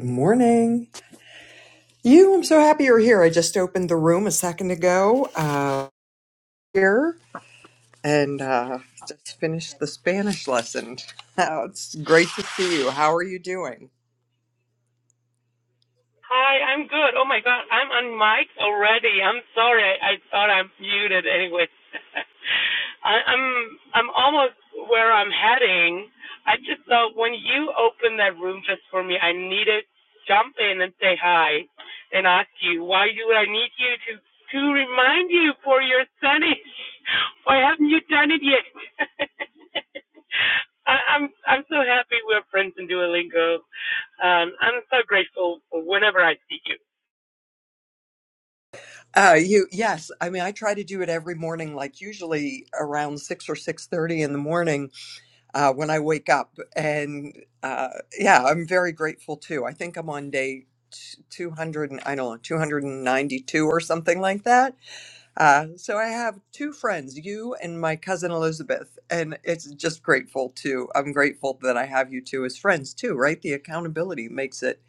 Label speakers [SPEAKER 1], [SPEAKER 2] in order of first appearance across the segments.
[SPEAKER 1] Good morning. You, I'm so happy you're here. I just opened the second uh, and, uh, Spanish lesson. Oh, It's great to see you. How are you doing?
[SPEAKER 2] Hi, I'm good. Oh my god, I'm on mic already. I'm sorry. I, I thought I'm muted anyway. I, I'm I'm almost where I'm heading. I just thought when you opened that room just for me, I needed jump in and say hi and ask you why do I need you to to remind you for your Spanish? Why haven't you done it yet? I, I'm I'm so happy we're friends in Duolingo. Um, I'm so grateful for whenever I see you.
[SPEAKER 1] Uh, you yes. I mean, I try to do it every morning, like usually around six or six thirty in the morning uh, when I wake up. And uh, yeah, I'm very grateful too. I think I'm on day two hundred and I don't know two hundred and ninety two or something like that Uh, so I have two friends, you and my cousin Elizabeth, and it's just grateful to. I'm grateful that I have you two as friends too, right? The accountability makes it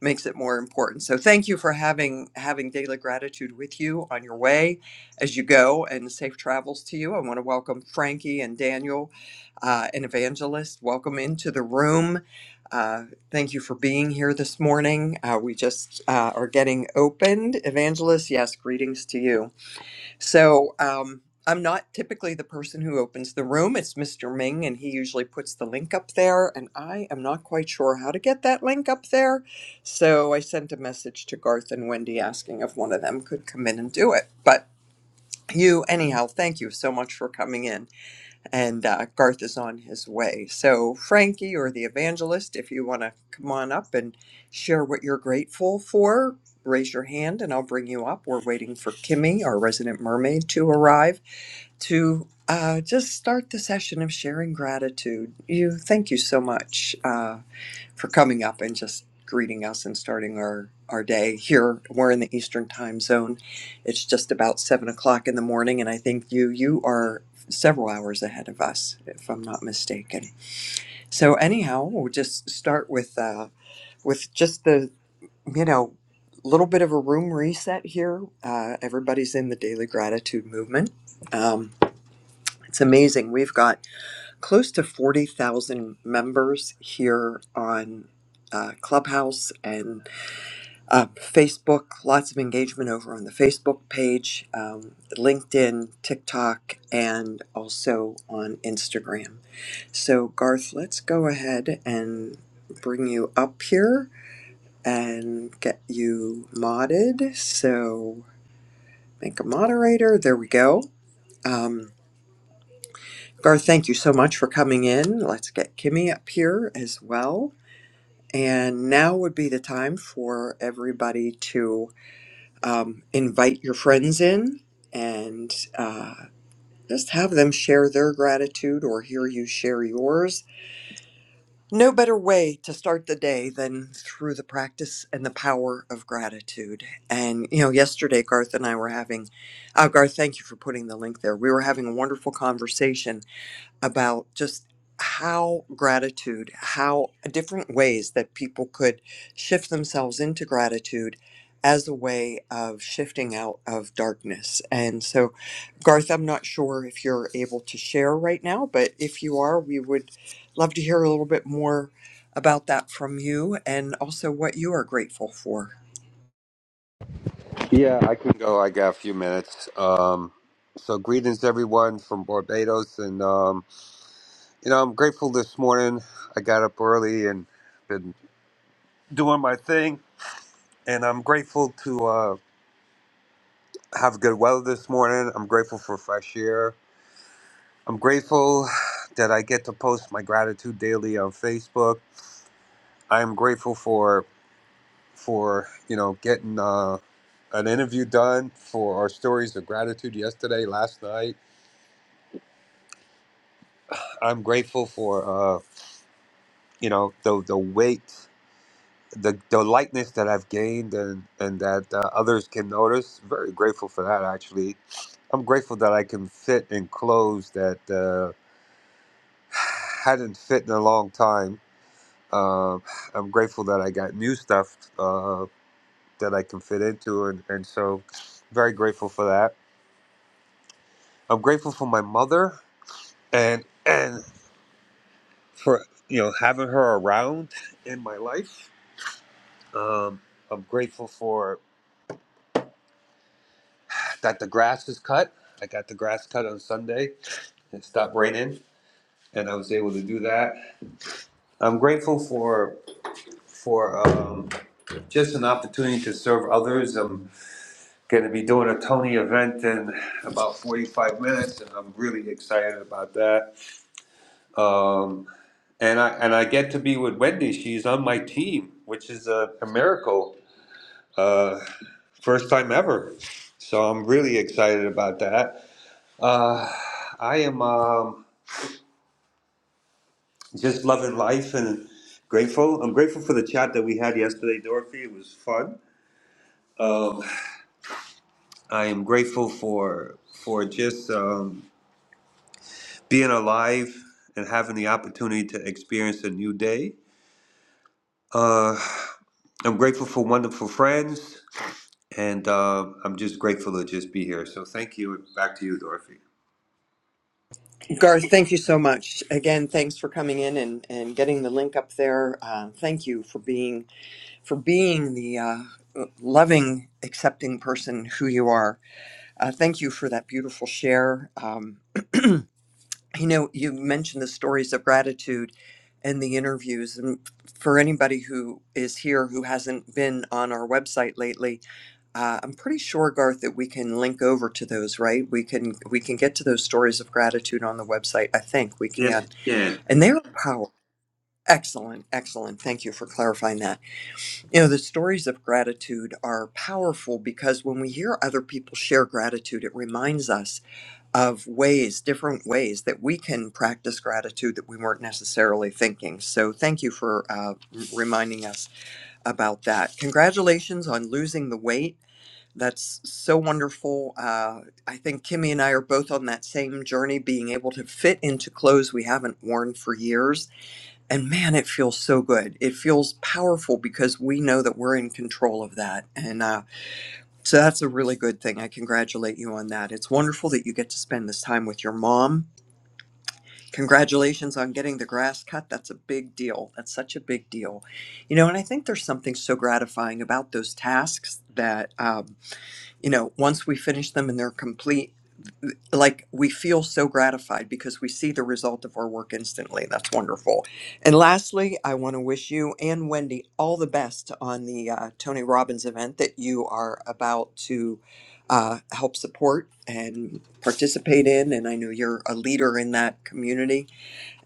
[SPEAKER 1] makes it more important. So thank you for having having daily gratitude with you on your way as you go, and safe travels to you. I want to welcome Frankie and Daniel, uh, and Evangelist. Welcome into the room. Uh, thank you for being here this morning. Uh, we just uh, are getting opened. Evangelist, yes, greetings to you. So um, I'm not typically the person who opens the room. It's Mr. Ming, and he usually puts the link up there. And I am not quite sure how to get that link up there. So I sent a message to Garth and Wendy asking if one of them could come in and do it. But you, anyhow, thank you so much for coming in and uh, Garth is on his way. So, Frankie or the evangelist, if you want to come on up and share what you're grateful for, raise your hand and I'll bring you up. We're waiting for Kimmy, our resident mermaid, to arrive to uh, just start the session of sharing gratitude. You thank you so much. Uh, for coming up and just greeting us and starting our, our day here. We're in the Eastern time zone. It's just about seven o'clock in the morning, and I think you you are several hours ahead of us, if I'm not mistaken. So anyhow, we'll just start with uh, with just the you know little bit of a room reset here. Uh, everybody's in the daily gratitude movement. Um, it's amazing. We've got close to 40,000 members here on uh, Clubhouse and uh, Facebook, lots of engagement over on the Facebook page, um, LinkedIn, TikTok, and also on Instagram. So, Garth, let's go ahead and bring you up here and get you modded. So, make a moderator. There we go. Um, Garth, thank you so much for coming in. Let's get Kimmy up here as well. And now would be the time for everybody to um, invite your friends in and uh, just have them share their gratitude or hear you share yours. No better way to start the day than through the practice and the power of gratitude. And, you know, yesterday, Garth and I were having, uh, Garth, thank you for putting the link there. We were having a wonderful conversation about just how gratitude, how different ways that people could shift themselves into gratitude as a way of shifting out of darkness. And so, Garth, I'm not sure if you're able to share right now, but if you are, we would love to hear a little bit more about that from you and also what you are grateful for.
[SPEAKER 3] Yeah, I can go. I got a few minutes. Um, so greetings everyone from Barbados, and um, you know I'm grateful this morning. I got up early and been doing my thing, and I'm grateful to uh, have good weather this morning. I'm grateful for fresh air. I'm grateful that I get to post my gratitude daily on Facebook. I'm grateful for for you know getting uh, an interview done for our stories of gratitude yesterday, last night. I'm grateful for. uh, you know the the weight the the lightness that I've gained and and that uh, others can notice very grateful for that actually I'm grateful that I can fit in clothes that uh, hadn't fit in a long time Um I'm grateful that I got new stuff uh, that I can fit into and, and so very grateful for that I'm grateful for my mother and and for you know having her around in my life um, I'm grateful for that the grass is cut. I got the grass cut on Sunday. It stopped raining, and I was able to do that. I'm grateful for for um, just an opportunity to serve others. I'm going to be doing a Tony event in about 45 minutes, and I'm really excited about that. Um, and I and I get to be with Wendy. She's on my team, which is a, a miracle. Uh, first time ever. So I'm really excited about that. Uh, I am. Um, just loving life and grateful. I'm grateful for the chat that we had yesterday, Dorothy. It was fun. Um, I am grateful for for just um, being alive and having the opportunity to experience a new day. Uh, I'm grateful for wonderful friends, and uh, I'm just grateful to just be here. So thank you. Back to you, Dorothy.
[SPEAKER 1] Garth, thank you so much. Again, thanks for coming in and, and getting the link up there. Uh, thank you for being for being the uh, loving, accepting person who you are. Uh, thank you for that beautiful share. Um, you know, you mentioned the stories of gratitude in the interviews. And for anybody who is here who hasn't been on our website lately, uh, I'm pretty sure, Garth, that we can link over to those, right? We can we can get to those stories of gratitude on the website. I think we
[SPEAKER 3] Yes,
[SPEAKER 1] can.
[SPEAKER 3] you can.
[SPEAKER 1] And they're power. Excellent, excellent. Thank you for clarifying that. You know, the stories of gratitude are powerful because when we hear other people share gratitude, it reminds us of ways, different ways that we can practice gratitude that we weren't necessarily thinking. So, thank you for uh, reminding us about that. Congratulations on losing the weight. That's so wonderful. Uh, I think Kimmy and I are both on that same journey, being able to fit into clothes we haven't worn for years and man, it feels so good. It feels powerful because we know that we're in control of that. And uh, so that's a really good thing. I congratulate you on that. It's wonderful that you get to spend this time with your mom. Congratulations on getting the grass cut. That's a big deal. That's such a big deal. You know, and I think there's something so gratifying about those tasks that. Um, you know, once we finish them and they're complete, like we feel so gratified because we see the result of our work instantly. That's wonderful. And lastly, I want to wish you and Wendy all the best on the uh, Tony Robbins event that you are about to uh, help support and participate in. And I know you're a leader in that community.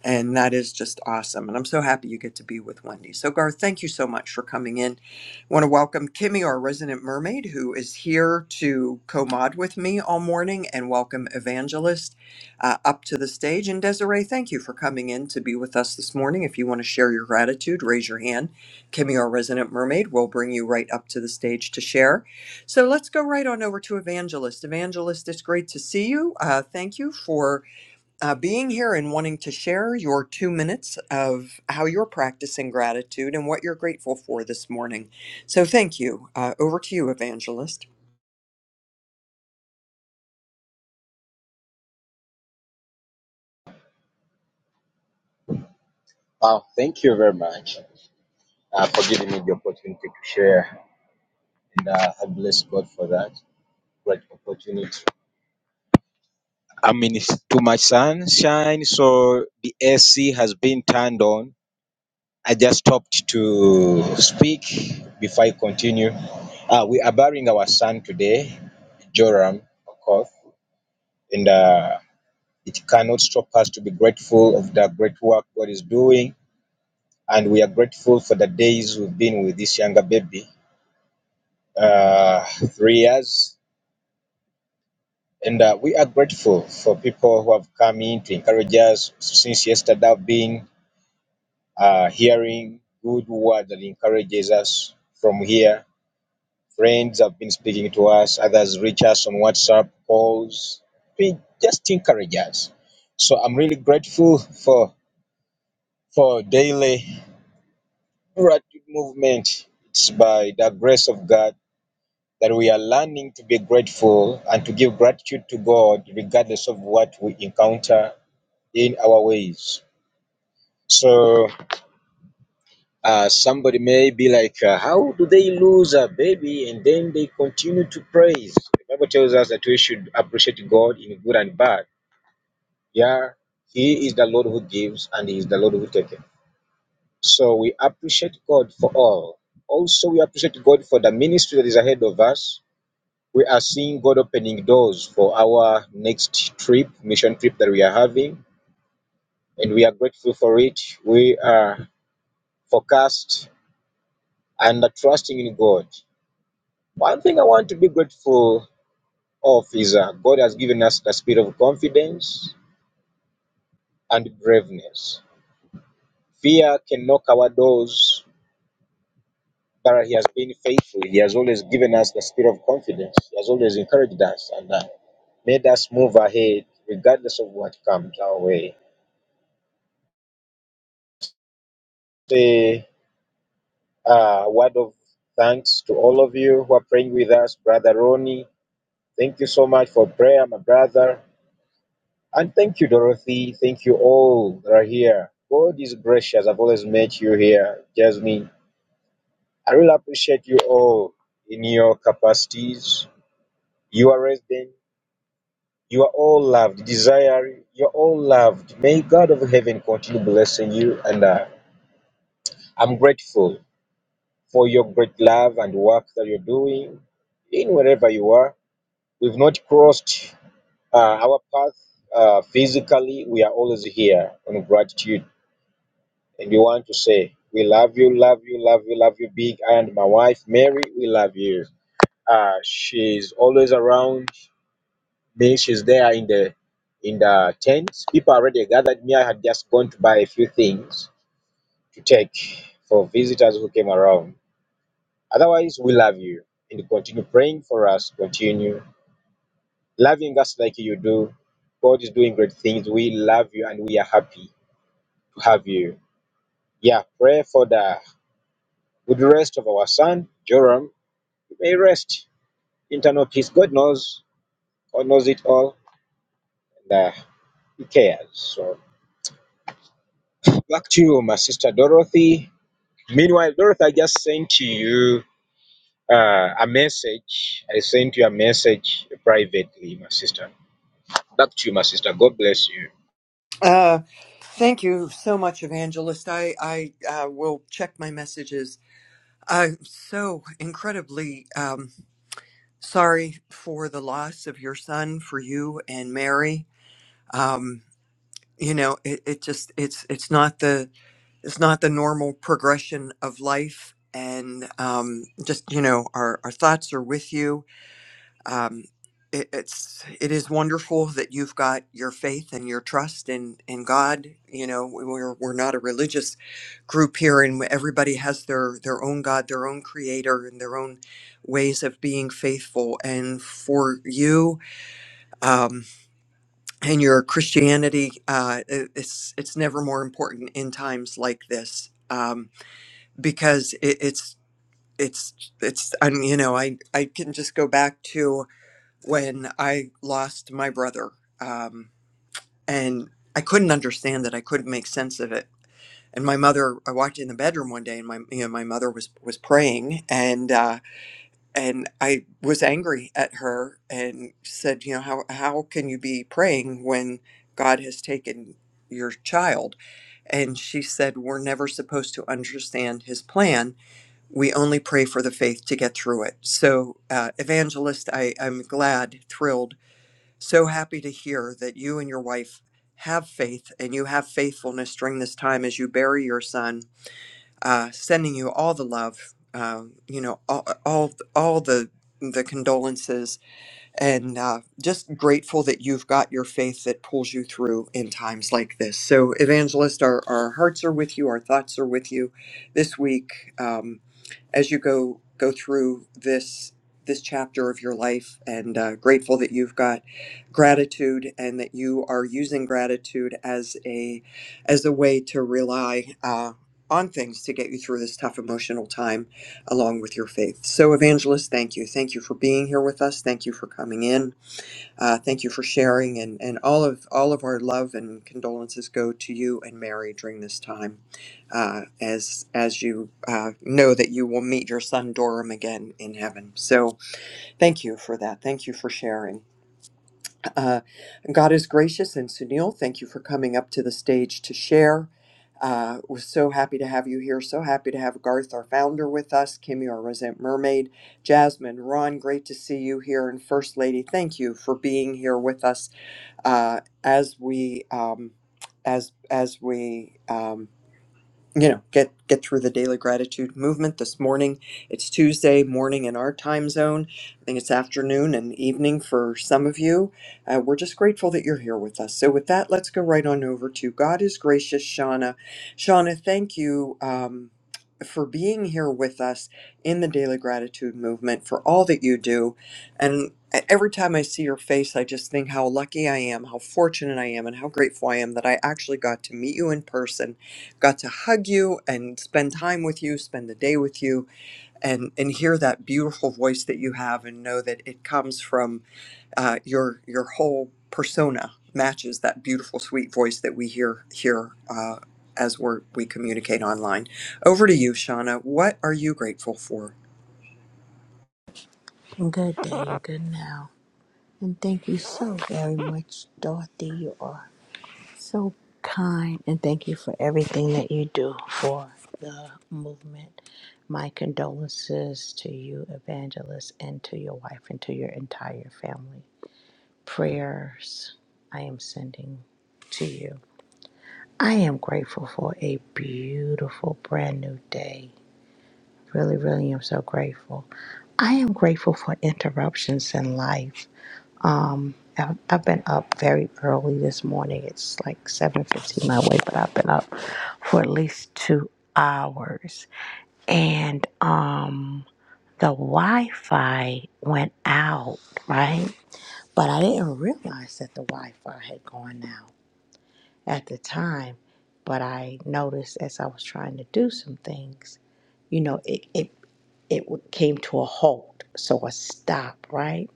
[SPEAKER 1] And that is just awesome. And I'm so happy you get to be with Wendy. So, Garth, thank you so much for coming in. I want to welcome Kimmy, our resident mermaid, who is here to co mod with me all morning, and welcome Evangelist uh, up to the stage. And Desiree, thank you for coming in to be with us this morning. If you want to share your gratitude, raise your hand. Kimmy, our resident mermaid, will bring you right up to the stage to share. So, let's go right on over to Evangelist. Evangelist, it's great to see you. Uh, thank you for uh, being here and wanting to share your two minutes of how you're practicing gratitude and what you're grateful for this morning. So, thank you. Uh, over to you, Evangelist.
[SPEAKER 4] Wow, thank you very much uh, for giving me the opportunity to share. And uh, I bless God for that great opportunity. I mean, it's too much sunshine, so the AC has been turned on. I just stopped to speak before I continue. Uh, we are burying our son today, Joram, of course, and uh, it cannot stop us to be grateful of the great work God is doing. And we are grateful for the days we've been with this younger baby uh, three years. And uh, we are grateful for people who have come in to encourage us since yesterday. I've been uh, hearing good word that encourages us from here. Friends have been speaking to us, others reach us on WhatsApp calls. We just encourage us. So I'm really grateful for for daily gratitude movement. It's by the grace of God that we are learning to be grateful and to give gratitude to God regardless of what we encounter in our ways. So uh, somebody may be like, uh, how do they lose a baby and then they continue to praise? The Bible tells us that we should appreciate God in good and bad. Yeah, He is the Lord who gives and He is the Lord who taketh. So we appreciate God for all. Also, we appreciate God for the ministry that is ahead of us we are seeing God opening doors for our next trip, mission trip that we are having, and we are grateful for it. We are focused and are trusting in God. One thing I want to be grateful of is uh, God has given us the spirit of confidence and braveness. Fear can knock our doors, but He has been faithful. He has always given us the spirit of confidence. He has always encouraged us and uh, made us move ahead regardless of what comes our way. Say, uh, word of thanks to all of you who are praying with us. Brother Ronnie, thank you so much for prayer, my brother. And thank you, Dorothy. Thank you all that are here. God is gracious. I've always met you here, Jasmine. I really appreciate you all in your capacities. You are resident. You are all loved. Desire, you're all loved. May God of heaven continue blessing you. And uh, I'm grateful for your great love and work that you're doing in wherever you are. We've not crossed uh, our path uh, physically. We are always here on gratitude. And we want to say, we love you, love you, love you, love you, big. and my wife, Mary, we love you. Uh, she's always around me. She's there in the in the tents. People already gathered me. I had just gone to buy a few things to take for visitors who came around. Otherwise, we love you and continue praying for us. Continue loving us like you do. God is doing great things. We love you and we are happy to have you. Yeah, pray for the good rest of our son, Joram. He may rest. Internal peace. God knows. God knows it all. And uh, he cares. So back to you, my sister Dorothy. Meanwhile, Dorothy, I just sent to you uh, a message. I sent you a message privately, my sister. Back to you, my sister. God bless you.
[SPEAKER 1] Uh, thank you so much, Evangelist. I, I uh, will check my messages. I'm so incredibly um, sorry for the loss of your son, for you and Mary. Um, you know, it, it just it's it's not the it's not the normal progression of life. And um, just you know, our, our thoughts are with you. Um, it, it's it is wonderful that you've got your faith and your trust in in God. You know, we- we're we're not a religious group here, and everybody has their their own God, their own Creator, and their own ways of being faithful. And for you um, and your Christianity, uh, it- it's it's never more important in times like this. Um, because it, it's it's it's I mean, you know I I can just go back to when I lost my brother um, and I couldn't understand it I couldn't make sense of it and my mother I walked in the bedroom one day and my you know my mother was was praying and uh, and I was angry at her and said you know how how can you be praying when God has taken your child and she said we're never supposed to understand his plan we only pray for the faith to get through it. So, uh, evangelist, I, I'm glad, thrilled, so happy to hear that you and your wife have faith and you have faithfulness during this time as you bury your son. Uh, sending you all the love, um, you know, all all, all the the condolences and uh, just grateful that you've got your faith that pulls you through in times like this. So, evangelist, our, our hearts are with you, our thoughts are with you this week um, as you go go through this this chapter of your life, and uh, grateful that you've got gratitude and that you are using gratitude as a as a way to rely uh, on things to get you through this tough emotional time along with your faith. So, Evangelist, thank you. Thank you for being here with us. Thank you for coming in. Uh, thank you for sharing, and, and all of all of our love and condolences go to you and Mary during this time, uh, as as you uh, know that you will meet your son Dorum again in heaven. So, thank you for that. Thank you for sharing. Uh, God is gracious, and Sunil, thank you for coming up to the stage to share. Uh, we're so happy to have you here. So happy to have Garth, our founder, with us. Kimmy, our resident mermaid. Jasmine, Ron, great to see you here. And First Lady, thank you for being here with us uh, as we um, as as we. um, you know get get through the daily gratitude movement this morning it's tuesday morning in our time zone i think it's afternoon and evening for some of you uh, we're just grateful that you're here with us so with that let's go right on over to god is gracious shauna shauna thank you um, for being here with us in the daily gratitude movement for all that you do and e- every time i see your face i just think how lucky i am how fortunate i am and how grateful i am that i actually got to meet you in person got to hug you and spend time with you, spend the day with you, and and hear that beautiful voice that you have, and know that it comes from uh, your your whole persona matches that beautiful, sweet voice that we hear here uh, as we we communicate online. Over to you, Shauna. What are you grateful for?
[SPEAKER 5] Good day, good now. And thank you so very much, Dorothy. You are so kind. And thank you for everything that you do for the movement. My condolences to you, Evangelist, and to your wife and to your entire family. Prayers I am sending to you. I am grateful for a beautiful, brand new day. Really, really am so grateful. I am grateful for interruptions in life. Um, I've, I've been up very early this morning. It's like seven fifteen my way, but I've been up for at least two hours, and um, the Wi-Fi went out, right? But I didn't realize that the Wi-Fi had gone out at the time. But I noticed as I was trying to do some things, you know, it it it w- came to a halt, so I stopped, right?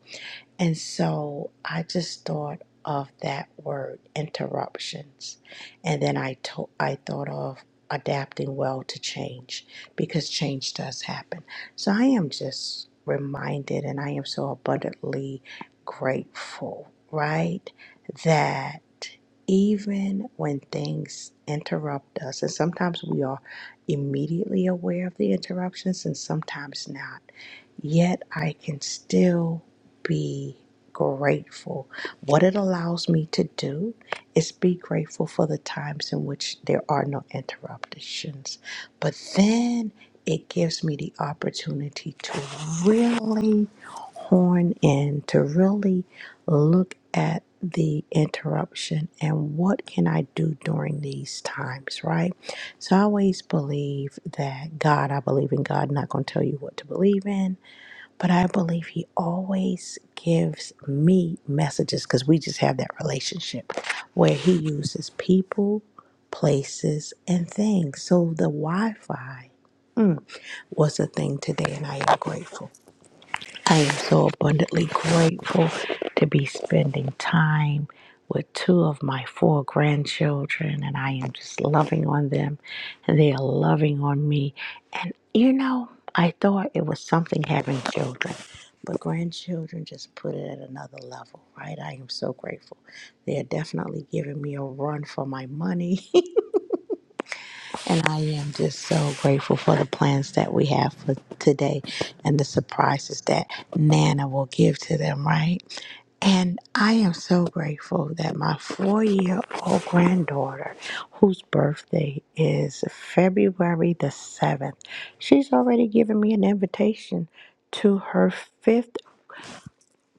[SPEAKER 5] And so I just thought of that word interruptions. And then I to- I thought of adapting well to change because change does happen. So I am just reminded and I am so abundantly grateful, right? That even when things interrupt us, and sometimes we are immediately aware of the interruptions and sometimes not, yet I can still be grateful. What it allows me to do is be grateful for the times in which there are no interruptions. But then it gives me the opportunity to really horn in, to really look at the interruption and what can I do during these times, right? So I always believe that God, I believe in God, not going to tell you what to believe in but I believe he always gives me messages because we just have that relationship where he uses people, places, and things. So the Wi Fi was a thing today, and I am grateful. I am so abundantly grateful to be spending time with two of my four grandchildren, and I am just loving on them, and they are loving on me. And you know, I thought it was something having children, but grandchildren just put it at another level, right? I am so grateful. They are definitely giving me a run for my money. And I am just so grateful for the plans that we have for today and the surprises that Nana will give to them, right? And I am so grateful that my four year old granddaughter, whose birthday is February the 7th, she's already given me an invitation to her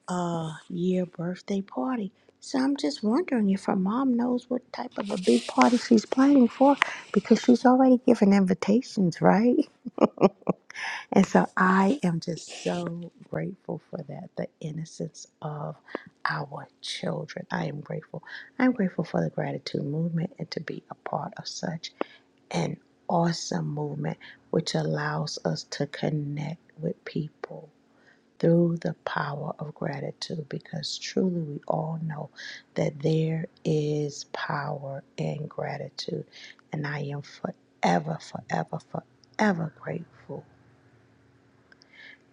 [SPEAKER 5] uh year birthday party. So I'm just wondering if her mom knows what type of a big party she's planning for because she's already given invitations, right? And so I am just so grateful for that, the innocence of our children. I am grateful. I'm grateful for the gratitude movement and to be a part of such an awesome movement which allows us to connect with people through the power of gratitude because truly we all know that there is power in gratitude. And I am forever, forever, forever grateful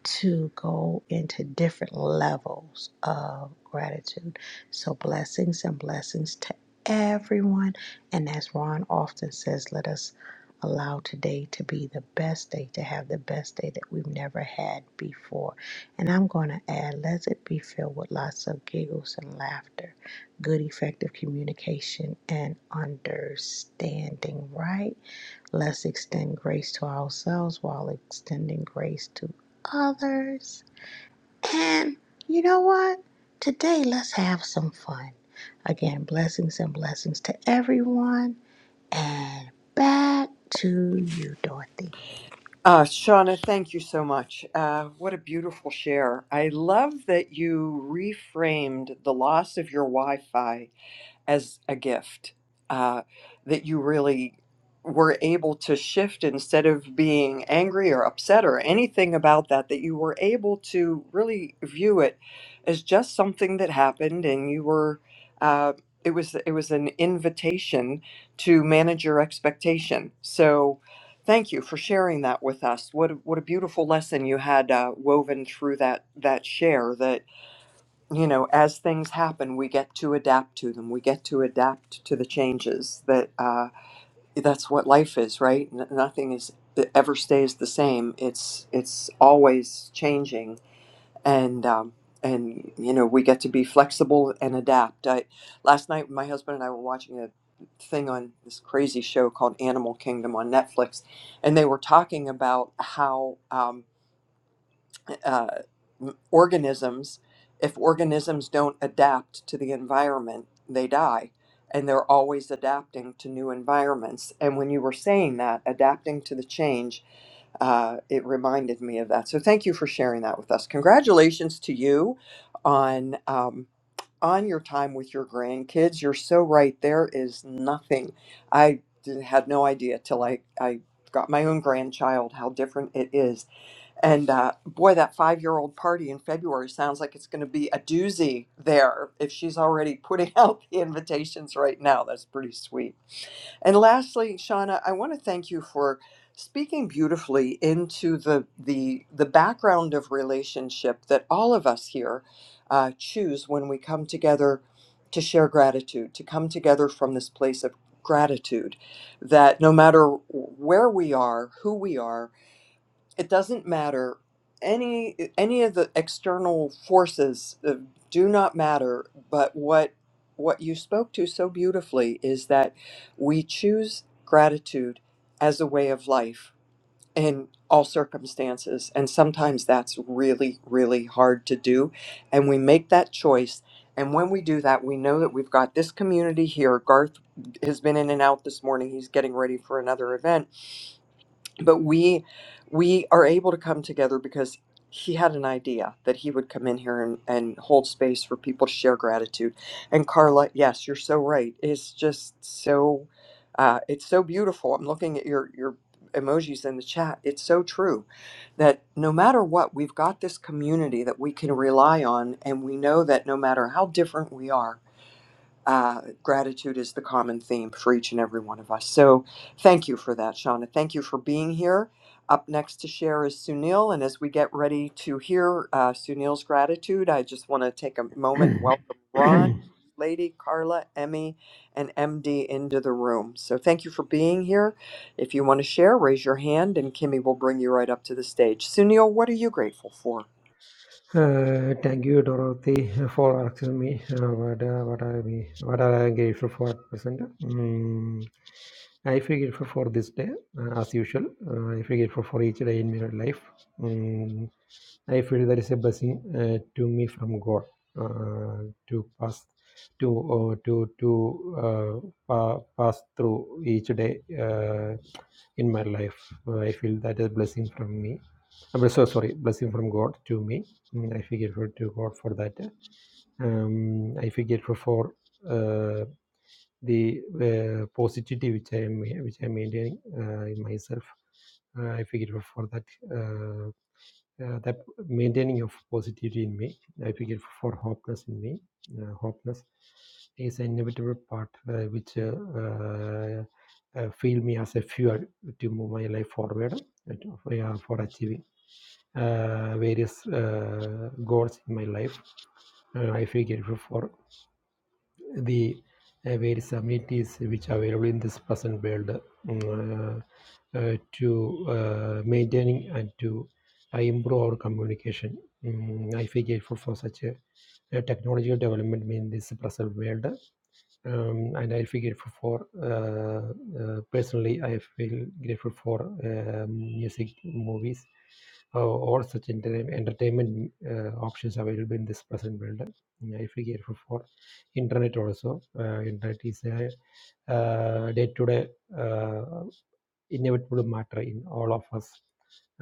[SPEAKER 5] to go into different levels of gratitude. So, blessings and blessings to everyone. And as Ron often says, let us allow today to be the best day, to have the best day that we've never had before. And I'm going to add, let it be filled with lots of giggles and laughter, good, effective communication, and understanding, right? Let's extend grace to ourselves while extending grace to others. And you know what? Today, let's have some fun. Again, blessings and blessings to everyone. And back to you, Dorothy.
[SPEAKER 1] Uh, Shauna, thank you so much. Uh, what a beautiful share. I love that you reframed the loss of your Wi Fi as a gift uh, that you really were able to shift instead of being angry or upset or anything about that that you were able to really view it as just something that happened and you were uh, it was it was an invitation to manage your expectation so thank you for sharing that with us what a, what a beautiful lesson you had uh, woven through that that share that you know, as things happen, we get to adapt to them. We get to adapt to the changes. That uh, that's what life is, right? N- nothing is ever stays the same. It's it's always changing, and um, and you know, we get to be flexible and adapt. I last night, my husband and I were watching a thing on this crazy show called Animal Kingdom on Netflix, and they were talking about how. Um, uh, m- organisms, if organisms don't adapt to the environment, they die. And they're always adapting to new environments. And when you were saying that, adapting to the change, uh, it reminded me of that. So thank you for sharing that with us. Congratulations to you on um, on your time with your grandkids. You're so right. There is nothing. I did, had no idea till I I got my own grandchild how different it is and uh, boy, that five year old party in February sounds like it's going to be a doozy there if she's already putting out the invitations right now. That's pretty sweet. And lastly, Shauna, I want to thank you for speaking beautifully into the, the, the background of relationship that all of us here uh, choose when we come together to share gratitude, to come together from this place of gratitude, that no matter where we are, who we are, it doesn't matter any any of the external forces uh, do not matter but what what you spoke to so beautifully is that we choose gratitude as a way of life in all circumstances and sometimes that's really really hard to do and we make that choice and when we do that we know that we've got this community here garth has been in and out this morning he's getting ready for another event but we we are able to come together because he had an idea that he would come in here and, and hold space for people to share gratitude and carla yes you're so right it's just so uh, it's so beautiful i'm looking at your your emojis in the chat it's so true that no matter what we've got this community that we can rely on and we know that no matter how different we are uh, gratitude is the common theme for each and every one of us. So thank you for that, Shauna. Thank you for being here. Up next to share is Sunil. And as we get ready to hear uh, Sunil's gratitude, I just want to take a moment and welcome Ron, Lady, Carla, Emmy, and MD into the room. So thank you for being here. If you want to share, raise your hand and Kimmy will bring you right up to the stage. Sunil, what are you grateful for?
[SPEAKER 6] Uh, thank you, Dorothy, for asking me uh, what, uh, what are we, what are I grateful for at present. Mm, I feel grateful for this day, uh, as usual. Uh, I feel grateful for each day in my life. Mm, I feel there is a blessing uh, to me from God uh, to pass to uh, to to uh, pa- pass through each day uh, in my life. Uh, I feel that a blessing from me. I'm so sorry, blessing from God to me. Mm, I feel grateful to God for that. Um, I feel grateful for uh, the uh, positivity which I am which I am maintaining uh, in myself. Uh, I feel grateful for that. Uh, uh, that maintaining of positivity in me, I figure for hopeless in me, uh, hopeless is an inevitable part uh, which uh, uh, uh, feel me as a fuel to move my life forward uh, for yeah, achieving uh, various uh, goals in my life. Uh, I figure for the uh, various amenities which are available in this present world mm, uh, uh, to uh, maintaining and to uh, improve our communication. Mm, I feel grateful for such a, a technological development in this present world. Um, and I feel grateful for uh, uh, personally. I feel grateful for uh, music, movies, or all such enter- entertainment uh, options available in this present world. I feel grateful for internet also. Uh, internet is a uh, day-to-day uh, inevitable matter in all of us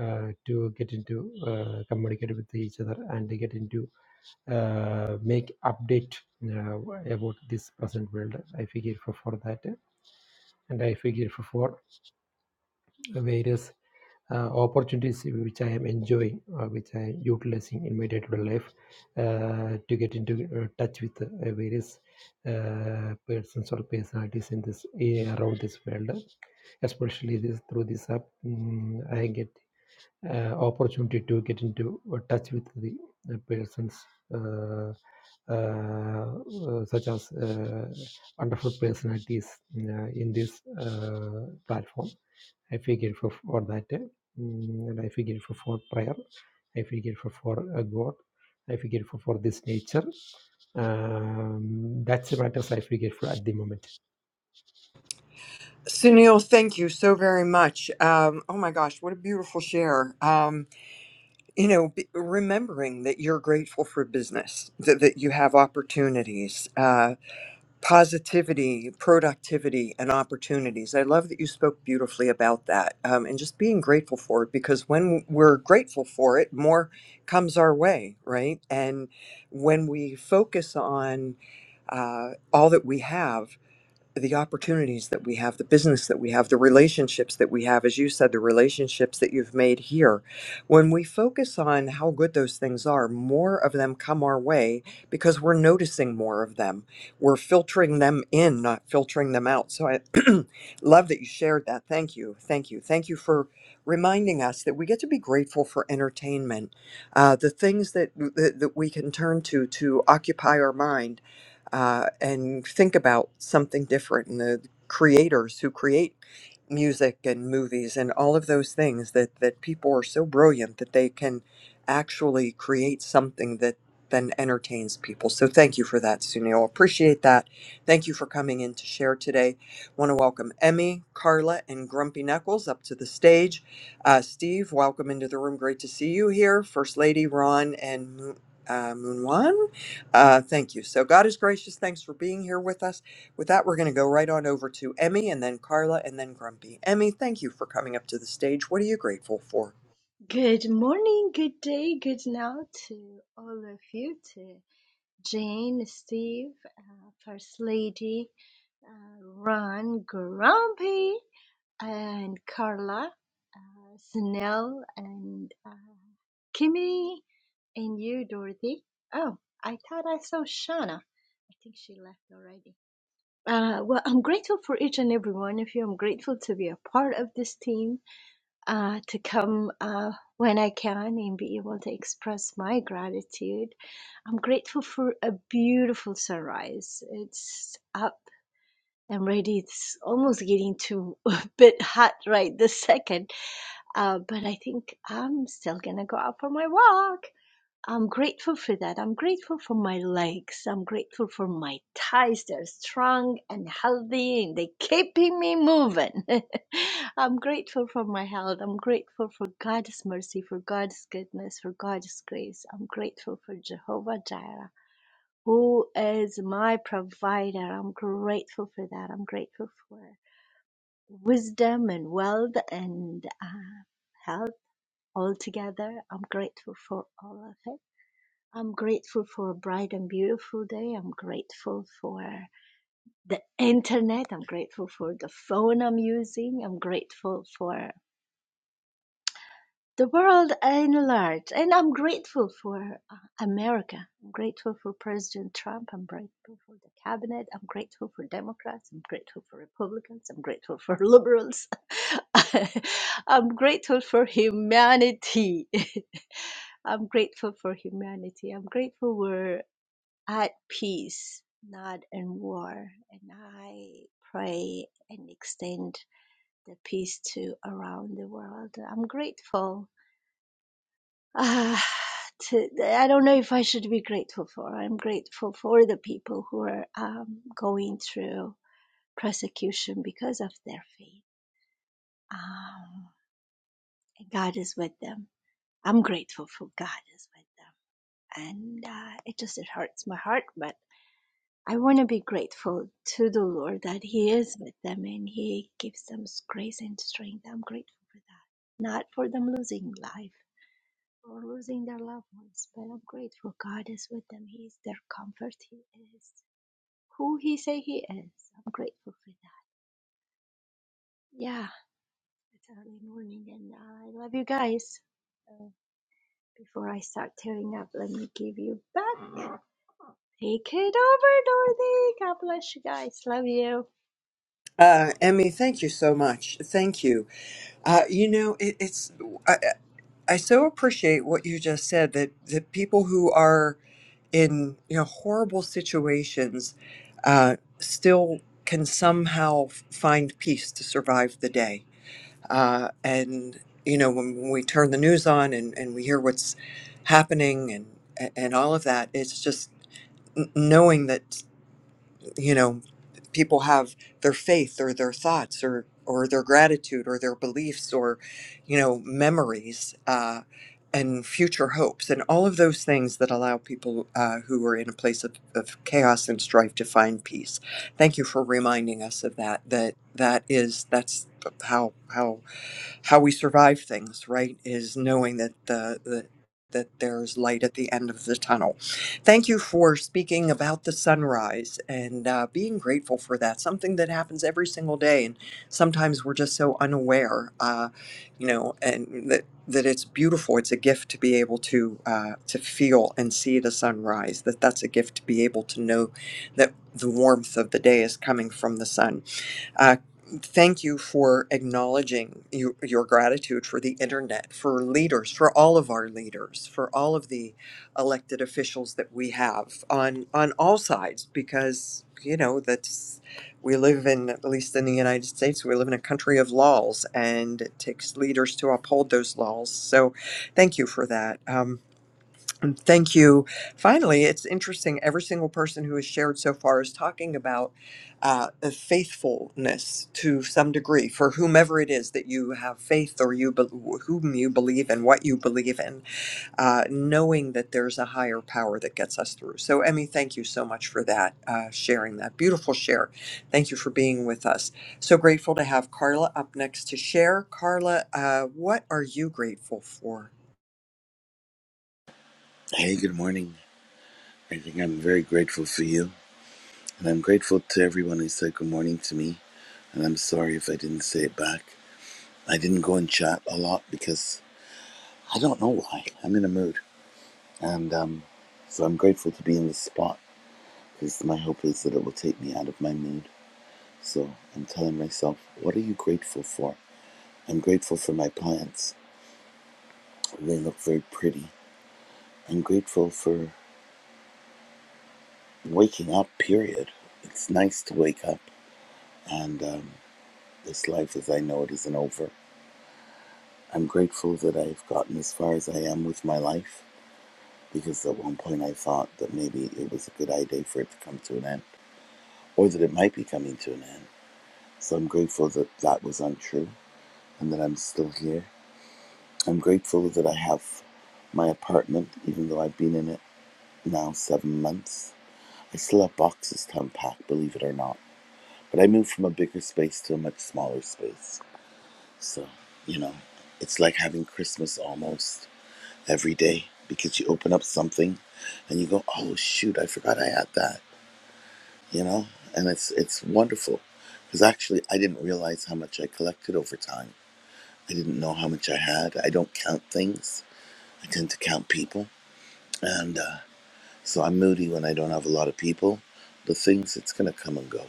[SPEAKER 6] uh, to get into uh, communicate with each other and to get into uh, make update uh, about this present world. I figure for, for that, and I figure for, for various uh, opportunities which I am enjoying, uh, which I am utilizing in my day-to-day life uh, to get into uh, touch with uh, various uh, persons or personalities in this around this world, especially this through this app. mm, I get uh, opportunity to get into uh, touch with the uh, persons uh, uh, uh, such as uh, wonderful personalities uh, in this uh, platform. I feel grateful for that, uh, mm, and I feel grateful for prayer. I feel grateful for uh, God. I feel grateful for this nature. Um, that's the matters I feel grateful at the moment.
[SPEAKER 1] Sunil, thank you so very much. Um, oh my gosh, what a beautiful share. Um, you know b- remembering that you're grateful for business that, that you have opportunities uh, positivity productivity and opportunities i love that you spoke beautifully about that um, and just being grateful for it because when we're grateful for it more comes our way right and when we focus on uh, all that we have the opportunities that we have, the business that we have, the relationships that we have, as you said, the relationships that you've made here. When we focus on how good those things are, more of them come our way because we're noticing more of them. We're filtering them in, not filtering them out. So I love that you shared that. Thank you. Thank you. Thank you for reminding us that we get to be grateful for entertainment, uh, the things that, that, that we can turn to to occupy our mind uh, and think about something different and the creators who create music and movies and all of those things that that people are so brilliant that they can actually create something that then entertains people. So thank you for that, Sunil. Appreciate that. Thank you for coming in to share today. Want to welcome Emmy, Carla, and Grumpy Knuckles up to the stage. Uh, Steve, welcome into the room. Great to see you here. First Lady Ron and Moon- uh, Moonwan. Uh, thank you. So God is gracious. Thanks for being here with us. With that, we're going to go right on over to Emmy and then Carla and then Grumpy. Emmy, thank you for coming up to the stage. What are you grateful for?
[SPEAKER 7] Good morning, good day, good now to all of you, to Jane, Steve, uh, First Lady, uh, Ron, Grumpy, and Carla, uh, Snell, and uh, Kimmy, and you, Dorothy. Oh, I thought I saw Shauna. I think she left already. Uh, well, I'm grateful for each and every one of you. I'm grateful to be a part of this team uh, to come uh, when I can and be able to express my gratitude. I'm grateful for a beautiful sunrise. It's up and ready. It's almost getting too a bit hot right this second, uh, but I think I'm still gonna go out for my walk. I'm grateful for that. I'm grateful for my legs. I'm grateful for my thighs. They're strong and healthy and they are keeping me moving. I'm grateful for my health. I'm grateful for God's mercy, for God's goodness, for God's grace. I'm grateful for Jehovah Jireh, who is my provider. I'm grateful for that. I'm grateful for wisdom and wealth and uh, health all together. I'm grateful for all of it. I'm grateful for a bright and beautiful day. I'm grateful for the internet. I'm grateful for the phone I'm using. I'm grateful for the world in large. And I'm grateful for uh, America. I'm grateful for President Trump. I'm grateful for the cabinet. I'm grateful for Democrats. I'm grateful for Republicans. I'm grateful for liberals. I'm grateful for humanity. I'm grateful for humanity. I'm grateful for. at peace, not in war. And I pray and extend the peace to around the world. I'm grateful. Ah, to, I don't know if I should be grateful for. I'm grateful for the people who are um, going through persecution because of their faith. Um, God is with them. I'm grateful for God is with them. And uh, it just it hurts my heart, but I want to be grateful to the Lord that He is with them and He gives them grace and strength. I'm grateful for that. Not for them losing life or losing their loved ones, but I'm grateful God is with them. He is their comfort. He is who He say He is. I'm grateful for that. Yeah, it's early morning and uh, I love you guys. Uh, before I start tearing up, let me give you back. Take it over, Dorothy. God bless you guys. Love you.
[SPEAKER 1] Uh, Emmy, thank you so much. Thank you. Uh, you know, it, it's I, I so appreciate what you just said that that people who are in you know horrible situations uh, still can somehow find peace to survive the day. Uh, and you know, when when we turn the news on and, and we hear what's happening and and all of that, it's just n- knowing that you know people have their faith or their thoughts or or their gratitude or their beliefs or you know memories uh, and future hopes and all of those things that allow people uh, who are in a place of, of chaos and strife to find peace. Thank you for reminding us of that. That that is that's how how how we survive things, right? Is knowing that the, the that there's light at the end of the tunnel. Thank you for speaking about the sunrise and uh, being grateful for that. Something that happens every single day, and sometimes we're just so unaware, uh, you know, and that that it's beautiful. It's a gift to be able to uh, to feel and see the sunrise. That that's a gift to be able to know that the warmth of the day is coming from the sun uh, thank you for acknowledging you, your gratitude for the internet, for leaders, for all of our leaders, for all of the elected officials that we have on on all sides, because you know that's we live in at least in the United States, we live in a country of laws, and it takes leaders to uphold those laws. So, thank you for that. Um, Mm, Thank you. Finally, it's interesting. Every single person who has shared so far is talking about uh, a faithfulness to some degree for whomever it is that you have faith or you be- whom you believe in, what you believe in, uh, knowing that there's a higher power that gets us through. So, Emmy, thank you so much for that uh, sharing that beautiful share. Thank you for being with us. So grateful to have Carla up next to share. Carla, uh, what are you grateful for?
[SPEAKER 8] Hey, good morning. I think I'm very grateful for you. And I'm grateful to everyone who said good morning to me. And I'm sorry if I didn't say it back. I didn't go and chat a lot because I don't know why. I'm in a mood. And um, so I'm grateful to be in this spot because my hope is that it will take me out of my mood. So I'm telling myself, what are you grateful for? I'm grateful for my plants. They look very pretty. I'm grateful for waking up, period. It's nice to wake up. And um, This life as I know it isn't over. I'm grateful that I've gotten as far as I am with my life because at one point I thought that maybe it was a good idea for it to come to an end or that it might be coming to an end. So I'm grateful that that was untrue and that I'm still here. I'm grateful that I have my apartment, even though I've been in it now seven months. I still have boxes to unpack, believe it or not. But I moved from a bigger space to a much smaller space. So, you know, it's like having Christmas almost every day because you open up something and you go, "Oh shoot, I forgot I had that," you know, and it's it's wonderful because actually I didn't realize how much I collected over time. I didn't know how much I had. I don't count things. I tend to count people, and uh, so I'm moody when I don't have a lot of people. The things it's gonna come and go.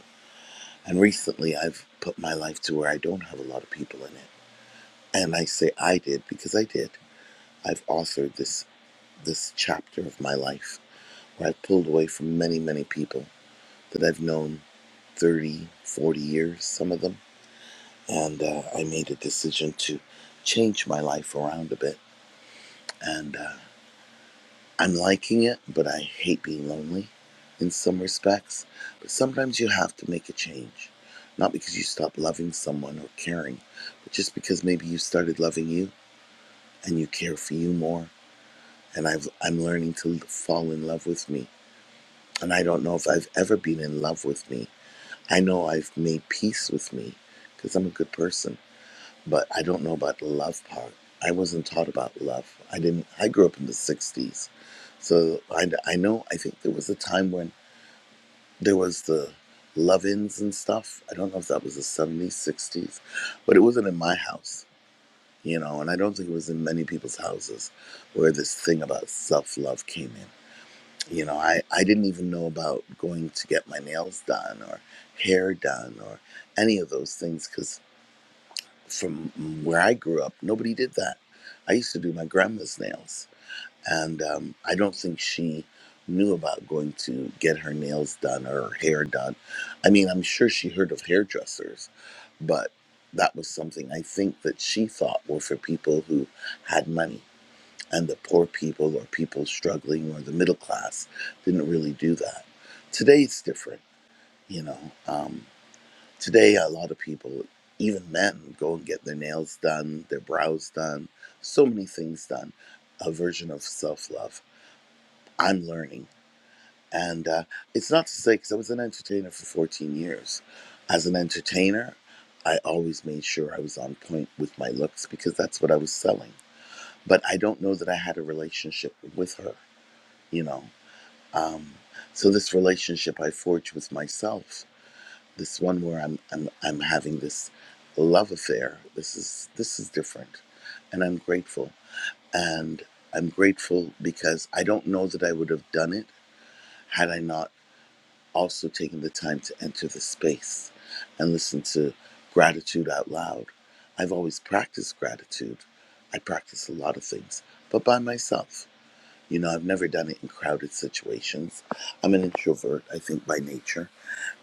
[SPEAKER 8] And recently I've put my life to where I don't have a lot of people in it, and I say I did because I did. I've authored this this chapter of my life Where I pulled away from many, many people that I've known 30, 40 years, some of them. And uh, I made a decision to change my life around a bit. And uh, I'm liking it, but I hate being lonely in some respects. But sometimes you have to make a change. Not because you stop loving someone or caring, but just because maybe you started loving you and you care for you more. And I've, I'm learning to fall in love with me. And I don't know if I've ever been in love with me I know I've made peace with me because I'm a good person, but I don't know about the love part. I wasn't taught about love. I didn't. I grew up in the '60s, so I, I know. I think there was a time when there was the love-ins and stuff. I don't know if that was the '70s, '60s, but it wasn't in my house, you know. And I don't think it was in many people's houses where this thing about self-love came in. You know, I, I didn't even know about going to get my nails done or hair done or any of those things because from where I grew up, nobody did that. I used to do my grandma's nails, and um, I don't think she knew about going to get her nails done or her hair done. I mean, I'm sure she heard of hairdressers, but that was something I think that she thought were for people who had money and the poor people or people struggling or the middle class didn't really do that. Today it's different, you know. Um, today a lot of people, even men, go and get their nails done, their brows done, so many things done. A version of self love. I'm learning, and uh, it's not to say because I was an entertainer for 14 years. As an entertainer, I always made sure I was on point with my looks because that's what I was selling. But I don't know that I had a relationship with her you know Um, so this relationship I forged with myself, this one where I'm I'm I'm having this love affair. This is this is different, and I'm grateful. And I'm grateful because I don't know that I would have done it had I not also taken the time to enter the space and listen to gratitude out loud. I've always practiced gratitude. I practice a lot of things, but by myself. You know, I've never done it in crowded situations. I'm an introvert, I think, by nature.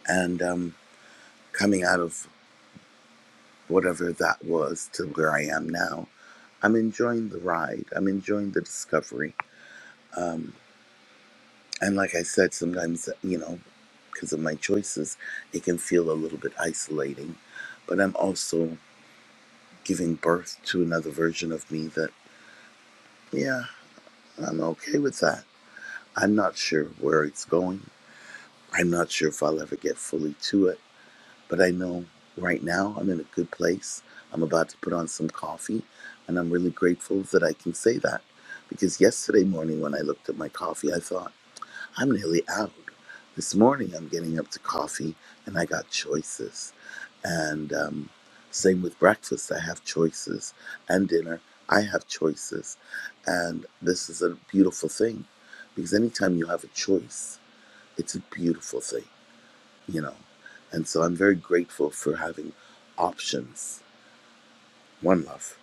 [SPEAKER 8] And um, coming out of whatever that was to where I am now, I'm enjoying the ride. I'm enjoying the discovery. And like I said, sometimes, you know, because of my choices, it can feel a little bit isolating. But I'm also giving birth to another version of me that, yeah, I'm okay with that. I'm not sure where it's going. I'm not sure if I'll ever get fully to it But I know right now I'm in a good place. I'm about to put on some coffee, and I'm really grateful that I can say that. Because yesterday morning, when I looked at my coffee, I thought, I'm nearly out. This morning, I'm getting up to coffee, and I got choices. And um, same with breakfast, I have choices. And dinner, I have choices. And this is a beautiful thing. Because anytime you have a choice, it's a beautiful thing you know. And so I'm very grateful for having options. One love.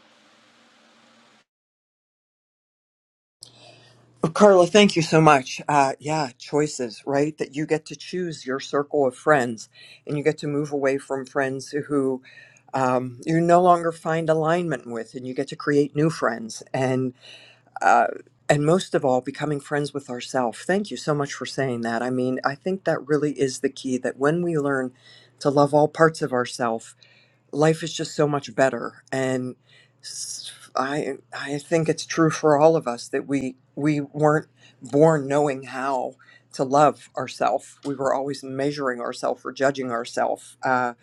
[SPEAKER 1] Well, Carla, thank you so much. Uh, yeah, choices, right? That you get to choose your circle of friends and you get to move away from friends who um, you no longer find alignment with and you get to create new friends and uh, and most of all becoming friends with ourselves thank you so much for saying that i mean i think that really is the key that when we learn to love all parts of ourselves life is just so much better and s- i i think it's true for all of us that we we weren't born knowing how to love ourselves we were always measuring ourselves or judging ourselves uh,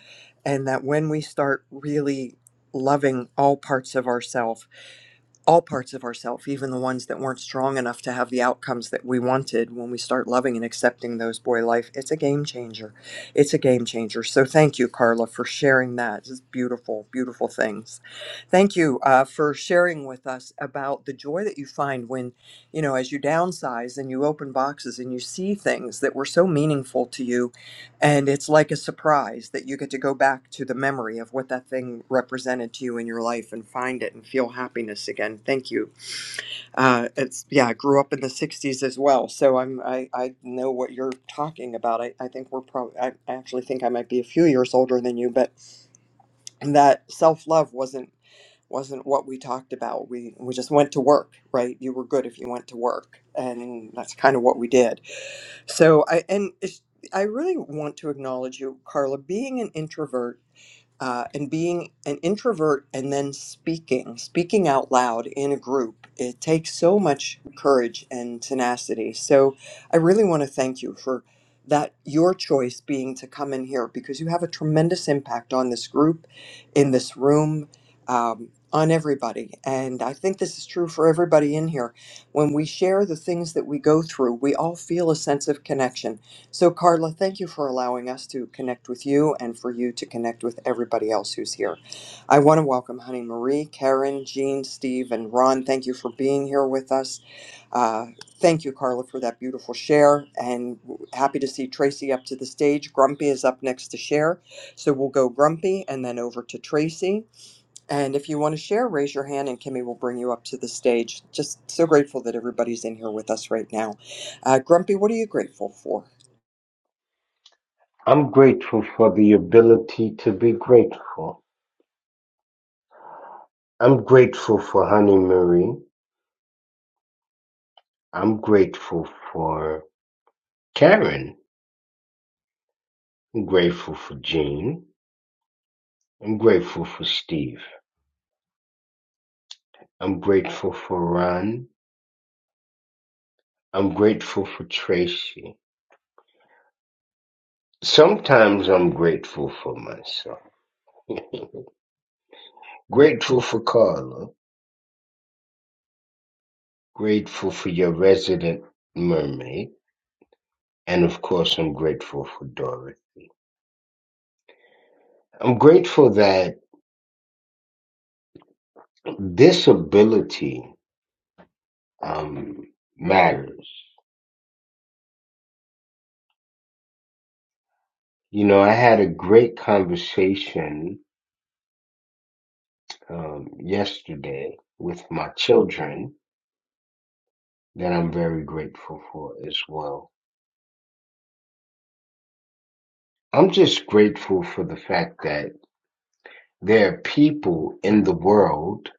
[SPEAKER 1] and that when we start really loving all parts of ourselves all parts of ourself, even the ones that weren't strong enough to have the outcomes that we wanted when we start loving and accepting those boy life it's a game changer it's a game changer so thank you carla for sharing that just beautiful beautiful things thank you uh, for sharing with us about the joy that you find when you know as you downsize and you open boxes and you see things that were so meaningful to you and it's like a surprise that you get to go back to the memory of what that thing represented to you in your life and find it and feel happiness again. Thank you. Uh, it's yeah, I grew up in the '60s as well, so I'm I, I know what you're talking about. I, I think we're probably I, I actually think I might be a few years older than you, but that self love wasn't wasn't what we talked about. We we just went to work, right? You were good if you went to work, and that's kind of what we did so I and it's, I really want to acknowledge you, Carla, being an introvert uh, and being an introvert and then speaking, speaking out loud in a group, it takes so much courage and tenacity. So I really want to thank you for that, your choice being to come in here because you have a tremendous impact on this group, in this room. Um, on everybody. And I think this is true for everybody in here. When we share the things that we go through, we all feel a sense of connection so, Carla, thank you for allowing us to connect with you and for you to connect with everybody else who's here. I want to welcome Honey Marie, Karen, Jean, Steve, and Ron. Thank you for being here with us. Uh, thank you, Carla, for that beautiful share. And happy to see Tracy up to the stage. Grumpy is up next to share. So, we'll go Grumpy and then over to Tracy. And if you want to share, raise your hand and Kimmy will bring you up to the stage. Just so grateful that everybody's in here with us right now. Uh, Grumpy, what are you grateful for?
[SPEAKER 9] I'm grateful for the ability to be grateful. I'm grateful for Honey Marie. I'm grateful for Karen. I'm grateful for Jean. I'm grateful for Steve. I'm grateful for Ron. I'm grateful for Tracy. Sometimes I'm grateful for myself. Grateful for Carla. Grateful for your resident mermaid. And of course, I'm grateful for Doris. I'm grateful that this ability um, matters. You know, I had a great conversation um, yesterday with my children that I'm very grateful for as well. I'm just grateful for the fact that there are people in the world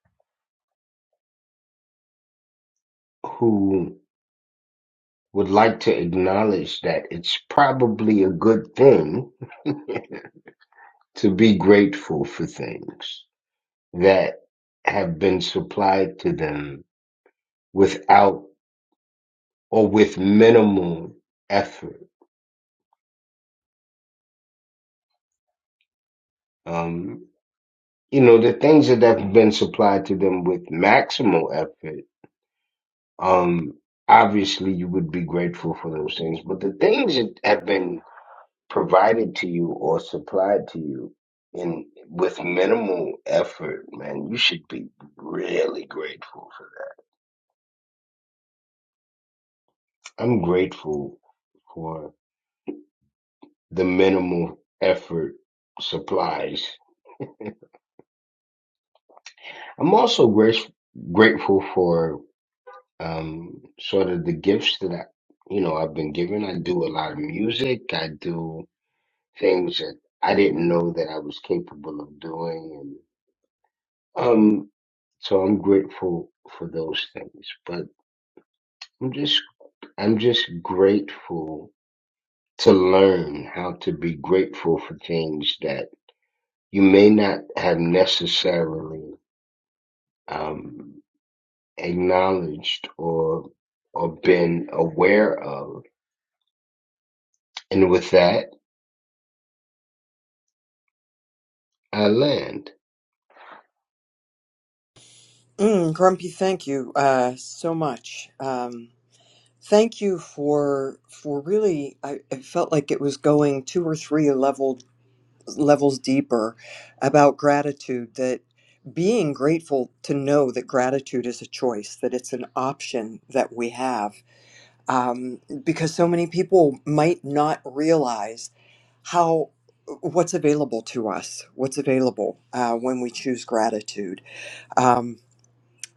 [SPEAKER 9] who would like to acknowledge that it's probably a good thing to be grateful for things that have been supplied to them without or with minimal effort. Um, you know, the things that have been supplied to them with maximal effort, um, obviously you would be grateful for those things. But the things that have been provided to you or supplied to you in with minimal effort, man, you should be really grateful for that. I'm grateful for the minimal effort supplies. I'm also grace, grateful for um sort of the gifts that I you know I've been given. I do a lot of music. I do things that I didn't know that I was capable of doing and um so I'm grateful for those things. But I'm just I'm just grateful to learn how to be grateful for things that you may not have necessarily um acknowledged or or been aware of. And with that I land.
[SPEAKER 1] Mm, Grumpy, thank you uh, so much. Um, thank you for for really. I, I felt like it was going two or three level levels deeper about gratitude. That being grateful to know that gratitude is a choice, that it's an option that we have, um, because so many people might not realize how what's available to us, what's available uh, when we choose gratitude. Um,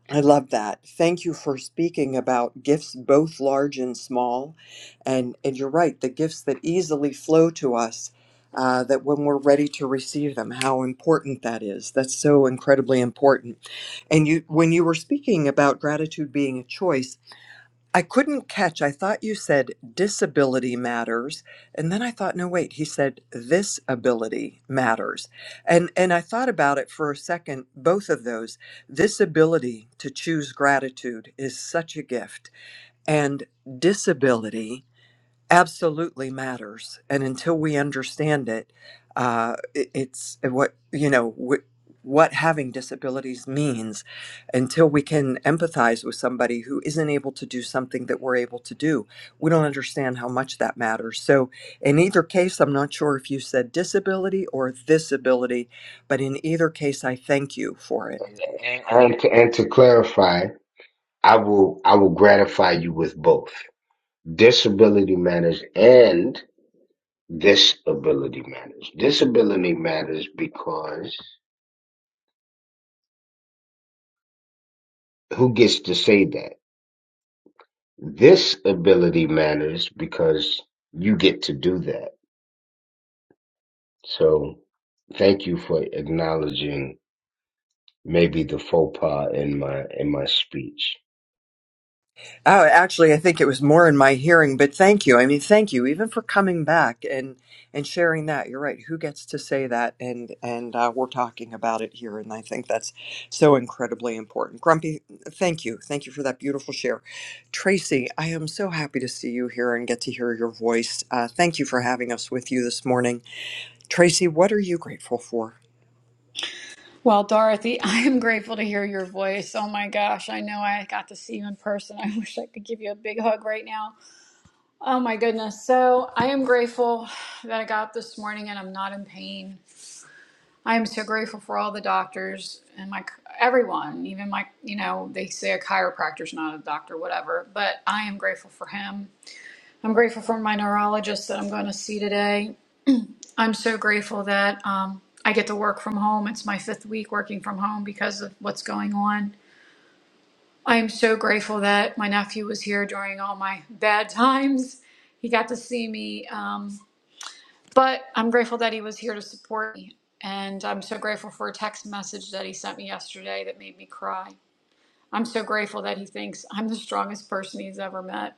[SPEAKER 1] I love that. Thank you for speaking about gifts, both large and small. And, and you're right, the gifts that easily flow to us, uh, that when we're ready to receive them, how important that is. That's so incredibly important. And you, when you were speaking about gratitude being a choice, I couldn't catch. I thought you said disability matters, and then I thought, no, wait, he said this ability matters. And and I thought about it for a second, both of those. This ability to choose gratitude is such a gift, and disability absolutely matters and until we understand it uh, it- it's uh, what you know what, what having disabilities means until we can empathize with somebody who isn't able to do something that we're able to do we don't understand how much that matters so in either case i'm not sure if you said disability or disability but in either case, I thank you for it.
[SPEAKER 9] And, And And to, and to clarify, I will I will gratify you with both disability matters and disability matters. Disability matters because who gets to say that? This ability matters because you get to do that. So thank you for acknowledging maybe the faux pas in my in my speech.
[SPEAKER 1] Oh, actually, I think it was more in my hearing, but thank you. I mean, thank you even for coming back and and sharing that. You're right. Who gets to say that? And and uh, we're talking about it here, and I think that's so incredibly important. Grumpy, thank you, thank you for that beautiful share, Tracy. I am so happy to see you here and get to hear your voice. Uh, thank you for having us with you this morning. Tracy, what are you grateful for?
[SPEAKER 10] Well, Dorothy, I am grateful to hear your voice. Oh my gosh, I know I got to see you in person. I wish I could give you a big hug right now. Oh my goodness. So, I am grateful that I got up this morning and I'm not in pain. I am so grateful for all the doctors and my everyone, even my, you know, they say a chiropractor's not a doctor, whatever, but I am grateful for him. I'm grateful for my neurologist that I'm going to see today. I'm so grateful that um, I get to work from home. It's my fifth week working from home because of what's going on. I am so grateful that my nephew was here during all my bad times. He got to see me, um, but I'm grateful that he was here to support me. And I'm so grateful for a text message that he sent me yesterday that made me cry. I'm so grateful that he thinks I'm the strongest person he's ever met.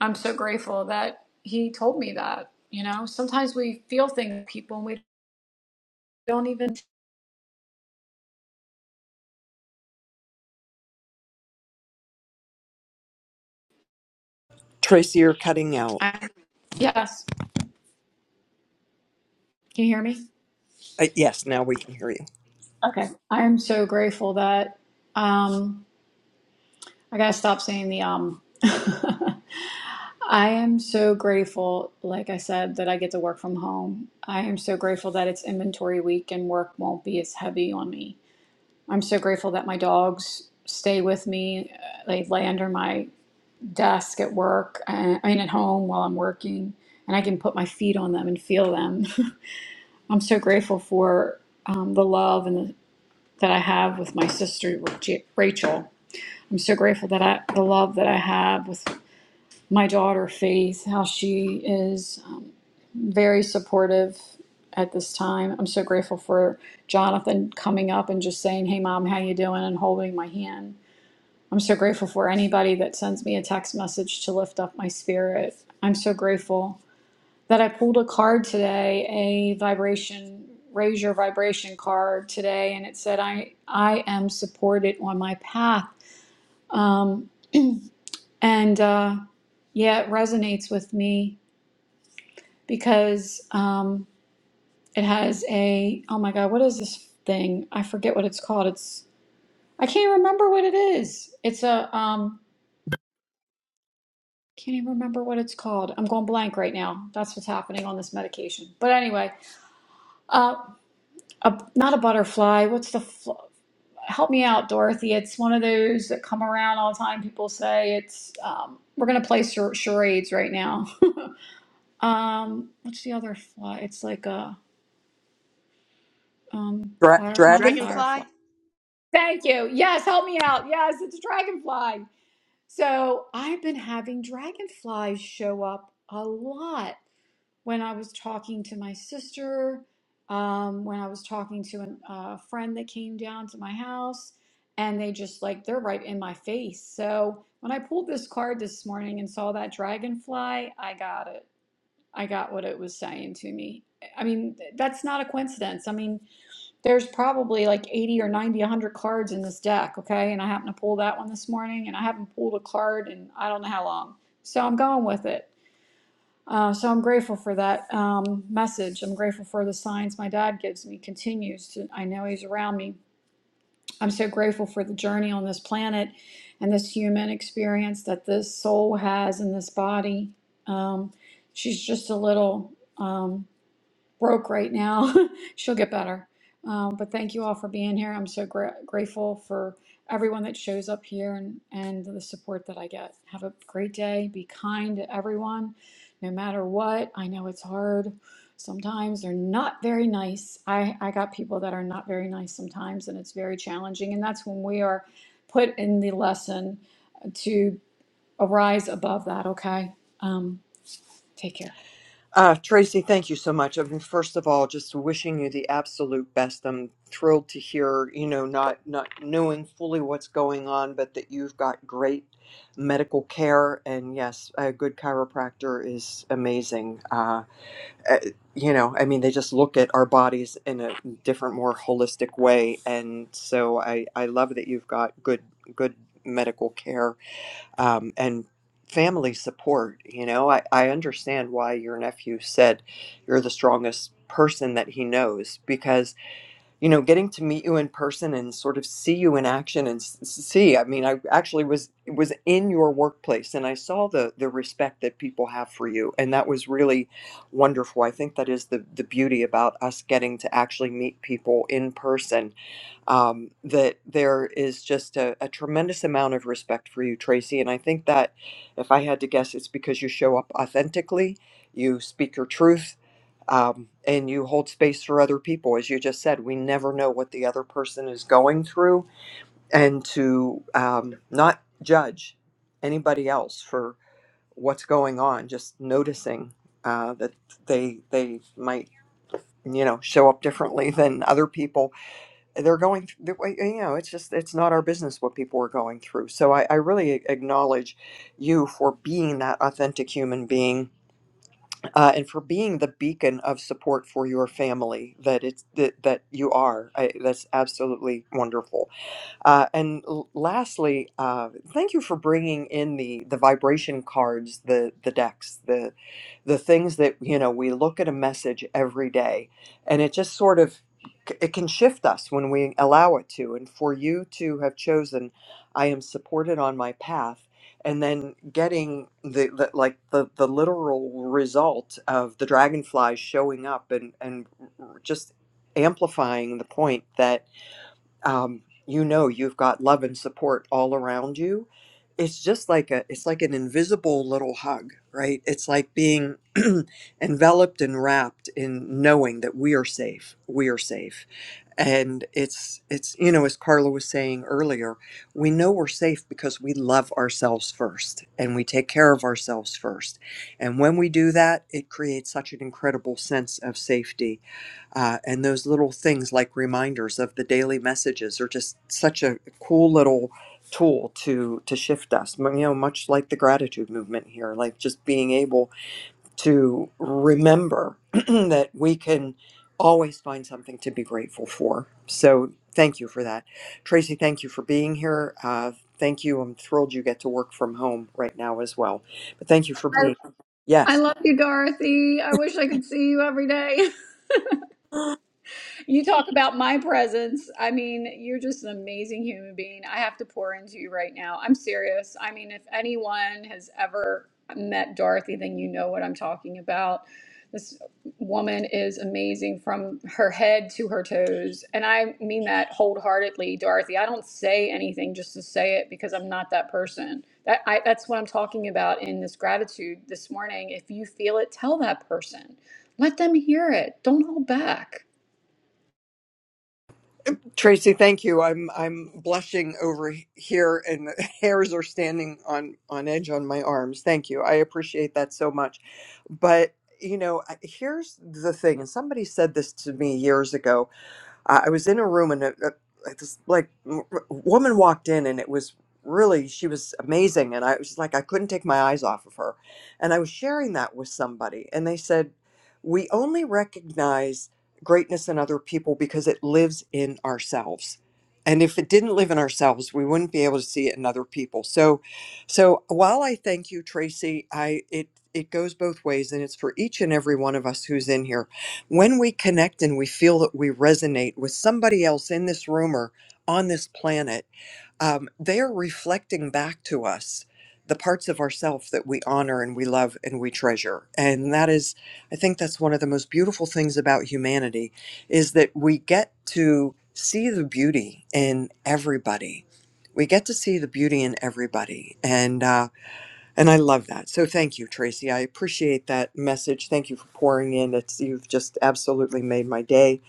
[SPEAKER 10] I'm so grateful that he told me that. You know, sometimes we feel things, people, and we don't even.
[SPEAKER 1] Tracy, you're cutting out.
[SPEAKER 10] I, yes, can you hear me?
[SPEAKER 1] Uh, yes, now we can hear you.
[SPEAKER 10] Okay. I am so grateful that um, I gotta stop saying the um. I am so grateful, like I said, that I get to work from home. I am so grateful that it's inventory week and work won't be as heavy on me. I'm so grateful that my dogs stay with me. Uh, They lay under my desk at work, uh, I mean, at home while I'm working, and I can put my feet on them and feel them. I'm so grateful for um, the love and that I have with my sister Rachel. I'm so grateful that I the love that I have with my daughter Faith, how she is um, very supportive at this time. I'm so grateful for Jonathan coming up and just saying, "Hey, mom, how you doing?" and holding my hand. I'm so grateful for anybody that sends me a text message to lift up my spirit. I'm so grateful that I pulled a card today, a vibration raise your vibration card today, and it said I I am supported on my path, um, and uh, yeah, it resonates with me because um, it has a oh my god, what is this thing? I forget what it's called. It's I can't remember what it is. It's a um, can't even remember what it's called. I'm going blank right now. That's what's happening on this medication. But anyway, uh, a, not a butterfly. What's the? help me out, Dorothy. It's one of those that come around all the time. People say it's um, we're gonna play char- charades right now. um, what's the other fly? It's like a um,
[SPEAKER 1] Dra-
[SPEAKER 10] fire, not a
[SPEAKER 1] dragonflies?
[SPEAKER 10] firefly.
[SPEAKER 11] Dragonfly?
[SPEAKER 10] Thank you. Yes, help me out. Yes, it's a dragonfly. So I've been having dragonflies show up a lot when I was talking to my sister, um, when I was talking to an- a friend that came down to my house, and they just like, they're right in my face. So when I pulled this card this morning and saw that dragonfly, I got it. I got what it was saying to me. I mean, th- that's not a coincidence. I mean, there's probably like 80 or 90, 100 cards in this deck, okay? And I happened to pull that one this morning, and I haven't pulled a card in I don't know how long. So I'm going with it. Uh, so I'm grateful for that um, message. I'm grateful for the signs my dad gives me, continues to, I know he's around me. I'm so grateful for the journey on this planet and this human experience that this soul has in this body. Um, she's just a little. um, broke right now. She'll get better. Um, but thank you all for being here. I'm so gra- grateful for everyone that shows up here and, and the support that I get. Have a great day. Be kind to everyone, no matter what. I know it's hard. Sometimes they're not very nice. I, I got people that are not very nice sometimes, and it's very challenging. And that's when we are put in the lesson to arise above that, okay? Um, take care.
[SPEAKER 1] Uh, Tracy, thank you so much. I mean, first of all, just wishing you the absolute best. I'm thrilled to hear, you know, not not knowing fully what's going on, but that you've got great medical care. And yes, a good chiropractor is amazing. Uh, uh, you know, I mean, they just look at our bodies in a different, more holistic way. And so, I I love that you've got good good medical care um, and family support. You know, I, I understand why your nephew said you're the strongest person that he knows because, you know, getting to meet you in person and sort of see you in action and s- see, I mean, I actually was was in your workplace and I saw the the respect that people have for you. And that was really wonderful. I think that is the, the beauty about us getting to actually meet people in person um, that there is just a, a tremendous amount of respect for you, Tracy. And I think that if I had to guess, it's because you show up authentically, you speak your truth, um, and you hold space for other people. As you just said, we never know what the other person is going through, and to um, not judge anybody else for what's going on, just noticing uh, that they they might you know show up differently than other people they're going through you know it's just it's not our business what people are going through so i, I really acknowledge you for being that authentic human being uh, and for being the beacon of support for your family that it's that, that you are I, that's absolutely wonderful uh, and l- lastly, uh, thank you for bringing in the the vibration cards, the the decks, the the things that you know we look at a message every day, and it just sort of it can shift us when we allow it to. And for you to have chosen, I am supported on my path, and then getting the, the like the the literal result of the dragonflies showing up and and just amplifying the point that um, you know you've got love and support all around you it's just like a it's like an invisible little hug right it's like being enveloped and wrapped in knowing that we are safe we are safe and it's it's you know as carla was saying earlier we know we're safe because we love ourselves first and we take care of ourselves first and when we do that it creates such an incredible sense of safety uh, and those little things like reminders of the daily messages are just such a cool little tool to to shift us you know much like the gratitude movement here like just being able to remember that we can always find something to be grateful for. So thank you for that. Tracy, thank you for being here. Uh, thank you. I'm thrilled you get to work from home right now as well. But thank you for being.
[SPEAKER 10] I
[SPEAKER 1] Yes,
[SPEAKER 10] love you, Dorothy. I wish I could see you every day. You talk about my presence. I mean, you're just an amazing human being. I have to pour into you right now. I'm serious. I mean, if anyone has ever met Dorothy, then you know what I'm talking about. This woman is amazing from her head to her toes. And I mean that wholeheartedly, Dorothy. I don't say anything just to say it because I'm not that person. That, I, that's what I'm talking about in this gratitude this morning. If you feel it, tell that person. Let them hear it. Don't hold back.
[SPEAKER 1] Tracy. Thank you. I'm I'm blushing over here, and the hairs are standing on on edge on my arms. Thank you. I appreciate that so much. But you know, I- here's the thing. And somebody said this to me years ago I I was in a room and a, a, like this like w- woman walked in and it was really she was amazing and I was just like I couldn't take my eyes off of her, and I was sharing that with somebody and they said, we only recognize greatness in other people because it lives in ourselves. And if it didn't live in ourselves, we wouldn't be able to see it in other people. So, so while I thank you, Tracy, I it it goes both ways, and it's for each and every one of us who's in here when we connect and we feel that we resonate with somebody else in this room or on this planet, um, they are reflecting back to us the parts of ourself that we honor and we love and we treasure. And that is, I think that's one of the most beautiful things about humanity is that we get to see the beauty in everybody. We get to see the beauty in everybody. And, uh, and I love that. So thank you, Tracy. I appreciate that message. Thank you for pouring in. It's you've just absolutely made my day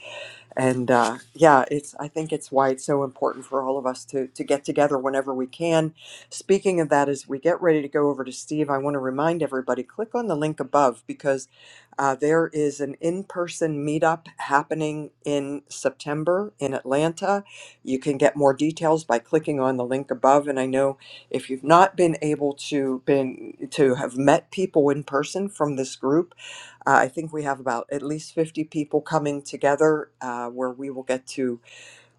[SPEAKER 1] and uh, yeah it's i think it's why it's so important for all of us to to get together whenever we can speaking of that as we get ready to go over to steve i want to remind everybody click on the link above because uh, there is an in-person meetup happening in september in atlanta you can get more details by clicking on the link above and i know if you've not been able to been to have met people in person from this group uh, I think we have about at least 50 people coming together uh, where we will get to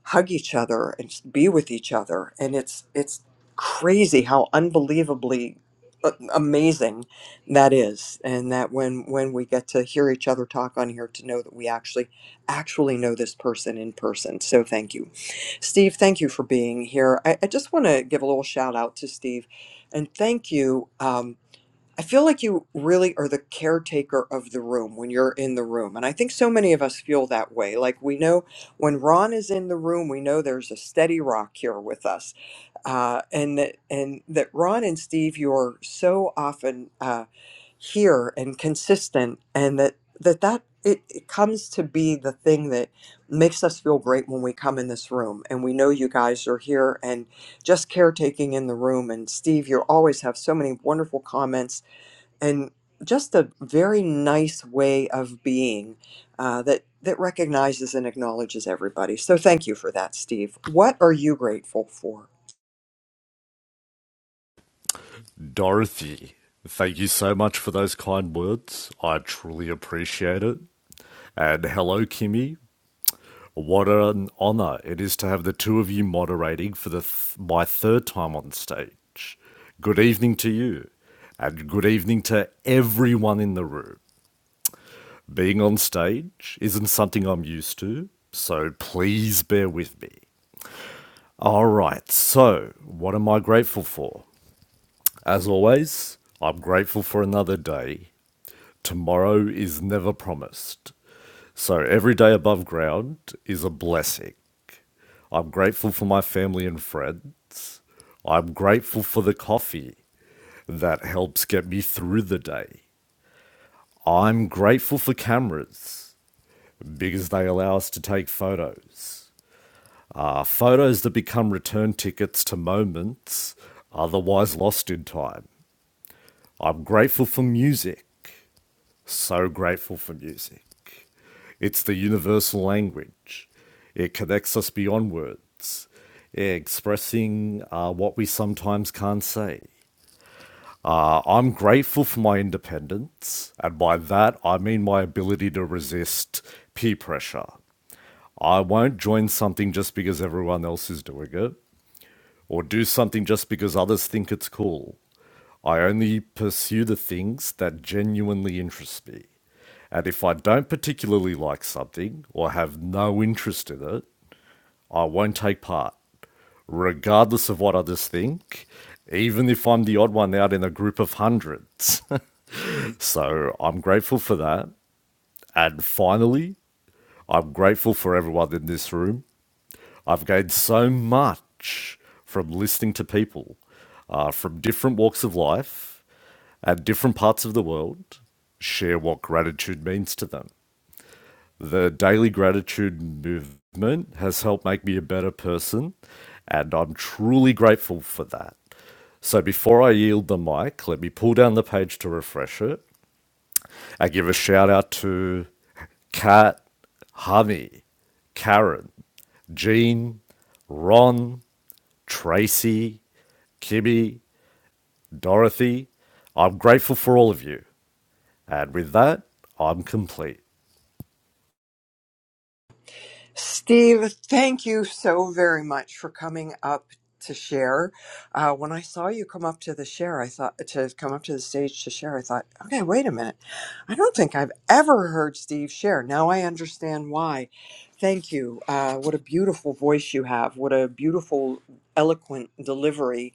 [SPEAKER 1] hug each other and just be with each other. And it's, it's crazy how unbelievably a- amazing that is and that when when we get to hear each other talk on here to know that we actually actually know this person in person so thank you steve thank you for being here i, I just want to give a little shout out to steve and thank you Um, I feel like you really are the caretaker of the room when you're in the room. And I think so many of us feel that way. Like we know when Ron is in the room, we know there's a steady rock here with us. Uh, and, that, and that Ron and Steve, you are so often uh, here and consistent, and that that, that it, it comes to be the thing that makes us feel great when we come in this room. And we know you guys are here and just caretaking in the room. And Steve, you always have so many wonderful comments and just a very nice way of being uh, that that recognizes and acknowledges everybody. So thank you for that, Steve. What are you grateful for?
[SPEAKER 12] Dorothy, thank you so much for those kind words. I truly appreciate it. And hello, Kimmy. What an honor it is to have the two of you moderating for the th- my third time on stage. Good evening to you, and good evening to everyone in the room. Being on stage isn't something I'm used to, so please bear with me. All right, so what am I grateful for? As always, I'm grateful for another day tomorrow is never promised. So every day above ground is a blessing. I'm grateful for my family and friends. I'm grateful for the coffee that helps get me through the day. I'm grateful for cameras because they allow us to take photos. Uh, photos that become return tickets to moments otherwise lost in time. I'm grateful for music So grateful for music. It's the universal language. It connects us beyond words, expressing uh, what we sometimes can't say. Uh, I'm grateful for my independence, and by that I mean my ability to resist peer pressure. I won't join something just because everyone else is doing it or do something just because others think it's cool. I only pursue the things that genuinely interest me. And if I don't particularly like something or have no interest in it, I won't take part, regardless of what others think, even if I'm the odd one out in a group of hundreds. so I'm grateful for that. And finally, I'm grateful for everyone in this room I've gained so much from listening to people uh, from different walks of life and different parts of the world share what gratitude means to them. The daily gratitude movement has helped make me a better person, and I'm truly grateful for that. So before I yield the mic, let me pull down the page to refresh it I give a shout out to Kat, Honey, Karen, Jean, Ron, Tracy, Kibby, Dorothy. I'm grateful for all of you. And with that, I'm complete.
[SPEAKER 1] Steve, thank you so very much for coming up to share. Uh, when I saw you come up to the share, I thought to come up to the stage to share, I thought, okay, wait a minute. I don't think I've ever heard Steve share. Now I understand why. Thank you. Uh, what a beautiful voice you have. What a beautiful, eloquent delivery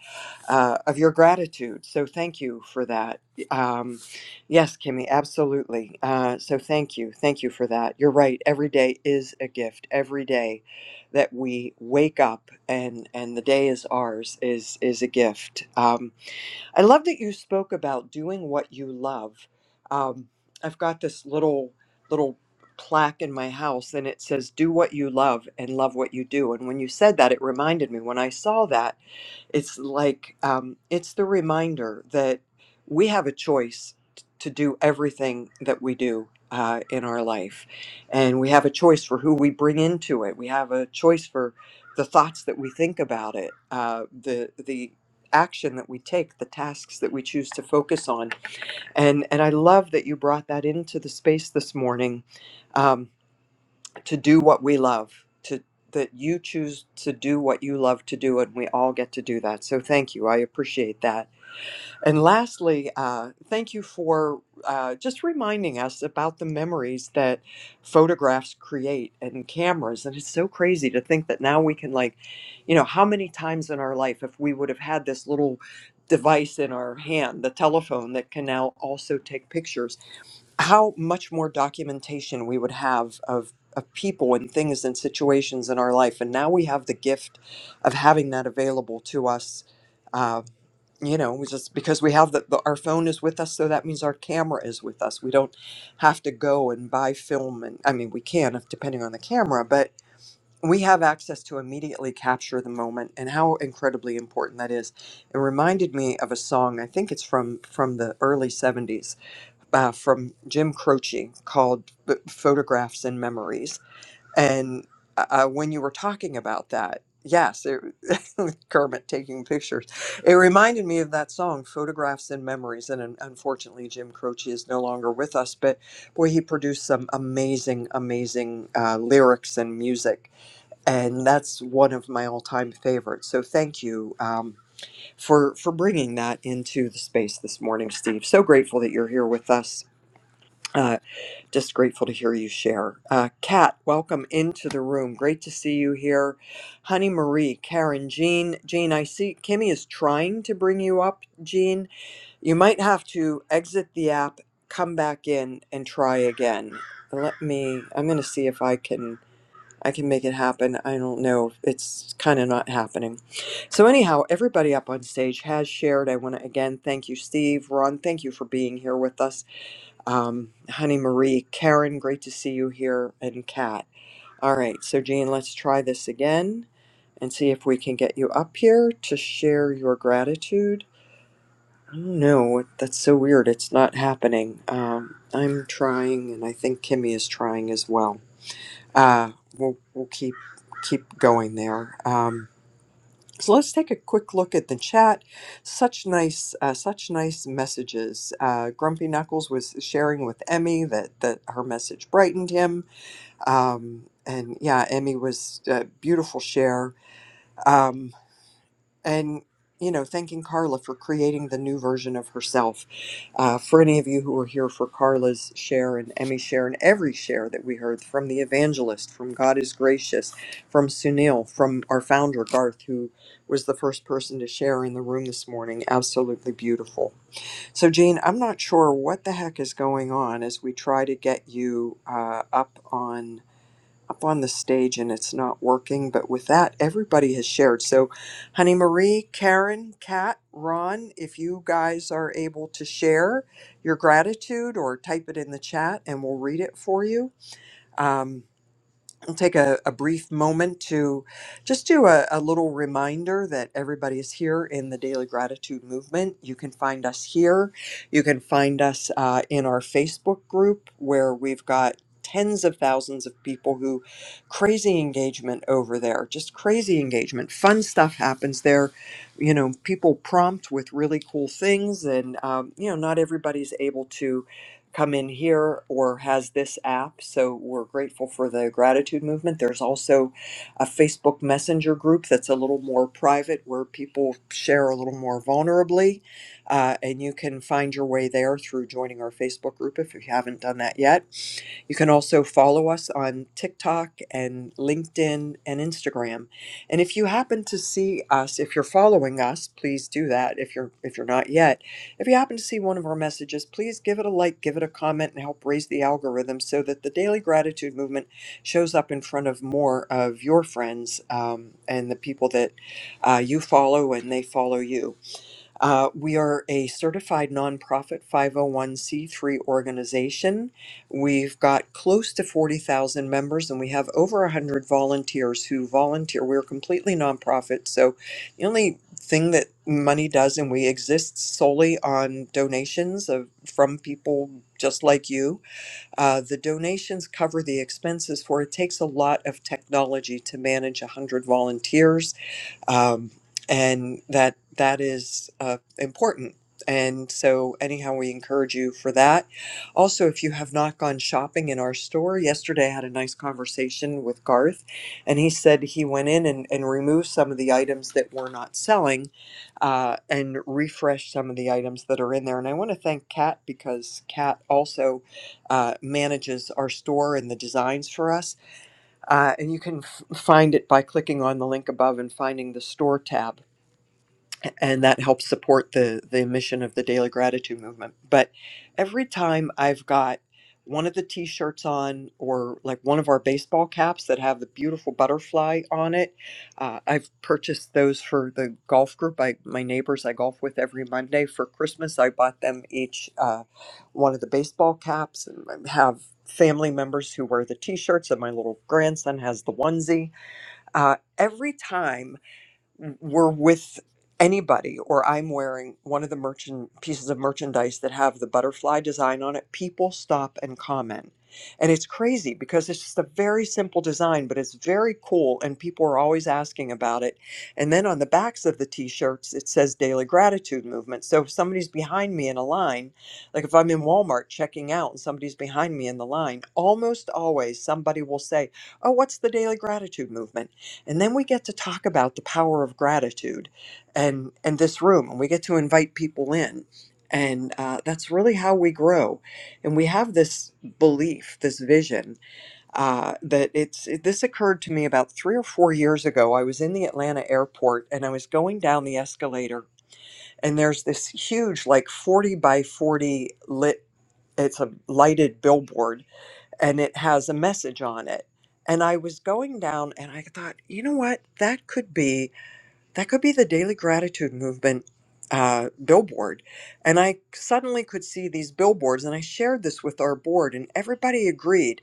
[SPEAKER 1] uh, of your gratitude. So thank you for that. Um, Yes, Kimmy, absolutely. Uh, so thank you. Thank you for that. You're right. Every day is a gift. Every day that we wake up and, and the day is ours is, is a gift. Um, I love that you spoke about doing what you love. Um, I've got this little little plaque in my house, and it says "Do what you love and love what you do." And when you said that, it reminded me. When I saw that, it's like um, it's the reminder that we have a choice t- to do everything that we do uh, in our life, and we have a choice for who we bring into it. We have a choice for the thoughts that we think about it, uh, the the action that we take, the tasks that we choose to focus on. And and I love that you brought that into the space this morning um, to do what we love, to that you choose to do what you love to do, and we all get to do that. So thank you. I appreciate that. And lastly, uh, thank you for uh, just reminding us about the memories that photographs create and cameras. And it's so crazy to think that now we can, like, you know, how many times in our life, if we would have had this little device in our hand, the telephone that can now also take pictures, how much more documentation we would have of. Of people and things and situations in our life. And now we have the gift of having that available to us uh, you know we just because we have the, the our phone is with us so that means our camera is with us we don't have to go and buy film and i mean we can if depending on the camera but we have access to immediately capture the moment and how incredibly important that is it reminded me of a song i think it's from from the early 70s uh, from jim croce called photographs and memories and uh, uh, when you were talking about that, yes, it, Kermit taking pictures, it reminded me of that song, Photographs and Memories. And un- unfortunately, Jim Croce is no longer with us, but boy, he produced some amazing, amazing uh, lyrics and music. And that's one of my all time favorites. So thank you um, for, for bringing that into the space this morning, Steve. So grateful that you're here with us. uh, just grateful to hear you share. Uh, Kat, welcome into the room. Great to see you here. Honey Marie, Karen, Jean. Jean, I see Kimmy is trying to bring you up. Jean, you might have to exit the app, come back in, and try again. Let me, I'm going to see if I can. I can make it happen. I don't know. It's kind of not happening. So, anyhow, everybody up on stage has shared. I want to again thank you, Steve, Ron. Thank you for being here with us um, Honey Marie, Karen, great to see you here, and Kat. All right, so Jean, let's try this again and see if we can get you up here to share your gratitude. I don't know, that's so weird. It's not happening. Um, I'm trying, and I think Kimmy is trying as well. Uh, we'll, we'll keep keep going there. Um, so let's take a quick look at the chat. Such nice, uh, such nice messages. Uh, Grumpy Knuckles was sharing with Emmy that that her message brightened him. Um, and yeah, Emmy was uh, beautiful share. Um, and you know thanking carla for creating the new version of herself uh, for any of you who were here for carla's share and emmy's share and every share that we heard from the evangelist from god is gracious from sunil from our founder garth who was the first person to share in the room this morning absolutely beautiful so jean i'm not sure what the heck is going on as we try to get you uh, up on up on the stage and it's not working. But with that, everybody has shared. So, Honey Marie, Karen, Kat, Ron, if you guys are able to share your gratitude or type it in the chat and we'll read it for you. Um, I'll take a, a brief moment to just do a, a little reminder that everybody is here in the Daily Gratitude Movement. You can find us here. You can find us uh, in our Facebook group where we've got tens of thousands of people who crazy engagement over there just crazy engagement fun stuff happens there you know people prompt with really cool things and um, you know not everybody's able to come in here or has this app. So we're grateful for the gratitude movement. There's also a Facebook Messenger group that's a little more private where people share a little more vulnerably. Uh, and you can find your way there through joining our Facebook group if you haven't done that yet. You can also follow us on TikTok and LinkedIn and Instagram. And if you happen to see us, if you're following us, please do that. If you're if you're not yet, if you happen to see one of our messages, please give it a like, give it a comment, and help raise the algorithm so that the Daily Gratitude Movement shows up in front of more of your friends um, and the people that uh, you follow and they follow you. Uh, we are a certified nonprofit 501c3 organization. We've got close to 40,000 members and we have over 100 volunteers who volunteer. We're completely nonprofit, so the only thing that money does, and we exist solely on donations of, from people just like you. Uh, the donations cover the expenses for it takes a lot of technology to manage 100 volunteers um, and that that is uh, important. And so, anyhow, we encourage you for that. Also, if you have not gone shopping in our store, yesterday I had a nice conversation with Garth, and he said he went in and, and removed some of the items that we're not selling uh, and refreshed some of the items that are in there. And I want to thank Kat because Kat also uh, manages our store and the designs for us uh, and you can f- find it by clicking on the link above and finding the store tab and that helps support the the mission of the daily gratitude movement but every time i've got one of the t-shirts on or like one of our baseball caps that have the beautiful butterfly on it uh, i've purchased those for the golf group I, my neighbors i golf with every monday for christmas i bought them each uh, one of the baseball caps and I have family members who wear the t-shirts and my little grandson has the onesie uh, every time we're with anybody or I'm wearing one of the merchant pieces of merchandise that have the butterfly design on it, people stop and comment. And it's crazy because it's just a very simple design, but it's very cool and people are always asking about it. And then on the backs of the t-shirts it says daily gratitude movement. So if somebody's behind me in a line, like if I'm in Walmart checking out and somebody's behind me in the line, almost always somebody will say, "Oh, what's the daily gratitude movement?" And then we get to talk about the power of gratitude and, and this room, and we get to invite people in. And uh, that's really how we grow. And we have this belief, this vision uh, that it's, it, this occurred to me about three or four years ago. I was in the Atlanta airport and I was going down the escalator, and there's this huge, like 40 by 40 lit, it's a lighted billboard and it has a message on it. And I was going down and I thought, you know what? That could be that could be the daily gratitude movement uh, billboard. And I suddenly could see these billboards and I shared this with our board and everybody agreed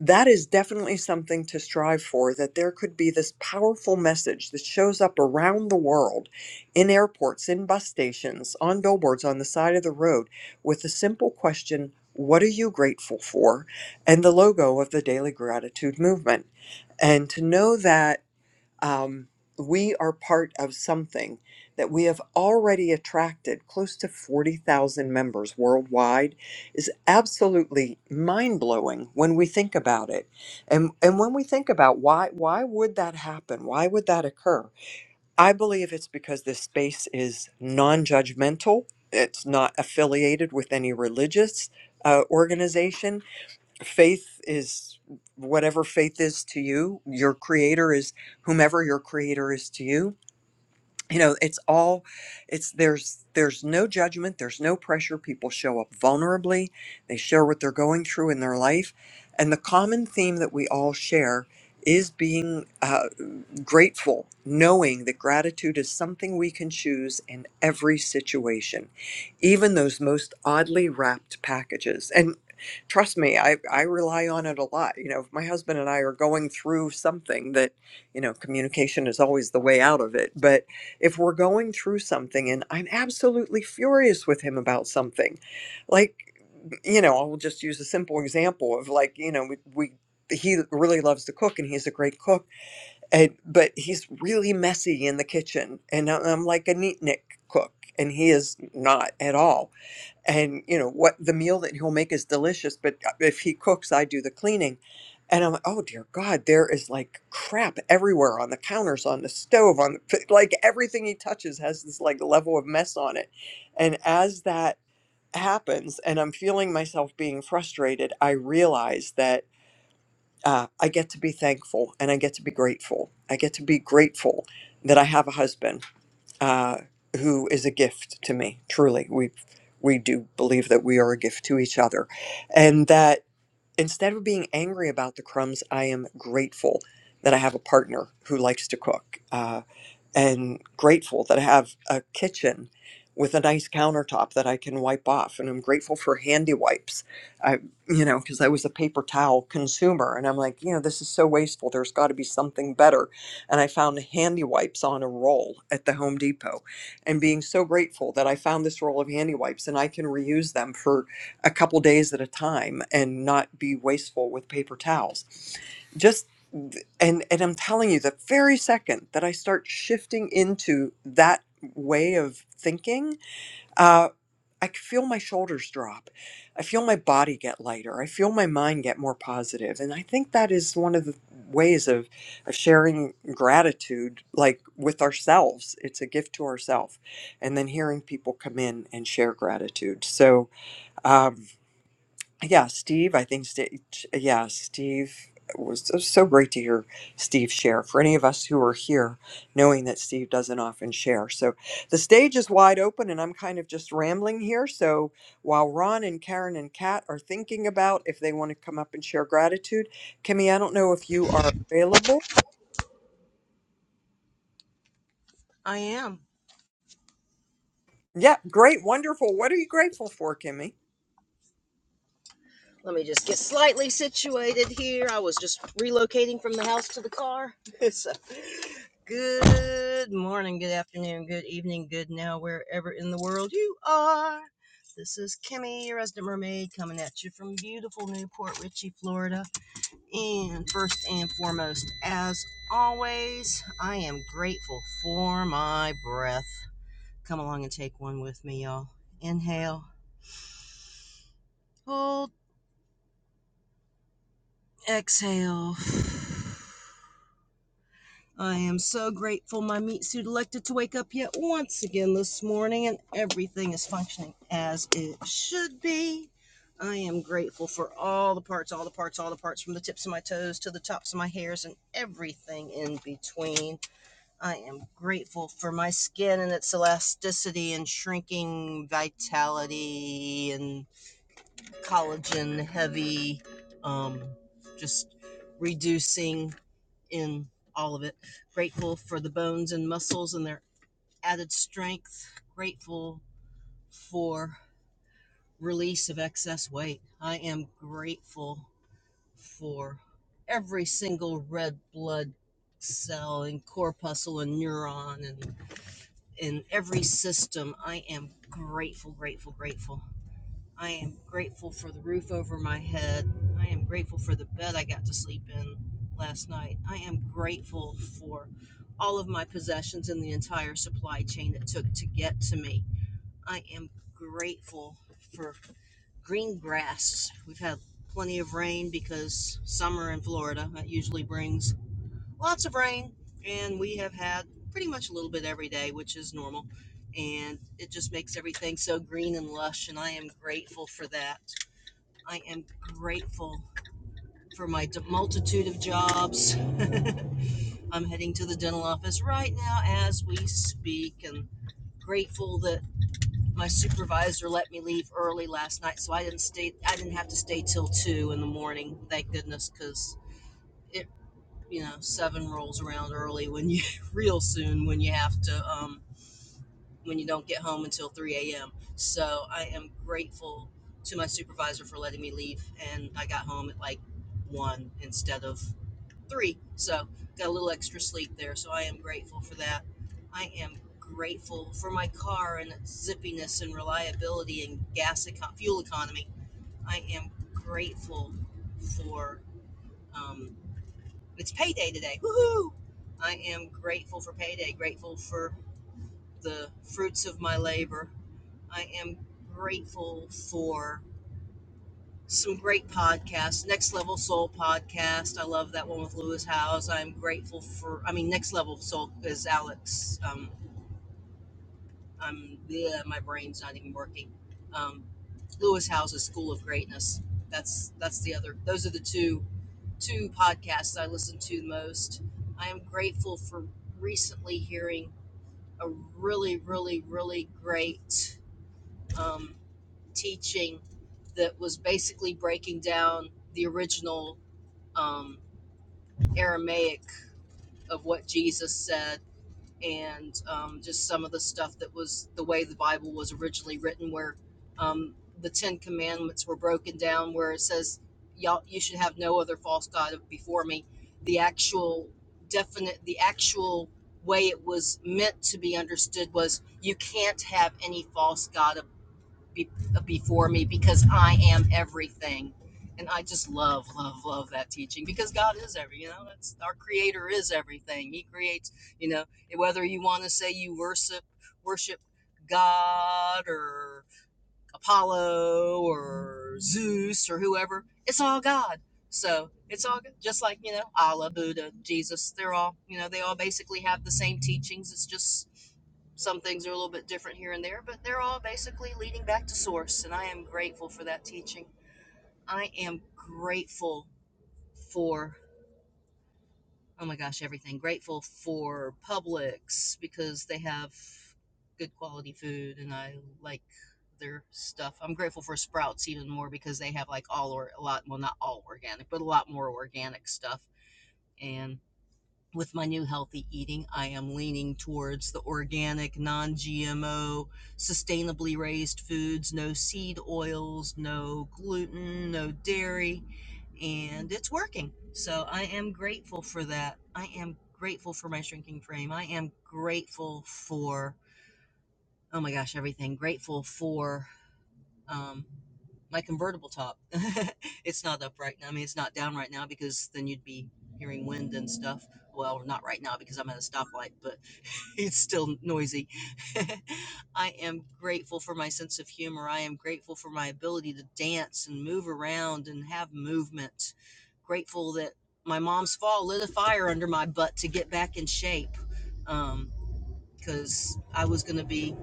[SPEAKER 1] that is definitely something to strive for that there could be this powerful message that shows up around the world in airports, in bus stations, on billboards, on the side of the road with the simple question, What are you grateful for? and the logo of the Daily Gratitude Movement. And to know that um, we are part of something that we have already attracted close to 40,000 members worldwide is absolutely mind-blowing when we think about it. And and when we think about why why would that happen? Why would that occur? I believe it's because this space is non-judgmental. It's not affiliated with any religious uh, organization faith is whatever faith is to you your creator is whomever your creator is to you you know it's all it's there's there's no judgment there's no pressure people show up vulnerably they share what they're going through in their life and the common theme that we all share is being uh, grateful, knowing that gratitude is something we can choose in every situation, even those most oddly wrapped packages. And trust me, I, I rely on it a lot. You know, if my husband and I are going through something that, you know, communication is always the way out of it. But if we're going through something and I'm absolutely furious with him about something, like, you know, I'll just use a simple example of like, you know, we, we he really loves to cook and he's a great cook and but he's really messy in the kitchen and I- i'm like a neatnik cook and he is not at all and you know what the meal that he'll make is delicious but uh, if he cooks i do the cleaning and i'm like oh dear god there is like crap everywhere on the counters on the stove on the, like everything he touches has this like level of mess on it and as that happens and i'm feeling myself being frustrated i realize that uh, I get to be thankful and I get to be grateful. I get to be grateful that I have a husband uh, who is a gift to me. Truly, we we do believe that we are a gift to each other, and that instead of being angry about the crumbs, I am grateful that I have a partner who likes to cook. Uh, and grateful that I have a kitchen with a nice countertop that I can wipe off. And I'm grateful for handy wipes. I, you know, because I was a paper towel consumer and I'm like, you know, this is so wasteful. There's got to be something better. And I found handy wipes on a roll at the Home Depot and being so grateful that I found this roll of handy wipes and I can reuse them for a couple days at a time and not be wasteful with paper towels Just and and I'm telling you, the very second that I start shifting into that way of thinking, uh, I c- feel my shoulders drop. I feel my body get lighter. I feel my mind get more positive. And I think that is one of the ways of, of sharing gratitude, like with ourselves. It's a gift to ourselves. And then hearing people come in and share gratitude. So, um, yeah, Steve, I think, Steve, yeah, Steve it was, it was so great to hear Steve share. For any of us who are here, knowing that Steve doesn't often share. So the stage is wide open and I'm kind of just rambling here. So while Ron and Karen and Kat are thinking about if they want to come up and share gratitude, Kimmy, I don't know if you are available.
[SPEAKER 11] I am.
[SPEAKER 1] Yeah, great, wonderful. What are you grateful for, Kimmy?
[SPEAKER 11] Let me just get slightly situated here. I was just relocating from the house to the car. so, good morning, good afternoon, good evening, good now, wherever in the world you are. This is Kimmy, your resident mermaid, coming at you from beautiful Newport Richey, Florida. And first and foremost, as always, I am grateful for my breath. Come along and take one with me, y'all. Inhale. hold. Exhale. I am so grateful my meat suit elected to wake up yet once again this morning and everything is functioning as it should be. I am grateful for all the parts, all the parts, all the parts from the tips of my toes to the tops of my hairs and everything in between. I am grateful for my skin and its elasticity and shrinking vitality and collagen heavy um just reducing in all of it. Grateful for the bones and muscles and their added strength. Grateful for release of excess weight. I am grateful for every single red blood cell and corpuscle and neuron and in every system. I am grateful, grateful, grateful. I am grateful for the roof over my head. I am grateful for the bed I got to sleep in last night. I am grateful for all of my possessions and the entire supply chain it took to get to me. I am grateful for green grass. We've had plenty of rain because summer in Florida that usually brings lots of rain, and we have had pretty much a little bit every day, which is normal and it just makes everything so green and lush and i am grateful for that I am grateful for my multitude of jobs. I'm heading to the dental office right now as we speak and grateful that my supervisor let me leave early last night so I didn't stay I didn't have to stay till 2 in the morning. Thank goodness cuz it you know 7 rolls around early when you real soon when you have to um when you don't get home until 3 a.m. So I am grateful to my supervisor for letting me leave, and I got home at like 1 instead of 3. So got a little extra sleep there. So I am grateful for that. I am grateful for my car and its zippiness and reliability and gas eco- fuel economy. I am grateful for um, it's payday today. Woohoo! I am grateful for payday. Grateful for the fruits of my labor I am grateful for some great podcasts. Next Level Soul podcast. I love that one with Lewis Howes. I'm grateful for, I mean, Next Level Soul is Alex. Um, I'm, yeah, my brain's not even working. Um, Lewis Howes' School of Greatness. That's, that's the other, those are the two, two podcasts I listen to the most. I am grateful for recently hearing a really, really, really great, um, teaching that was basically breaking down the original um, Aramaic of what Jesus said and um, just some of the stuff that was the way the Bible was originally written, where um, the Ten Commandments were broken down, where it says, Y'all, you should have no other false God before me. The actual definite, the actual way it was meant to be understood was you can't have any false God be, uh, before me because I am everything. And I just love, love, love that teaching because God is every, you know, that's our creator is everything. He creates, you know, whether you want to say you worship, worship God or Apollo or Zeus or whoever. It's all God. So it's all good. just like, you know, Allah, Buddha, Jesus, they're all, you know, they all basically have the same teachings. It's just some things are a little bit different here and there, but they're all basically leading back to source. And I am grateful for that teaching. I am grateful for oh my gosh, everything. Grateful for Publix because they have good quality food and I like their stuff. I'm grateful for Sprouts even more because they have like all or a lot, well, not all organic, but a lot more organic stuff. And with my new healthy eating, I am leaning towards the organic, non GMO, sustainably raised foods, no seed oils, no gluten, no dairy and it's working. So I am grateful for that. I am grateful for my shrinking frame. I am grateful for oh my gosh, everything. Grateful for um, my convertible top. it's not up right now. I mean, it's not down right now because then you'd be hearing wind and stuff. Well, not right now because I'm at a stoplight, but it's still noisy. I am grateful for my sense of humor. I am grateful for my ability to dance and move around and have movement. Grateful that my mom's fall lit a fire under my butt to get back in shape. Um, because I was going to be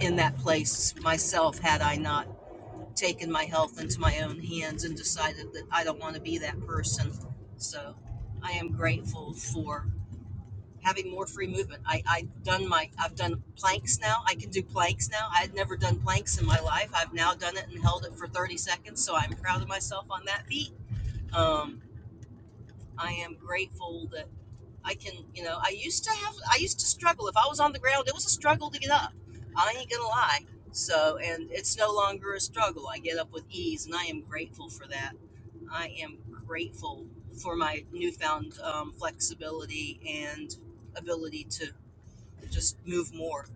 [SPEAKER 11] in that place myself had I not taken my health into my own hands and decided that I don't want to be that person. So I am grateful for having more free movement. I, I've done my I've done planks now. I can do planks now. I had never done planks in my life. I've now done it and held it for 30 seconds, so I'm proud of myself on that feat. Um, I am grateful that I can, you know, I used to have I used to struggle. If I was on the ground, it was a struggle to get up. I ain't gonna lie. So and it's no longer a struggle. I get up with ease and I am grateful for that. I am grateful for my newfound um, flexibility and ability to just move more.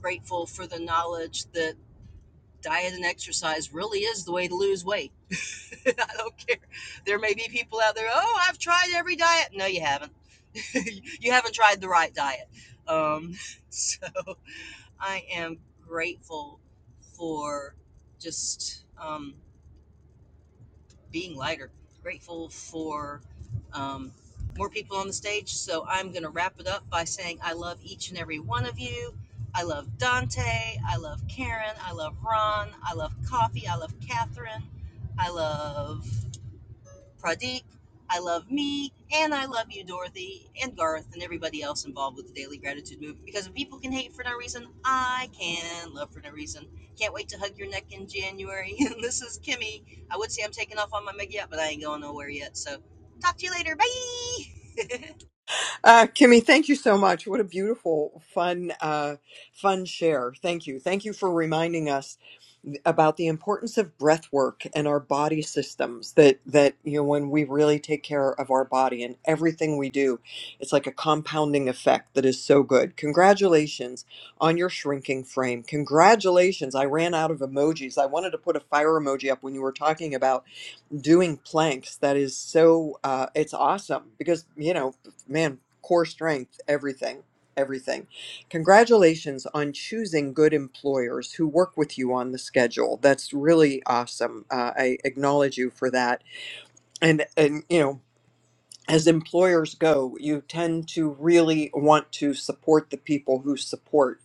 [SPEAKER 11] Grateful for the knowledge that diet and exercise really is the way to lose weight. I don't care. There may be people out there, oh, I've tried every diet. No, you haven't. you haven't tried the right diet. Um, so I am grateful for just. Um, being lighter. Grateful for um, more people on the stage. So I'm going to wrap it up by saying I love each and every one of you. I love Dante. I love Karen. I love Ron. I love Coffee. I love Catherine. I love Pradeep. I love me, and I love you, Dorothy, and Garth, and everybody else involved with the Daily Gratitude Movement. Because if people can hate for no reason, I can love for no reason. Can't wait to hug your neck in January. And this is Kimmy. I would say I'm taking off on my mega yacht, but I ain't going nowhere yet. So talk to you later. Bye.
[SPEAKER 1] Uh, Kimmy, thank you so much. What a beautiful, fun, uh, fun share. Thank you. Thank you for reminding us about the importance of breath work and our body systems that that you know when we really take care of our body and everything we do it's like a compounding effect that is so good congratulations on your shrinking frame congratulations i ran out of emojis i wanted to put a fire emoji up when you were talking about doing planks that is so uh, it's awesome because you know man core strength, everything, everything. Congratulations on choosing good employers who work with you on the schedule. That's really awesome. Uh, I acknowledge you for that. And and you know as employers go, you tend to really want to support the people who support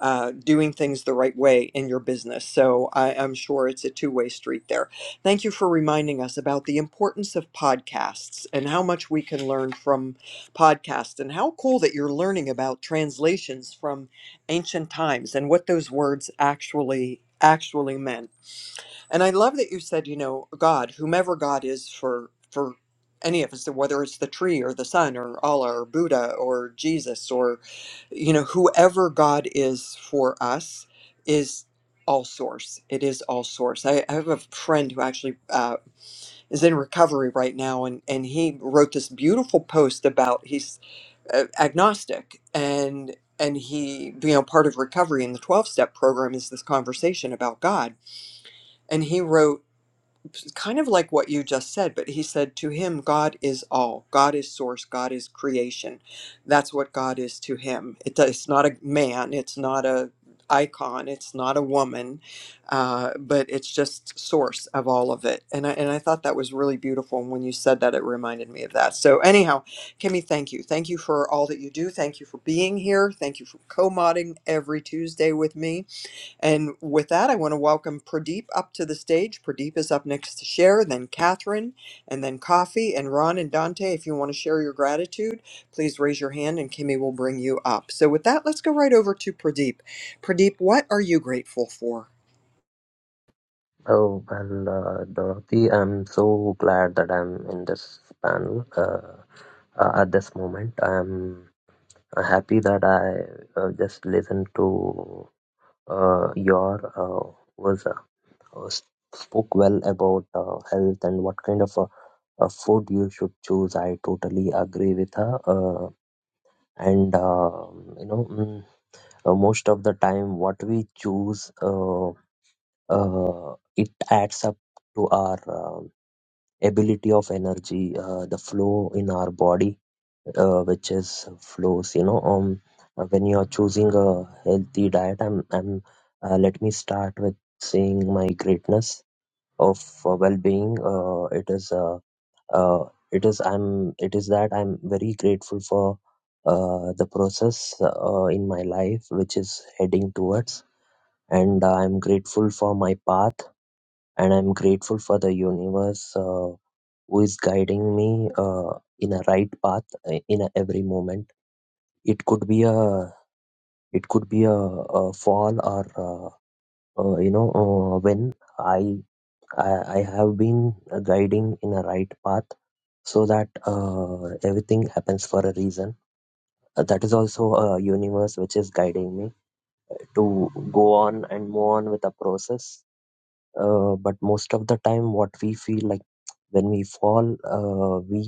[SPEAKER 1] uh, doing things the right way in your business. So I, I'm sure it's a two way street there. Thank you for reminding us about the importance of podcasts and how much we can learn from podcasts, and how cool that you're learning about translations from ancient times and what those words actually actually meant. And I love that you said, you know, God, whomever God is for for any of us, whether it's the tree or the sun or Allah or Buddha or Jesus or you know, whoever God is for us is all source. It is all source. I, I have a friend who actually uh, is in recovery right now, and and he wrote this beautiful post about he's uh, agnostic and and he you know part of recovery in the 12 step program is this conversation about god and he wrote kind of like what you just said, but he said, To him, God is all. God is source. God is creation. That's what God is to him. It, it's not a man. It's not a icon. It's not a woman, uh, but it's just source of all of it. And I, and I thought that was really beautiful. And when you said that, it reminded me of that. So, anyhow, Kimmy, thank you. Thank you for all that you do. Thank you for being here. Thank you for co modding every Tuesday with me. And with that, I want to welcome Pradeep up to the stage. Pradeep is up next to Cher, then Catherine, and then Coffee, and Ron and Dante. If you want to share your gratitude, please raise your hand and Kimmy will bring you up. So with that, let's go right over to Pradeep. Pradeep, what are you grateful for?
[SPEAKER 13] Oh, well, uh, Dorothy, I'm so glad that I'm in this panel uh, uh, at this moment. I'm happy that I uh, just listened to uh, your uh, was uh, uh, spoke well about uh, health and what kind of uh, uh, food you should choose. I totally agree with her. Uh, and uh, you know, mm, uh, most of the time, what we choose, uh, uh, it adds up to our. um, ability of energy uh, the flow in our body uh, which is flows you know um uh, when you are choosing a healthy diet i'm i'm uh, let me start with saying my greatness of uh, well-being uh, it is uh, uh, it is i'm it is that i'm very grateful for uh, the process uh, in my life which is heading towards and i'm grateful for my path and i'm grateful for the universe Uh, who is guiding me uh, in a right path uh, in a every moment it could be a it could be a, a fall or uh, uh, you know uh, when I, I i have been uh, guiding in a right path so that uh, everything happens for a reason Uh, that is also a universe which is guiding me to go on and move on with the process uh, but most of the time what we feel like when we fall uh, we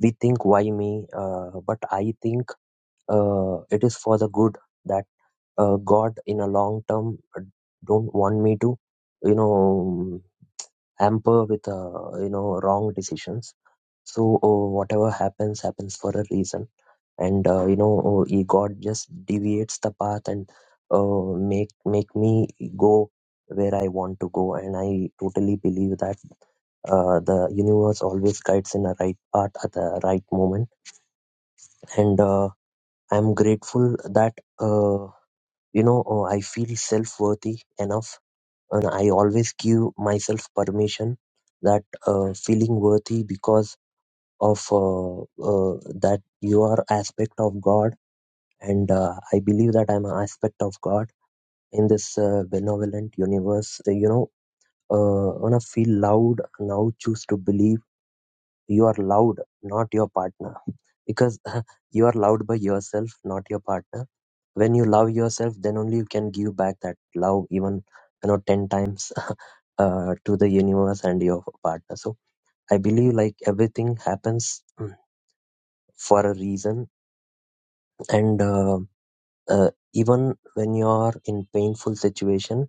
[SPEAKER 13] we think why me uh, but i think uh, it is for the good that uh, god in a long term uh, don't want me to you know hamper with uh, you know wrong decisions so uh, whatever happens happens for a reason and uh, you know uh, e, god just deviates the path and uh, make make me go where i want to go and i totally believe that uh, the universe always guides in the right path at the right moment and uh, I'm grateful that uh, you know uh, I feel self-worthy enough, and I always give myself permission that uh, feeling worthy because of uh, uh, that you are aspect of God, and uh, I believe that I'm an aspect of God in this uh, benevolent universe. Uh, You know, uh, wanna feel loud now. Choose to believe you are loud, not your partner, because you are loud by yourself, not your partner when you love yourself then only you can give back that love even you know 10 times uh, to the universe and your partner so i believe like everything happens mm, for a reason and uh, uh, even when you are in painful situation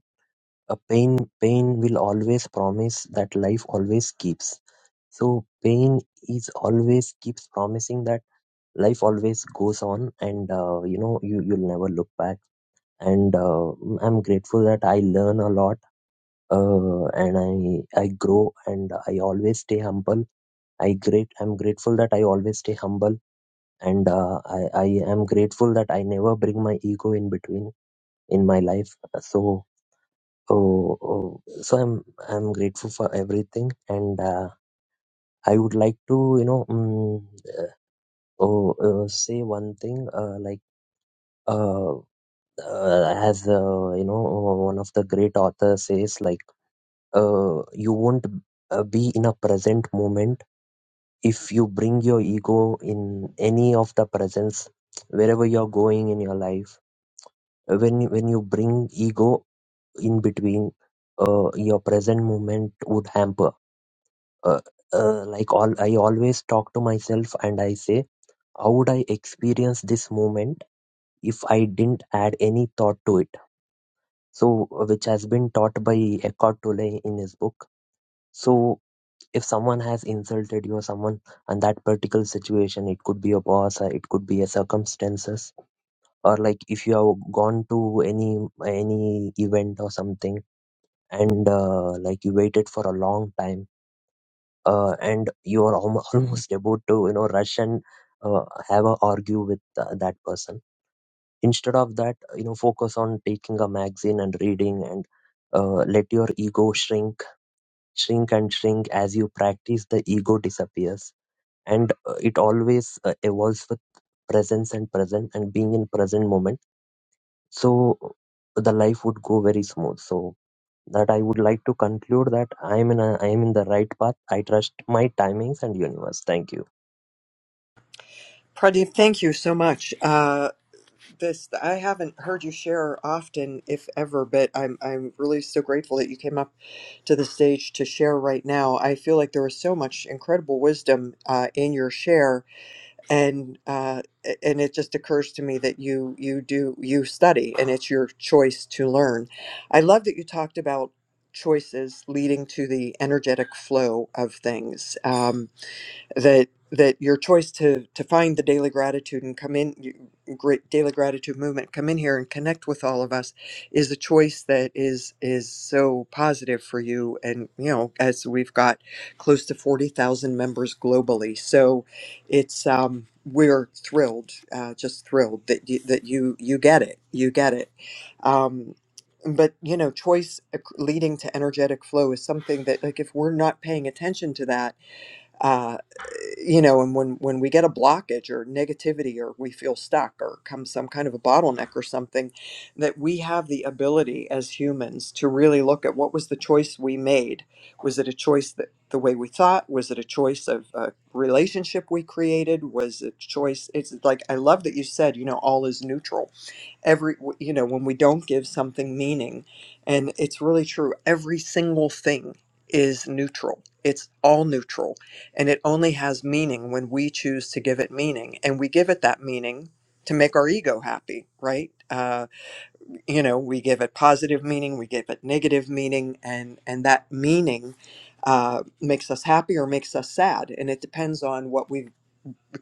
[SPEAKER 13] a pain pain will always promise that life always keeps so pain is always keeps promising that life always goes on and uh, you know you you'll never look back and uh, i'm grateful that i learn a lot uh, and i i grow and i always stay humble i great i'm grateful that i always stay humble and uh, i i am grateful that i never bring my ego in between in my life so oh, oh, so i'm i'm grateful for everything and uh, i would like to you know mm oh, uh, say one thing uh, like uh, uh, as uh, you know one of the great authors says like uh, you won't uh, be in a present moment if you bring your ego in any of the presence wherever you're going in your life when when you bring ego in between uh, your present moment would hamper uh, uh, like all i always talk to myself and i say how would i experience this moment if i didn't add any thought to it so uh, which has been taught by eckhart tolle in his book so if someone has insulted you or someone and that particular situation it could be a boss or it could be a circumstances or like if you have gone to any any event or something and uh, like you waited for a long time uh, and you are almo- almost about to you know rush and uh, have a argue with uh, that person instead of that you know focus on taking a magazine and reading and uh, let your ego shrink shrink and shrink as you practice the ego disappears and uh, it always uh, evolves with presence and present and being in present moment so the life would go very smooth so that i would like to conclude that i am in a, i am in the right path i trust my timings and universe thank you
[SPEAKER 1] Pradeep, thank you so much. Uh, this I haven't heard you share often, if ever, but I'm I'm really so grateful that you came up to the stage to share right now. I feel like there is so much incredible wisdom uh, in your share, and uh, a- and it just occurs to me that you you do you study and it's your choice to learn i love that you talked about choices leading to the energetic flow of things um, that that your choice to to find the daily gratitude and come in you- great daily gratitude movement come in here and connect with all of us is a choice that is is so positive for you and you know as we've got close to 40,000 members globally so it's um we're thrilled uh, just thrilled that you, that you you get it you get it um but you know choice uh, leading to energetic flow is something that like if we're not paying attention to that uh, you know and when when we get a blockage or negativity or we feel stuck or come some kind of a bottleneck or something that we have the ability as humans to really look at what was the choice we made was it a choice that the way we thought was it a choice of a relationship we created was it choice it's like i love that you said you know all is neutral every you know when we don't give something meaning and it's really true every single thing is neutral it's all neutral and it only has meaning when we choose to give it meaning and we give it that meaning to make our ego happy right uh, you know we give it positive meaning we give it negative meaning and and that meaning uh, makes us happy or makes us sad and it depends on what we've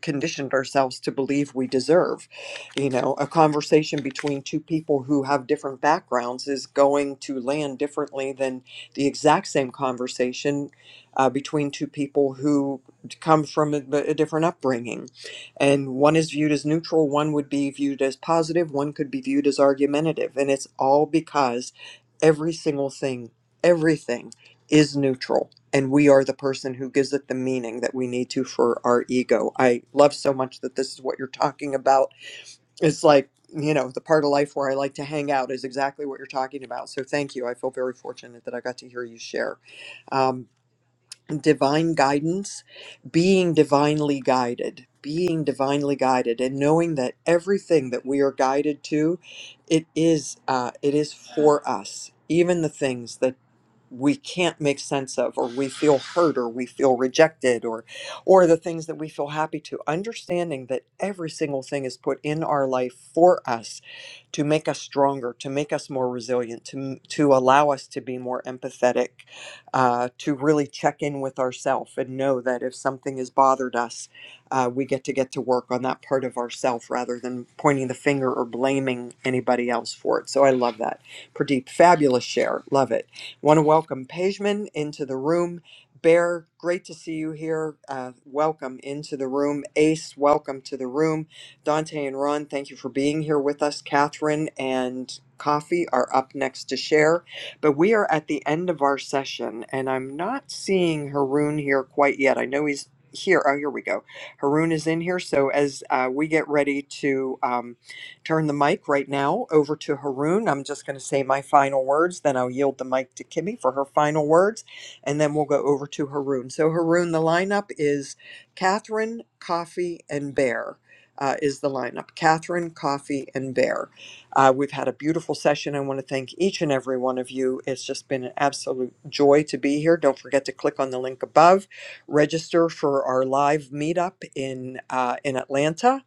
[SPEAKER 1] conditioned ourselves to believe we deserve. You know, a conversation between two people who have different backgrounds is going to land differently than the exact same conversation uh, between two people who come from a, a different upbringing. And one is viewed as neutral, one would be viewed as positive, one could be viewed as argumentative. And it's all because every single thing, everything is neutral and we are the person who gives it the meaning that we need to for our ego. I love so much that this is what you're talking about. It's like, you know, the part of life where I like to hang out is exactly what you're talking about. So thank you. I feel very fortunate that I got to hear you share. Um, divine guidance, being divinely guided, being divinely guided, and knowing that everything that we are guided to, it is, uh, it is for us. Even the things that we can't make sense of or we feel hurt or we feel rejected or or the things that we feel happy to understanding that every single thing is put in our life for us to make us stronger to make us more resilient to to allow us to be more empathetic uh, to really check in with ourselves and know that if something has bothered us uh, we get to get to work on that part of ourself rather than pointing the finger or blaming anybody else for it so i love that Pradeep, fabulous share. Love it. Want to welcome Pejman into the room. Bear, great to see you here. Uh, welcome into the room. Ace, welcome to the room. Dante and Ron, thank you for being here with us. Catherine and Coffee are up next to share. But we are at the end of our session, and I'm not seeing Haroon here quite yet. I know he's here. Oh, here we go. Haroon is in here. So as uh, we get ready to. Um, turn the mic right now over to Haroon. I'm just going to say my final words, then I'll yield the mic to Kimmy for her final words, and then we'll go over to Haroon. So, Haroon, the lineup is Catherine, Coffee, and Bear. Uh, is the lineup Catherine, Coffee, and Bear? Uh, we've had a beautiful session. I want to thank each and every one of you. It's just been an absolute joy to be here. Don't forget to click on the link above, register for our live meetup in uh, in Atlanta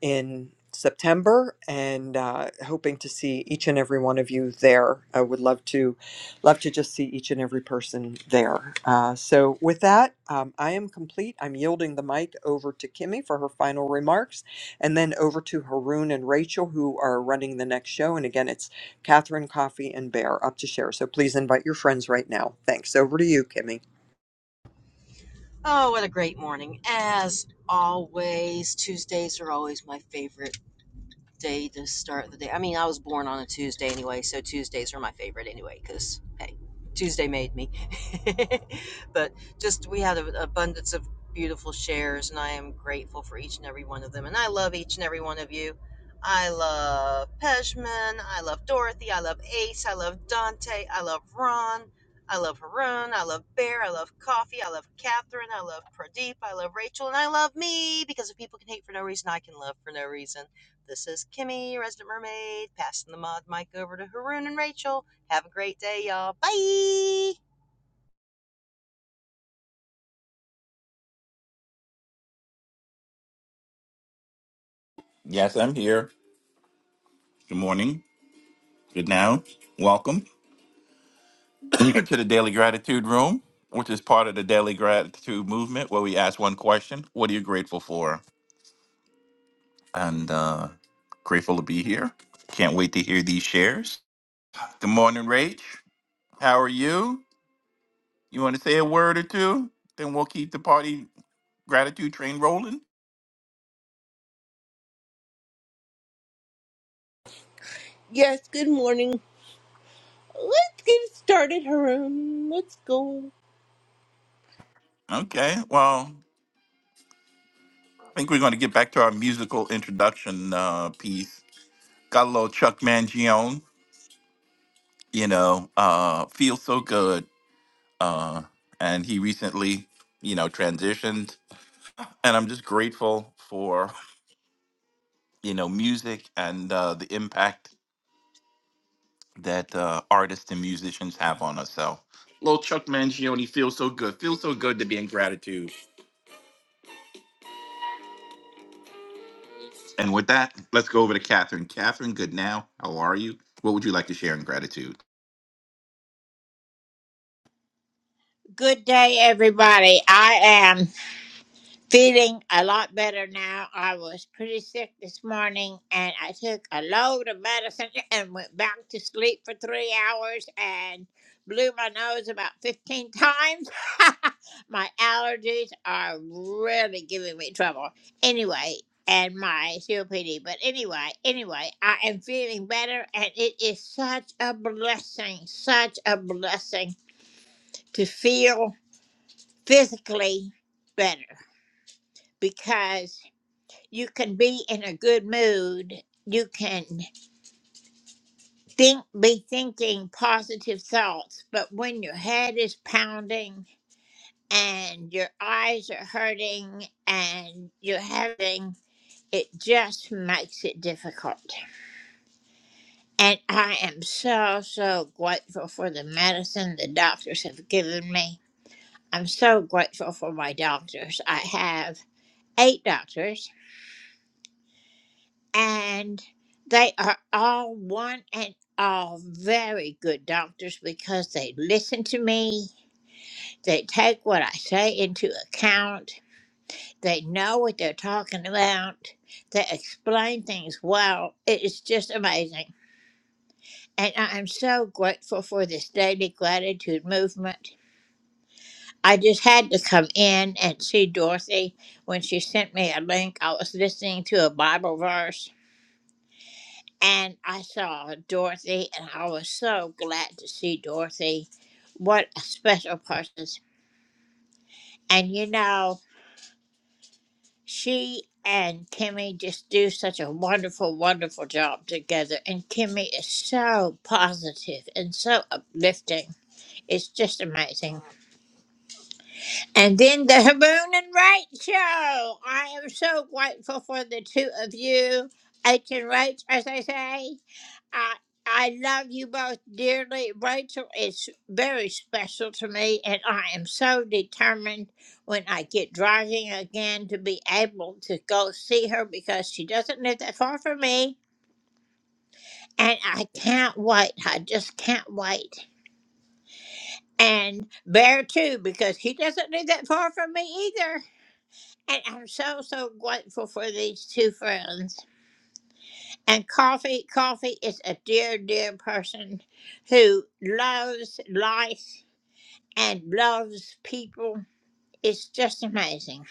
[SPEAKER 1] in September, and uh, hoping to see each and every one of you there. I would love to, love to just see each and every person there. Uh, so with that, um, I am complete. I'm yielding the mic over to Kimmy for her final remarks, and then over to Haroon and Rachel who are running the next show. And again, it's Catherine Coffee and Bear up to share. So please invite your friends right now. Thanks. Over to you, Kimmy.
[SPEAKER 11] Oh, what a great morning. As always, Tuesdays are always my favorite. day to start the day. I mean, I was born on a Tuesday anyway, so Tuesdays are my favorite anyway because hey, Tuesday made me. but just we had an abundance of beautiful shares, and I am grateful for each and every one of them. And I love each and every one of you. I love Peshman. I love Dorothy. I love Ace. I love Dante. I love Ron. I love Haroon. I love Bear. I love Coffee. I love Catherine. I love Pradeep. I love Rachel. And I love me because if people can hate for no reason, I can love for no reason. This is Kimmy, Resident Mermaid, passing the mod mic over to Haroon and Rachel. Have a great day, y'all. Bye.
[SPEAKER 14] Yes, I'm here. Good morning. Good now. Welcome to the Daily Gratitude Room, which is part of the Daily Gratitude Movement, where we ask one question What are you grateful for? And uh, grateful to be here. Can't wait to hear these shares. Good morning, Rach. How are you? You want to say a word or two? Then we'll keep the party gratitude train rolling.
[SPEAKER 15] Yes, good morning. Let's get started, Haroon. Let's go.
[SPEAKER 14] Okay. Well, I think we're going to get back to our musical introduction uh, piece. Got a little Chuck Mangione you know, uh, feels so good. Uh, and he recently, you know, transitioned. And I'm just grateful for, you know, music and uh, the impact that uh, artists and musicians have on us. So, little Chuck Mangione feels so good. Feels so good to be in gratitude. And with that, let's go over to Catherine. Catherine, good now. How are you? What would you like to share in gratitude?
[SPEAKER 16] Good day, everybody. I am feeling a lot better now. I was pretty sick this morning and I took a load of medicine and went back to sleep for three hours and blew my nose about 15 times. my allergies are really giving me trouble. Anyway, and my COPD. But anyway, anyway, I am feeling better and it is such a blessing, such a blessing to feel physically better because you can be in a good mood. You can think, be thinking positive thoughts, but when your head is pounding and your eyes are hurting and you're having, it just makes it difficult. And I am so, so grateful for the medicine the doctors have given me. I'm so grateful for my doctors. I have eight doctors and they are all one and all very good doctors because they listen to me. They take what I say into account. They know what they're talking about. They explain things well. It is just amazing. And I am so grateful for this daily gratitude movement. I just had to come in and see Dorothy when she sent me a link. I was listening to a Bible verse and I saw Dorothy, and I was so glad to see Dorothy. What a special person. And you know, she and Kimmy just do such a wonderful, wonderful job together. And Kimmy is so positive and so uplifting. It's just amazing. And then the Haboon and Rach show. I am so grateful for the two of you, H and Rach, as I say. I I love you both dearly. Rachel is very special to me, and I am so determined when I get driving again to be able to go see her because she doesn't live that far from me. And I can't wait. I just can't wait. And Bear, too, because he doesn't live that far from me either. And I'm so, so grateful for these two friends. And Coffee, Coffee is a dear, dear person who loves life and loves people. It's just amazing.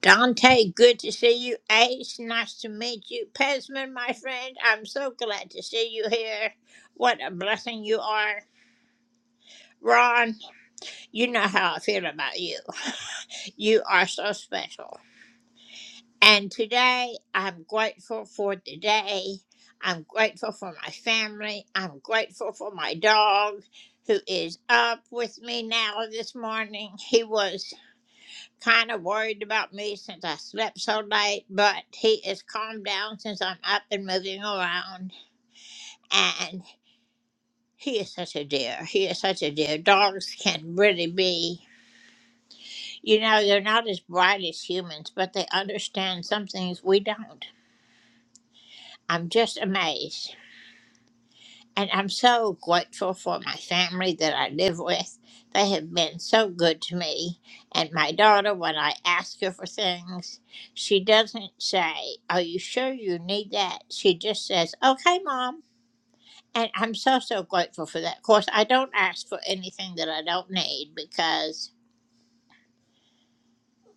[SPEAKER 16] Dante, good to see you. Ace, nice to meet you. Pesman, my friend, I'm so glad to see you here. What a blessing you are. Ron, you know how I feel about you. You are so special. And today, I'm grateful for the day. I'm grateful for my family. I'm grateful for my dog who is up with me now this morning. He was kind of worried about me since I slept so late, but he is calmed down since I'm up and moving around. And he is such a dear. He is such a dear. Dogs can really be, you know, they're not as bright as humans, but they understand some things we don't. I'm just amazed. And I'm so grateful for my family that I live with. They have been so good to me. And my daughter, when I ask her for things, she doesn't say, Are you sure you need that? She just says, Okay, mom. And I'm so, so grateful for that. Of course, I don't ask for anything that I don't need because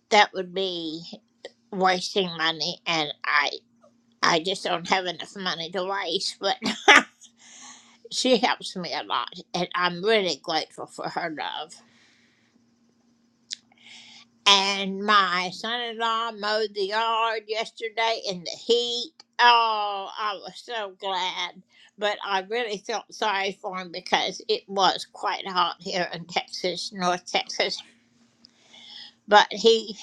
[SPEAKER 16] that would be wasting money and I I just don't have enough money to waste, but she helps me a lot, and I'm really grateful for her love. And my son in law mowed the yard yesterday in the heat. Oh, I was so glad. But I really felt sorry for him because it was quite hot here in Texas, North Texas. But he,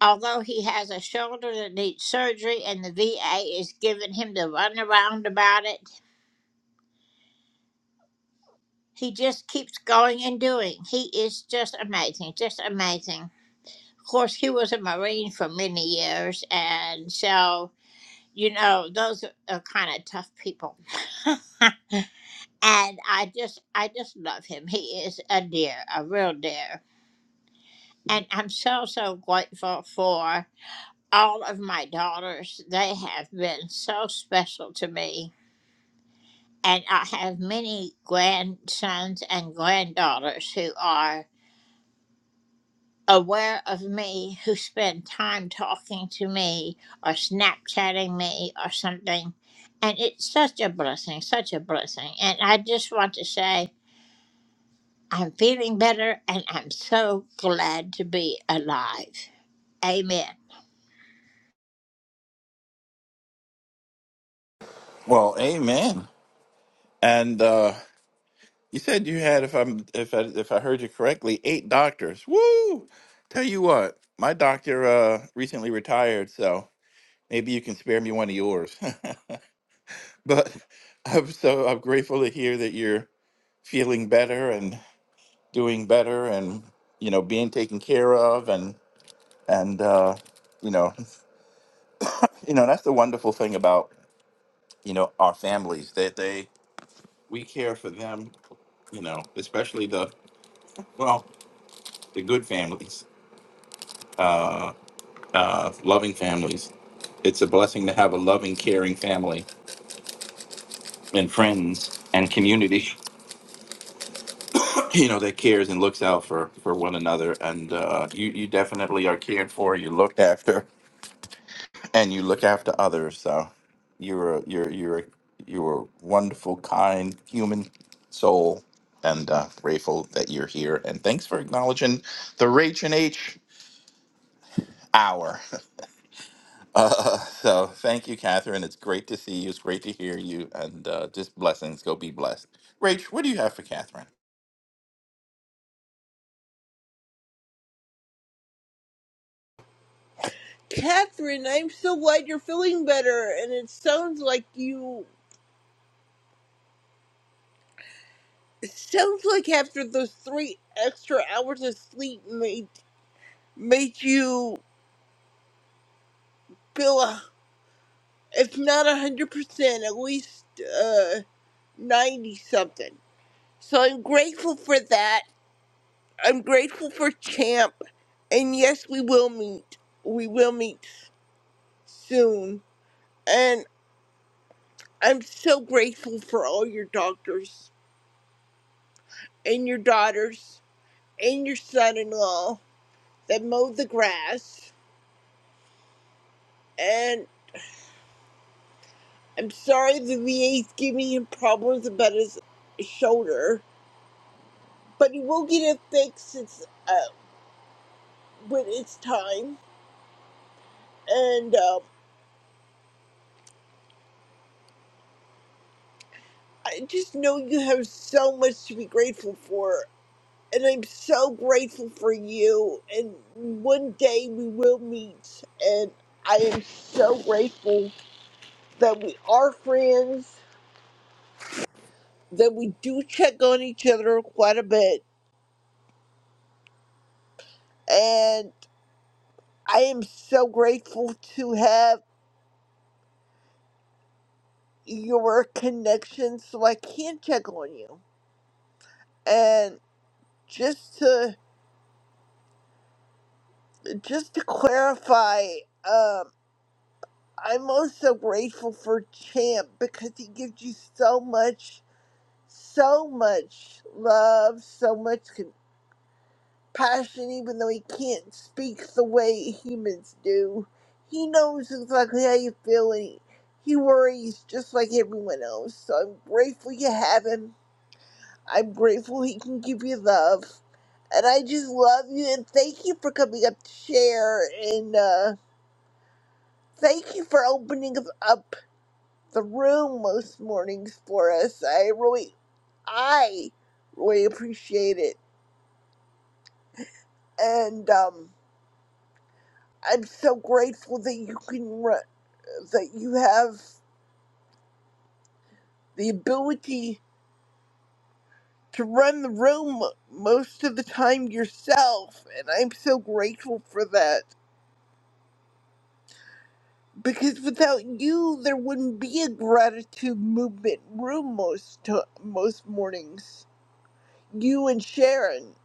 [SPEAKER 16] although he has a shoulder that needs surgery and the VA is giving him the runaround about it, he just keeps going and doing. He is just amazing, just amazing. Of course, he was a Marine for many years, and so you know those are kind of tough people. and I just, I just love him. He is a dear, a real dear, and I'm so so grateful for all of my daughters. They have been so special to me, and I have many grandsons and granddaughters who are. aware of me who spend time talking to me or Snapchatting me or something. And it's such a blessing, such a blessing. And I just want to say, I'm feeling better and I'm so glad to be alive. Amen.
[SPEAKER 14] Well, amen. And uh, You said you had, if I'm, if I, if I heard you correctly, eight doctors. Woo! Tell you what, my doctor uh, recently retired, so maybe you can spare me one of yours. but I'm so I'm grateful to hear that you're feeling better and doing better, and you know, being taken care of, and and uh, you know, you know, that's the wonderful thing about you know our families that they we care for them, you know, especially the well, the good families Uh, uh, loving families. It's a blessing to have a loving, caring family and friends and community, you know, that cares and looks out for, for one another. And uh, you, you definitely are cared for, you're looked after, and you look after others. So you're a, you're, you're, a, you're a wonderful, kind human soul. And uh, grateful that you're here. And thanks for acknowledging the Rach and H hour. Uh, so thank you, Catherine. It's great to see you. It's great to hear you. And uh, just blessings. Go be blessed. Rach, what do you have for Catherine?
[SPEAKER 15] Catherine, I'm so glad you're feeling better. And it sounds like you. It sounds like after those three extra hours of sleep made, made you feel, uh, if not 100%, at least uh, 90 something. So I'm grateful for that. I'm grateful for Champ. And yes, we will meet. We will meet soon. and. I'm so grateful for all your doctors and your daughters and your son in law that mowed the grass. And I'm sorry the VA's giving him problems about his shoulder, but he will get it fixed it's, uh, when it's time. And uh, I just know you have so much to be grateful for. And I'm so grateful for you. And one day we will meet. And I am so grateful that we are friends, that we do check on each other quite a bit. And I am so grateful to have your connection so I can check on you. And just to just to clarify, um, I'm also grateful for Champ because he gives you so much, so much love, so much connection. passion, even though he can't speak the way humans do. He knows exactly how you feel, and he, he worries just like everyone else. So I'm grateful you have him. I'm grateful he can give you love. And I just love you, and thank you for coming up to share, and uh, thank you for opening up up the room most mornings for us. I really, I really appreciate it. And, um, I'm so grateful that you can. that you have the ability to run the room most of the time yourself, and I'm so grateful for that. Because without you, there wouldn't be a gratitude movement room most to- most mornings. You and Sharon,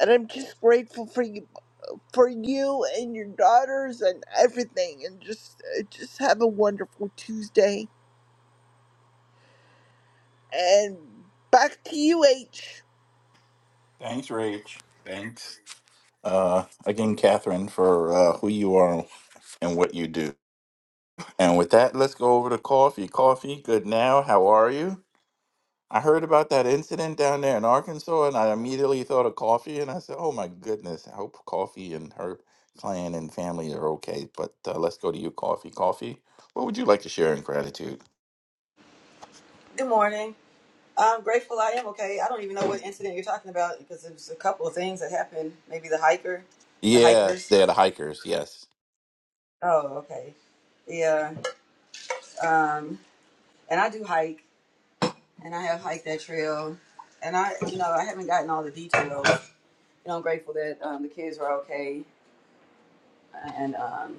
[SPEAKER 15] and I'm just grateful for you, for you and your daughters and everything. And just uh, just have a wonderful Tuesday. And back to you, H.
[SPEAKER 14] Thanks, Rach. Thanks. Uh, again, Catherine, for uh, who you are and what you do. And with that, let's go over to coffee. Coffee, good now. How are you? I heard about that incident down there in Arkansas, and I immediately thought of coffee. And I said, oh my goodness, I hope coffee and her clan and family are okay. But uh, let's go to you, coffee. Coffee, what would you like to share in gratitude?
[SPEAKER 17] Good morning. I'm grateful I am okay. I don't even know what incident you're talking about because there's a couple of things that happened. Maybe the hiker, the
[SPEAKER 14] Yes,
[SPEAKER 17] hikers.
[SPEAKER 14] they're the hikers. Yes.
[SPEAKER 17] Oh, okay. Yeah. Um, and I do hike, and I have hiked that trail, and I, you know, I haven't gotten all the details. You know, I'm grateful that um, the kids were okay, and um,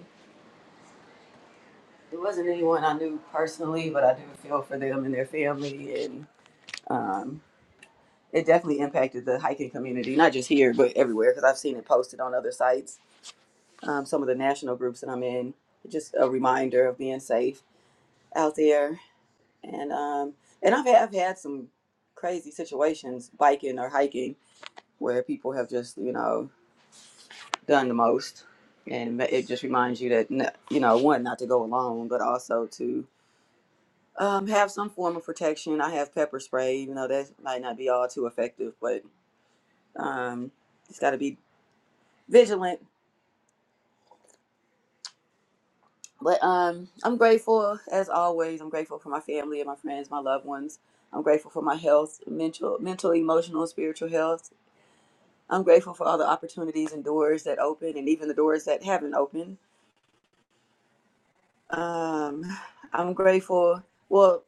[SPEAKER 17] there wasn't anyone I knew personally, but I do feel for them and their family, and um, it definitely impacted the hiking community, not just here but everywhere, because I've seen it posted on other sites um, some of the national groups that I'm in. Just a reminder of being safe out there, and um, and I've had, I've had some crazy situations biking or hiking where people have just you know done the most, and it just reminds you that you know one not to go alone, but also to um, have some form of protection. I have pepper spray, even though that might not be all too effective, but um, it's got to be vigilant But um, I'm grateful as always. I'm grateful for my family and my friends, my loved ones. I'm grateful for my health, mental, mental, emotional, and spiritual health. I'm grateful for all the opportunities and doors that open, and even the doors that haven't opened. Um, I'm grateful. Well,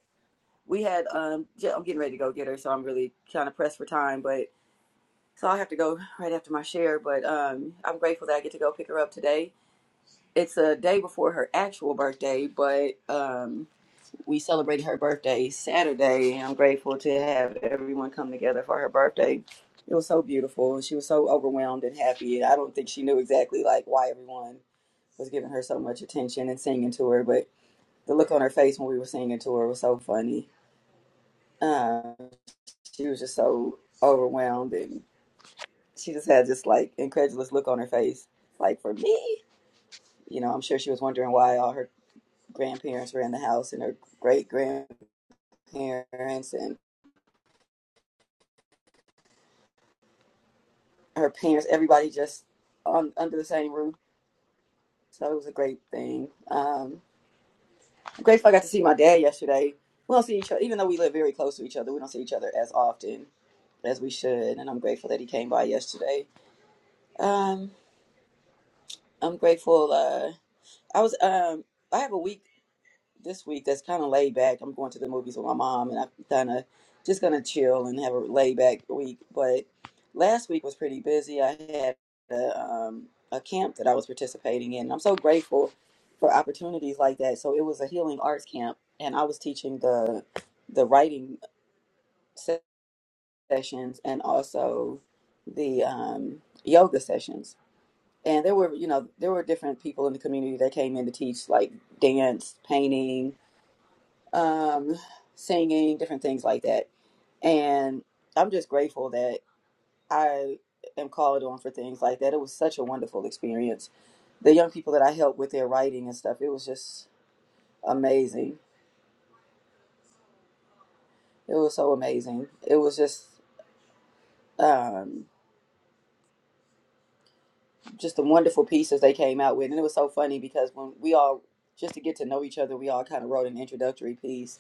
[SPEAKER 17] we had. Um, j- I'm getting ready to go get her, so I'm really kind of pressed for time. But so I have to go right after my share. But um, I'm grateful that I get to go pick her up today. It's a day before her actual birthday, but um, we celebrated her birthday Saturday. I'm grateful to have everyone come together for her birthday. It was so beautiful. She was so overwhelmed and happy. I don't think she knew exactly like why everyone was giving her so much attention and singing to her, but the look on her face when we were singing to her was so funny. Uh, she was just so overwhelmed and she just had this like incredulous look on her face, like for me. You know, I'm sure she was wondering why all her grandparents were in the house and her great grandparents and her parents, everybody just on under the same roof. So it was a great thing. Um, I'm grateful I got to see my dad yesterday. We don't see each other, even though we live very close to each other. We don't see each other as often as we should, and I'm grateful that he came by yesterday. Um, I'm grateful. Uh, I was. Um, I have a week. this week that's kind of laid back. I'm going to the movies with my mom, and I'm kind of just gonna chill and have a laid back week. But last week was pretty busy. I had a, um, a camp that I was participating in. I'm so grateful for opportunities like that. So it was a healing arts camp, and I was teaching the the writing se- sessions and also the um, yoga sessions. And there were, you know, there were different people in the community that came in to teach, like dance, painting, um, singing, different things like that. And I'm just grateful that I am called on for things like that. It was such a wonderful experience. The young people that I helped with their writing and stuff, it was just amazing. It was so amazing. It was just um, just the wonderful pieces they came out with, and it was so funny because when we all just to get to know each other, we all kind of wrote an introductory piece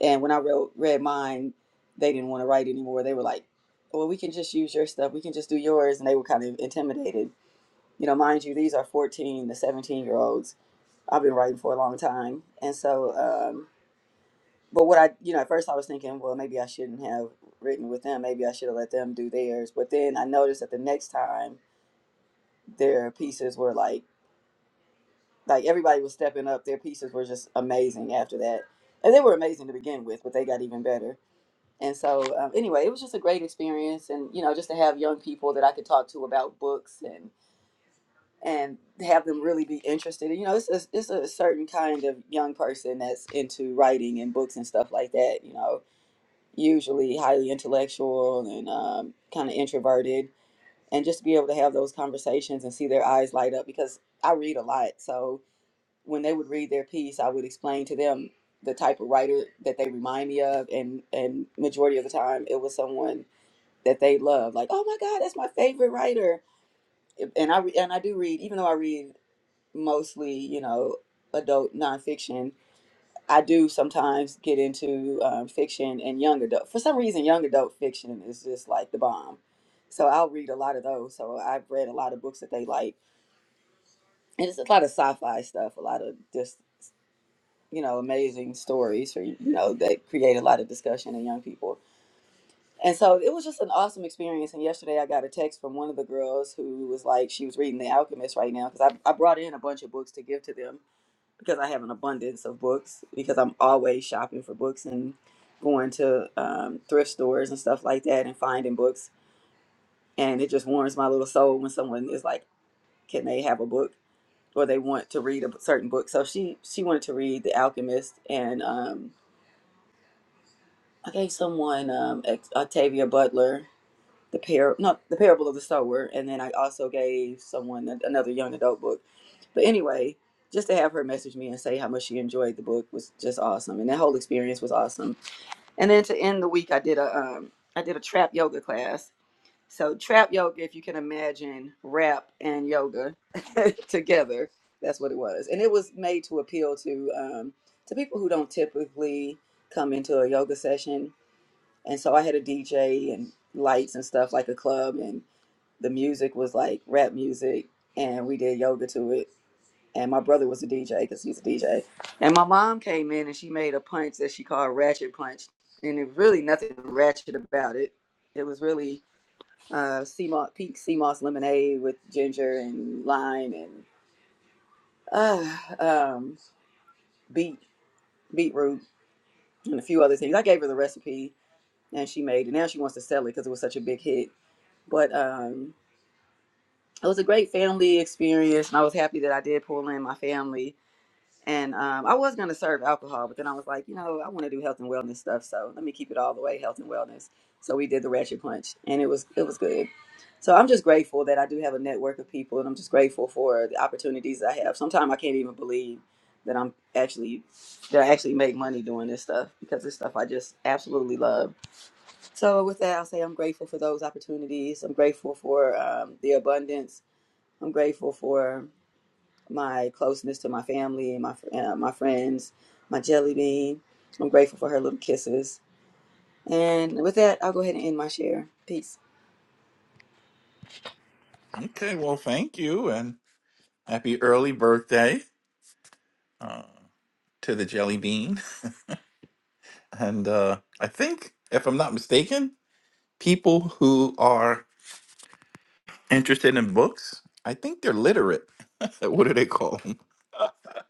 [SPEAKER 17] And when I wrote read mine, they didn't want to write anymore. They were like, "Well, we can just use your stuff. We can just do yours." And they were kind of intimidated. You know, mind you, these are fourteen to seventeen year olds. I've been writing for a long time, and so, um, but what I, you know, at first I was thinking, well, maybe I shouldn't have written with them. Maybe I should have let them do theirs. But then I noticed that the next time their pieces were like, like everybody was stepping up. Their pieces were just amazing after that, and they were amazing to begin with, but they got even better And so, um, anyway, it was just a great experience, and you know, just to have young people that I could talk to about books and and have them really be interested. And, you know, it's a, it's a certain kind of young person that's into writing and books and stuff like that. You know, usually highly intellectual and um, kind of introverted, and just to be able to have those conversations and see their eyes light up because I read a lot. So when they would read their piece, I would explain to them the type of writer that they remind me of, and and majority of the time, it was someone that they love. Like, oh my God, that's my favorite writer. And I re- and I do read, even though I read mostly, you know, adult nonfiction. I do sometimes get into um, fiction and young adult. For some reason, young adult fiction is just like the bomb. So I'll read a lot of those. So I've read a lot of books that they like, and it's a lot of sci-fi stuff. A lot of just you know amazing stories, or you know that create a lot of discussion in young people. And so it was just an awesome experience. And yesterday I got a text from one of the girls who was like, she was reading The Alchemist right now because I, I brought in a bunch of books to give to them because I have an abundance of books because I'm always shopping for books and going to um, thrift stores and stuff like that and finding books. And it just warms my little soul when someone is like, can they have a book or they want to read a certain book. So she, she wanted to read The Alchemist and um, I gave someone um, Ex- Octavia Butler the par no the parable of the sower and then i also gave someone a- another young adult book but anyway just to have her message me and say how much she enjoyed the book was just awesome and that whole experience was awesome and then to end the week i did a um i did a trap yoga class so trap yoga if you can imagine rap and yoga together that's what it was and it was made to appeal to um to people who don't typically come into a yoga session and so i had a dj and lights and stuff like a club and the music was like rap music and we did yoga to it and my brother was a dj because he's a dj and my mom came in and she made a punch that she called ratchet punch and it really nothing ratchet about it it was really uh sea moss pink sea moss lemonade with ginger and lime and uh um beet beetroot and a few other things i gave her the recipe and she made it now she wants to sell it because it was such a big hit but um it was a great family experience and i was happy that i did pull in my family and um, i was going to serve alcohol but then i was like you know i want to do health and wellness stuff so let me keep it all the way health and wellness so we did the ratchet punch and it was it was good so i'm just grateful that i do have a network of people and i'm just grateful for the opportunities that i have sometimes i can't even believe that i'm actually that i actually make money doing this stuff because it's stuff i just absolutely love so with that i'll say i'm grateful for those opportunities i'm grateful for um, the abundance I'm grateful for my closeness to my family, my uh, my friends, my jelly bean. I'm grateful for her little kisses. And with that, I'll go ahead and end my share. Peace.
[SPEAKER 14] Okay, well, thank you, and happy early birthday uh, to the jelly bean. And uh, I think, if I'm not mistaken, people who are interested in books, I think they're literate. what do they call them?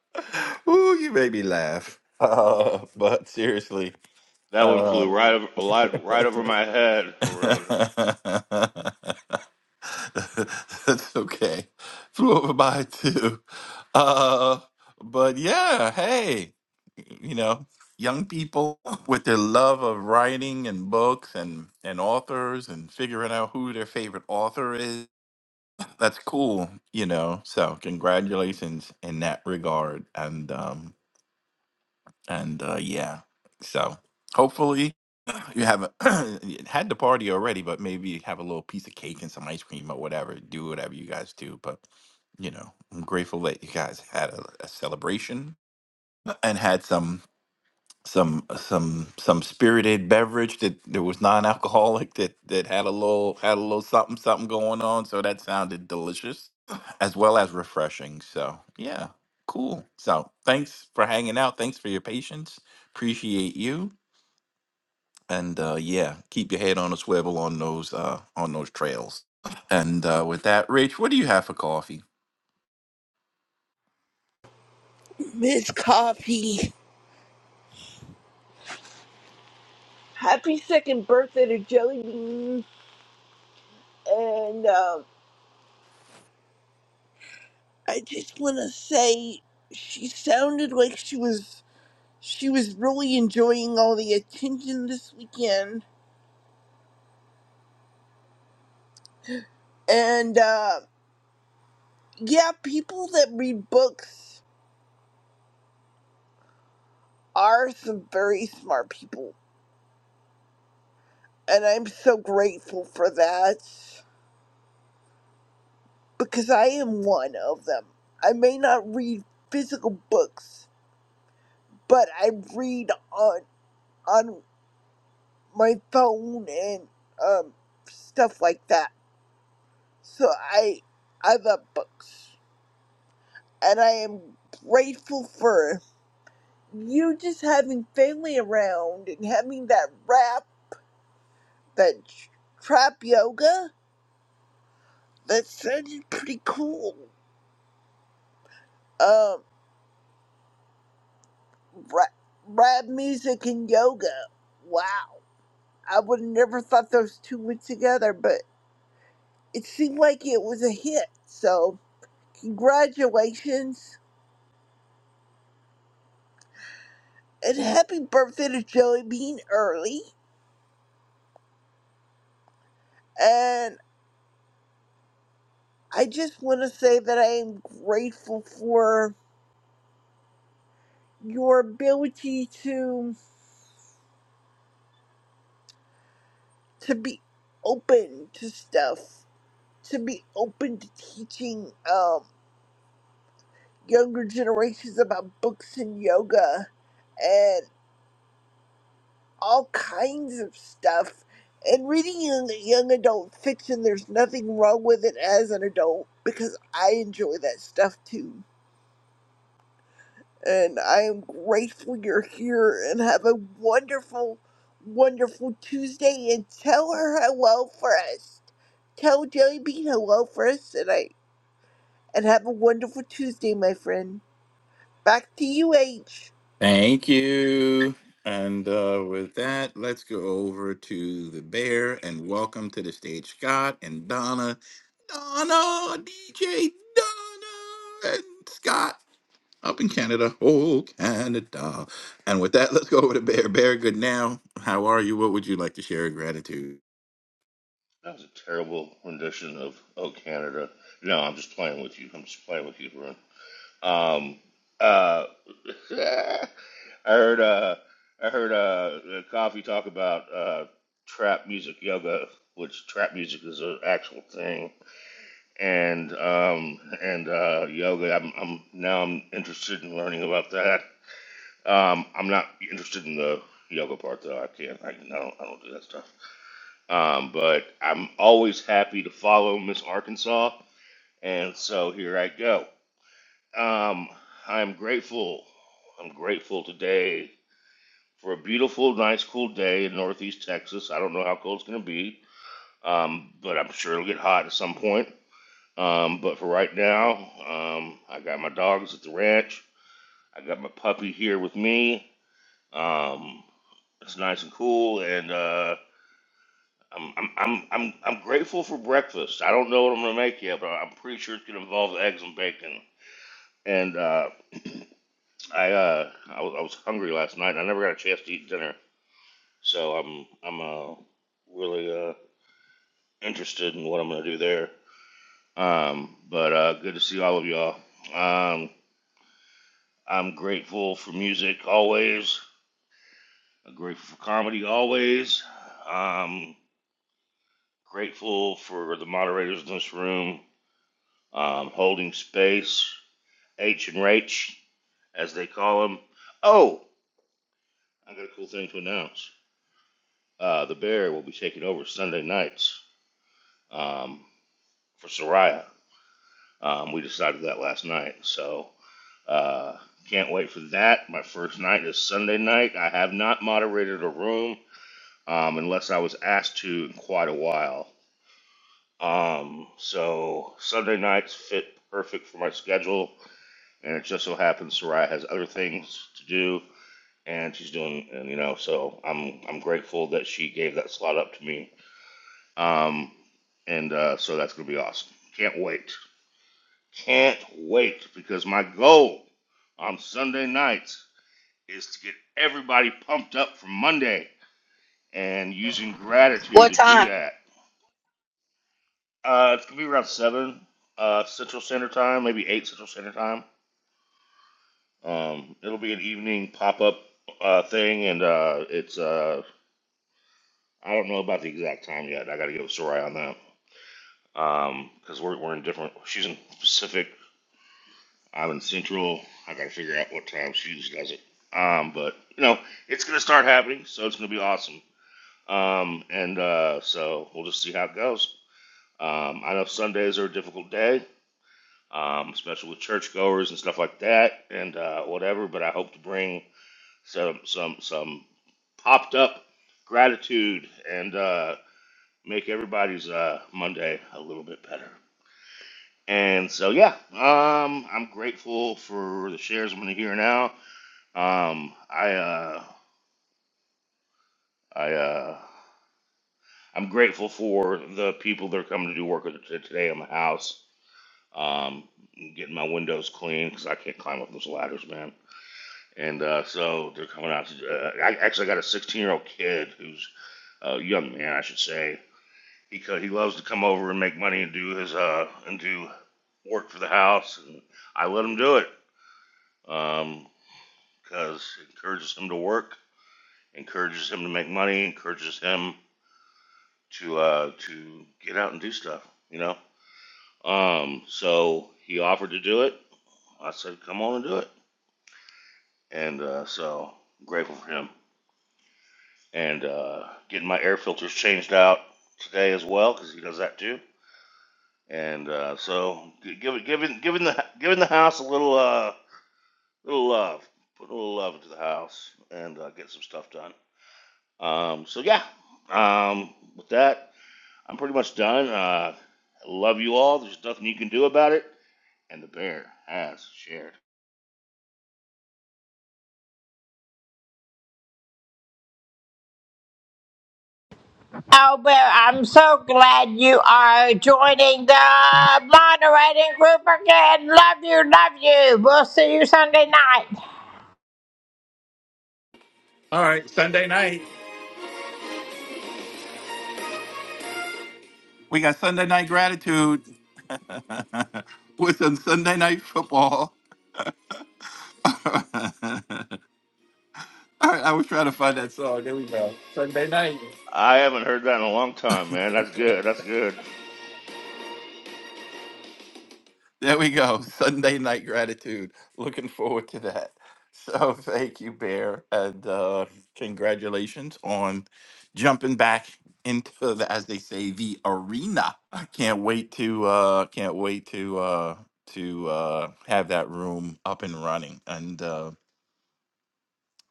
[SPEAKER 14] Ooh, you made me laugh. Uh, but seriously,
[SPEAKER 18] That one
[SPEAKER 14] uh,
[SPEAKER 18] flew right over, right, right over my head, Haroon.
[SPEAKER 14] That's okay. Flew over by too. Uh, but yeah, hey, you know, young people with their love of writing and books and and authors and figuring out who their favorite author is. That's cool, you know. So congratulations in that regard. And um and uh yeah. So hopefully you haven't had the party already, but maybe have a little piece of cake and some ice cream or whatever. Do whatever you guys do. But you know, I'm grateful that you guys had a, a celebration and had some some some some spirited beverage that, that was non-alcoholic that that had a little had a little something something going on. So that sounded delicious as well as refreshing. So yeah, cool. So thanks for hanging out. Thanks for your patience. Appreciate you and uh, yeah, keep your head on a swivel on those uh, on those trails. And uh, with that, Rich, what do you have for coffee?
[SPEAKER 15] Miss Coffee. Happy second birthday to Jelly Bean. And um, I just want to say she sounded like she was she was really enjoying all the attention this weekend. And uh, yeah, people that read books are some very smart people, and I'm so grateful for that because I am one of them. I may not read physical books, but I read on on my phone and um stuff like that. So I I love books and I am grateful for you just having family around and having that rap that tr- trap yoga that sounded pretty cool. Um rap, rap music and yoga. Wow. I would have never thought those two went together, but it seemed like it was a hit. So congratulations and happy birthday to Joey Bean early. And I just want to say that I am grateful for your ability to to be open to stuff, to be open to teaching um, younger generations about books and yoga and all kinds of stuff. And reading young, young adult fiction, there's nothing wrong with it as an adult because I enjoy that stuff too and I am grateful you're here and have a wonderful, wonderful Tuesday and tell her hello first. Tell Jelly Bean hello first and I and have a wonderful Tuesday, my friend. Back to you, H.
[SPEAKER 14] Thank you. And uh, with that, let's go over to the bear and welcome to the stage Scott and Donna, Donna, DJ Donna, and Scott up in Canada. Oh, Canada. And with that, let's go over to Bear. Bear, good now. How are you? What would you like to share in gratitude?
[SPEAKER 18] That was a terrible rendition of "Oh Canada." No, I'm just playing with you. I'm just playing with you, Haroon. Um, uh, I heard, uh, I heard uh, Coffee talk about uh, trap music yoga, which trap music is an actual thing, and um, and uh, yoga. I'm, I'm now I'm interested in learning about that. Um, I'm not interested in the yoga part though. I can't. I, I don't. I don't do that stuff. Um, but I'm always happy to follow Miss Arkansas, and so here I go. Um, I'm grateful. I'm grateful today for a beautiful, nice, cool day in Northeast Texas. I don't know how cold it's going to be, um, but I'm sure it'll get hot at some point. Um, but for right now, um, I got my dogs at the ranch. I got my puppy here with me. Um, it's nice and cool, and uh, I'm I'm I'm I'm I'm grateful for breakfast. I don't know what I'm gonna make yet, but I'm pretty sure it's gonna involve eggs and bacon. And uh, I uh, I was I was hungry last night. and I never got a chance to eat dinner, so I'm I'm uh, really uh, interested in what I'm gonna do there. Um, but uh, good to see all of y'all. Um, I'm grateful for music always. I'm grateful for comedy always. Um, grateful for the moderators in this room um, holding space H and Rach, as they call him. Oh, I got a cool thing to announce. Uh, the Bear will be taking over Sunday nights um, for Soraya. Um, we decided that last night, so uh, can't wait for that. My first night is Sunday night. I have not moderated a room um, unless I was asked to in quite a while. Um, so Sunday nights fit perfect for my schedule, and it just so happens Soraya has other things to do and she's doing and you know so i'm i'm grateful that she gave that slot up to me um and uh, so that's gonna be awesome can't wait can't wait because my goal on sunday nights is to get everybody pumped up for monday and using gratitude to do that uh it's gonna be around seven uh central standard time maybe eight central standard time um it'll be an evening pop-up uh thing and uh it's uh I don't know about the exact time yet. I got to get with Soraya on that because we're we're in different. She's in Pacific. I'm in Central. I got to figure out what time she usually does it. Um, but you know, it's gonna start happening, so it's gonna be awesome. Um, and uh, so we'll just see how it goes. Um, I know Sundays are a difficult day, um, especially with churchgoers and stuff like that, and uh, whatever. But I hope to bring some some some popped up gratitude and uh, make everybody's uh, Monday a little bit better. And so, yeah, um, I'm grateful for the shares I'm going to hear now. Um, I, uh, I, uh, I'm grateful for the people that are coming to do work with t- today on the house. Um, getting my windows clean because I can't climb up those ladders, man. And uh, so they're coming out. To, uh, I actually got a 16 year old kid who's a young man, I should say, He co- he loves to come over and make money and do his uh and do work for the house, and I let him do it um because it encourages him to work, encourages him to make money, encourages him to uh to get out and do stuff, you know. Um, so he offered to do it. I said, come on and do it, and uh, so I'm grateful for him. And uh, getting my air filters changed out today as well because he does that too. And uh, so, gi- give giving, giving the, giving the house a little, uh, little love, put a little love into the house, and uh, get some stuff done. Um, so yeah, um, with that, I'm pretty much done. Uh, I love you all. There's nothing you can do about it. And the bear has shared.
[SPEAKER 16] Albert, I'm so glad you are joining the moderating group again. Love you, love you. We'll see you Sunday night.
[SPEAKER 14] All right, Sunday night. We got Sunday night gratitude with some Sunday night football. I, I was trying to find that song. There we go. Sunday night.
[SPEAKER 18] I haven't heard that in a long time, man. That's good. That's good.
[SPEAKER 14] There we go. Sunday night gratitude. Looking forward to that. So thank you, Bear, and uh, congratulations on jumping back into the, as they say, the arena. I can't wait to uh, can't wait to uh, to uh, have that room up and running and. uh,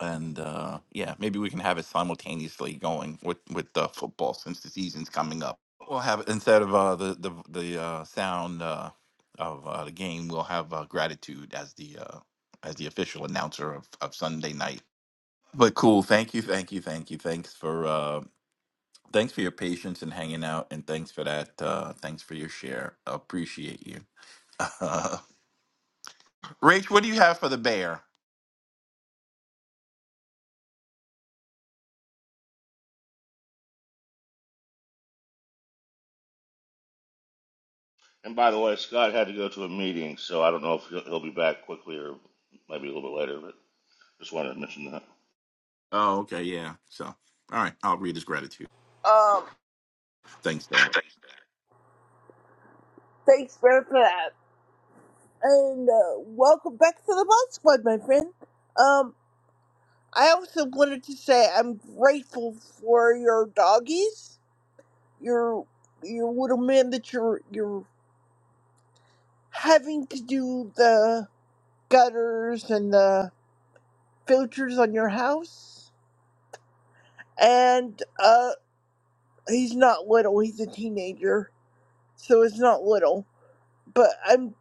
[SPEAKER 14] and uh, yeah, maybe we can have it simultaneously going with with uh, football since the season's coming up. We'll have instead of uh, the the the uh, sound uh, of uh, the game, we'll have uh, gratitude as the uh, as the official announcer of, of Sunday night. But cool, thank you, thank you, thank you, thanks for uh, thanks for your patience and hanging out, and thanks for that, uh, thanks for your share. Appreciate you, Uh, Rach. What do you have for the bear?
[SPEAKER 18] And by the way, Scott had to go to a meeting, so I don't know if he'll, he'll be back quickly or maybe a little bit later. But just wanted to mention that.
[SPEAKER 14] Oh, okay, yeah. So, all right, I'll read his gratitude.
[SPEAKER 15] Um,
[SPEAKER 14] Thanks for that.
[SPEAKER 15] thanks Brad, for that. And uh, welcome back to the Mod Squad, my friend. Um, I also wanted to say I'm grateful for your doggies, your your little man that you're you're having to do the gutters and the filters on your house. And uh, he's not little; he's a teenager, so it's not little. But I'm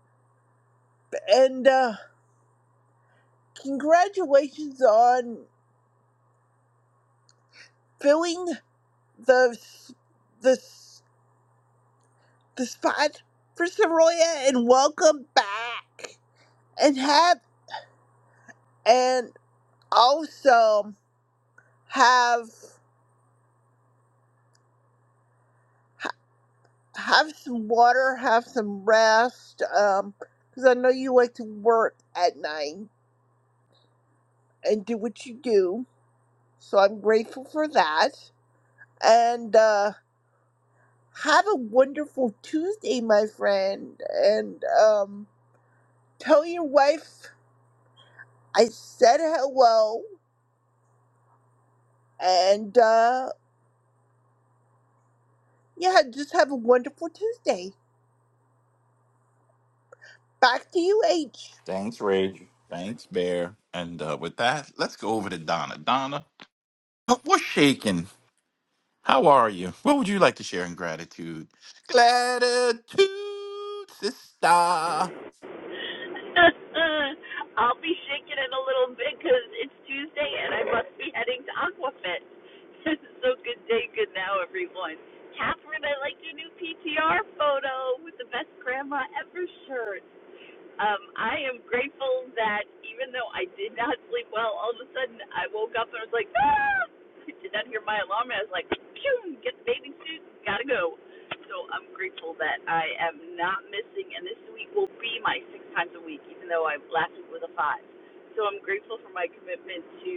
[SPEAKER 15] and uh, congratulations on filling the s- the s- the spot for Soraya, and welcome back. And have and also have. have some water, have some rest, um, because I know you like to work at night and do what you do. So I'm grateful for that. And uh, have a wonderful Tuesday, my friend. And um, tell your wife I said hello. And uh, yeah, just have a wonderful Tuesday. Back to you, H.
[SPEAKER 14] Thanks, Rage. Thanks, Bear. And uh, with that, let's go over to Donna. Donna, wh- what's shaking? How are you? What would you like to share in gratitude? Gratitude, sister.
[SPEAKER 19] I'll be shaking it a little bit because it's Tuesday and I must be heading to Aquafit. so good day, good now, everyone. Catherine, I like your new PTR photo with the best grandma ever shirt. Um, I am grateful that even though I did not sleep well, all of a sudden I woke up and I was like, ah! I did not hear my alarm. And I was like, phew, get the bathing suit, gotta go. So I'm grateful that I am not missing, and this week will be my six times a week, even though I last week was a five. So I'm grateful for my commitment to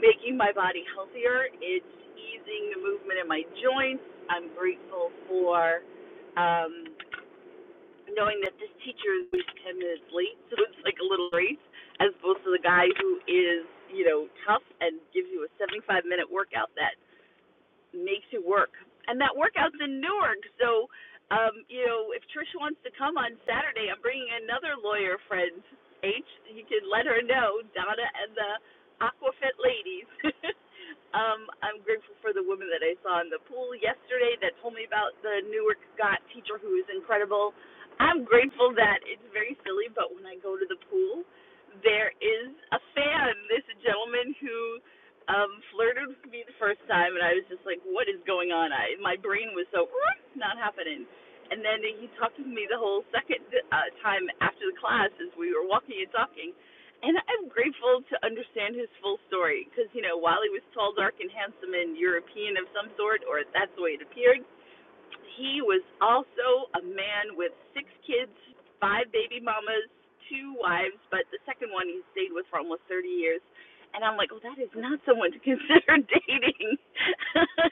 [SPEAKER 19] making my body healthier. It's easing the movement in my joints. I'm grateful for um, knowing that this teacher is always 10 minutes late, so it's like a little race, as opposed to the guy who is, you know, tough and gives you a 75 minute workout that makes you work. And that workout's in Newark, so um, you know, if Trish wants to come on Saturday, I'm bringing another lawyer friend. H, you can let her know Donna and the Aquafit ladies. um, I'm grateful for the woman that I saw in the pool yesterday that told me about the Newark Got teacher who is incredible. I'm grateful that it's very silly, but when I go to the pool, there is a fan, this gentleman who um, flirted with me the first time, and I was just like, "What is going on?" I my brain was so not happening. And then he talked to me the whole second uh, time after the class as we were walking and talking. And I'm grateful to understand his full story because you know while he was tall, dark, and handsome and European of some sort, or that's the way it appeared, he was also a man with six kids, five baby mamas, two wives, but the second one he stayed with for almost 30 years. And I'm like, oh, that is not someone to consider dating.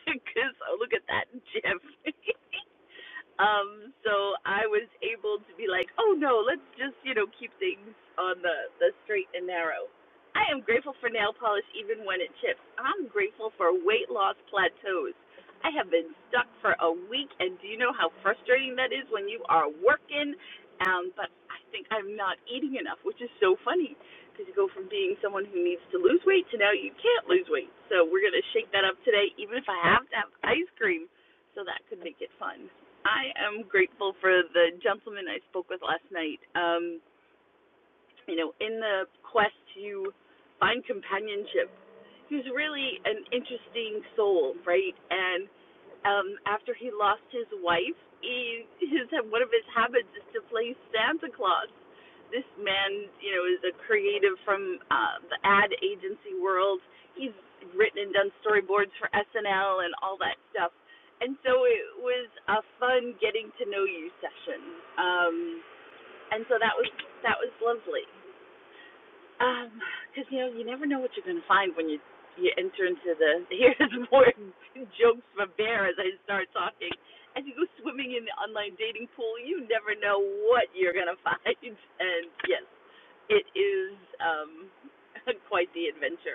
[SPEAKER 19] Because, oh, look at that, Jeff. um, so I was able to be like, oh no, let's just you know keep things on the the straight and narrow. I am grateful for nail polish even when it chips. I'm grateful for weight loss plateaus. I have been stuck for a week, and do you know how frustrating that is when you are working? Um, but I think I'm not eating enough, which is so funny because you go from being someone who needs to lose weight to now you can't lose weight. So we're gonna shake that up today, even if I have to have ice cream, so that could make it fun. I am grateful for the gentleman I spoke with last night. Um, you know, in the quest to find companionship, He's really an interesting soul, right? And um, after he lost his wife, he, his one of his habits is to play Santa Claus. This man, you know, is a creative from uh, the ad agency world. He's written and done storyboards for SNL and all that stuff. And so it was a fun getting to know you session. Um, and so that was that was lovely. Um, Because you know you never know what you're gonna find when you you enter into the. Here's more jokes from Bear as I start talking. As you go swimming in the online dating pool, you never know what you're gonna find. And yes, it is um quite the adventure.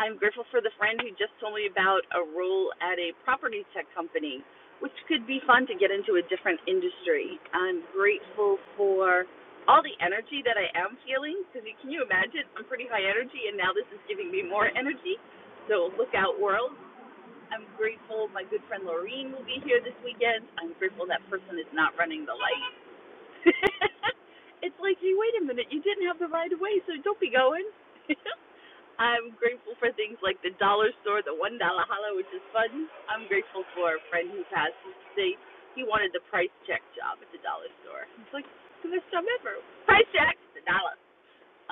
[SPEAKER 19] I'm grateful for the friend who just told me about a role at a property tech company, which could be fun to get into a different industry. I'm grateful for all the energy that I am feeling because can you imagine? I'm pretty high energy, and now this is giving me more energy. So look out, world. I'm grateful my good friend Laureen will be here this weekend. I'm grateful that person is not running the light. it's like, hey, wait a minute, you didn't have the right of way, so don't be going. I'm grateful for things like the dollar store, the one dollar holla, which is fun. I'm grateful for a friend who passed who said he wanted the price check job at the dollar store. It's like the best job ever. Price check, the dollar.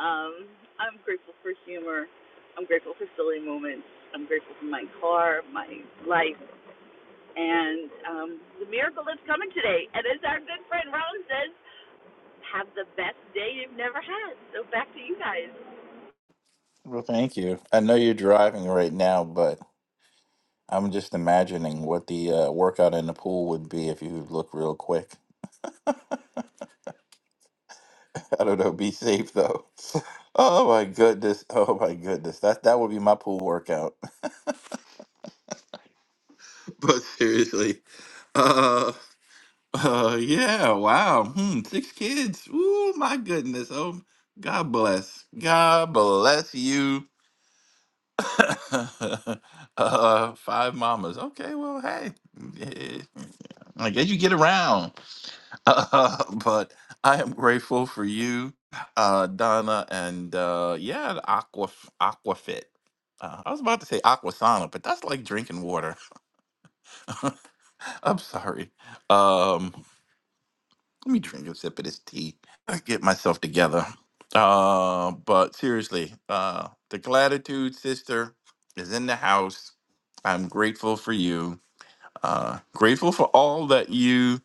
[SPEAKER 19] Um, I'm grateful for humor. I'm grateful for silly moments. I'm grateful for my car, my life, and um, the miracle that's coming today. And as our good friend Ron says, have the best day you've never had. So back to you guys.
[SPEAKER 14] Well, thank you. I know you're driving right now, but I'm just imagining what the uh, workout in the pool would be if you look real quick. I don't know. Be safe though. Oh my goodness. Oh my goodness. That that would be my pool workout. but seriously. uh, Uh, yeah, wow. Hmm, six kids. Ooh, my goodness. Oh, God bless. God bless you. uh, five mamas. Okay, well, hey. eh, I guess you get around. Uh, but I am grateful for you, uh, Donna, and uh, yeah, the aqua aquafit. Uh, I was about to say aquasana, but that's like drinking water. I'm sorry. um. Let me drink a sip of this tea. I get myself together. Uh, but seriously, uh, the gratitude sister is in the house. I'm grateful for you. Uh, grateful for all that you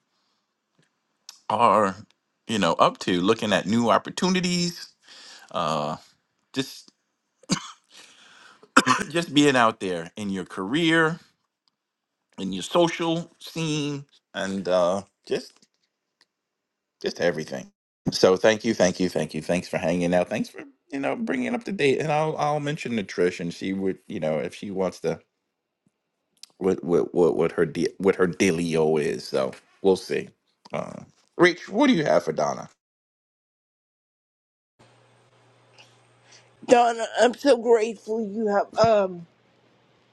[SPEAKER 14] are, you know, up to. Looking at new opportunities. Uh, just, just being out there in your career, in your social scene, and uh, just just everything. So thank you, thank you, thank you. Thanks for hanging out. Thanks for you know bringing up to date. And I'll I'll mention to Trish, and she would you know if she wants to what what what what her de- what her dealio is. So we'll see. Uh, Rich, what do you have for Donna?
[SPEAKER 15] Donna, I'm so grateful you have um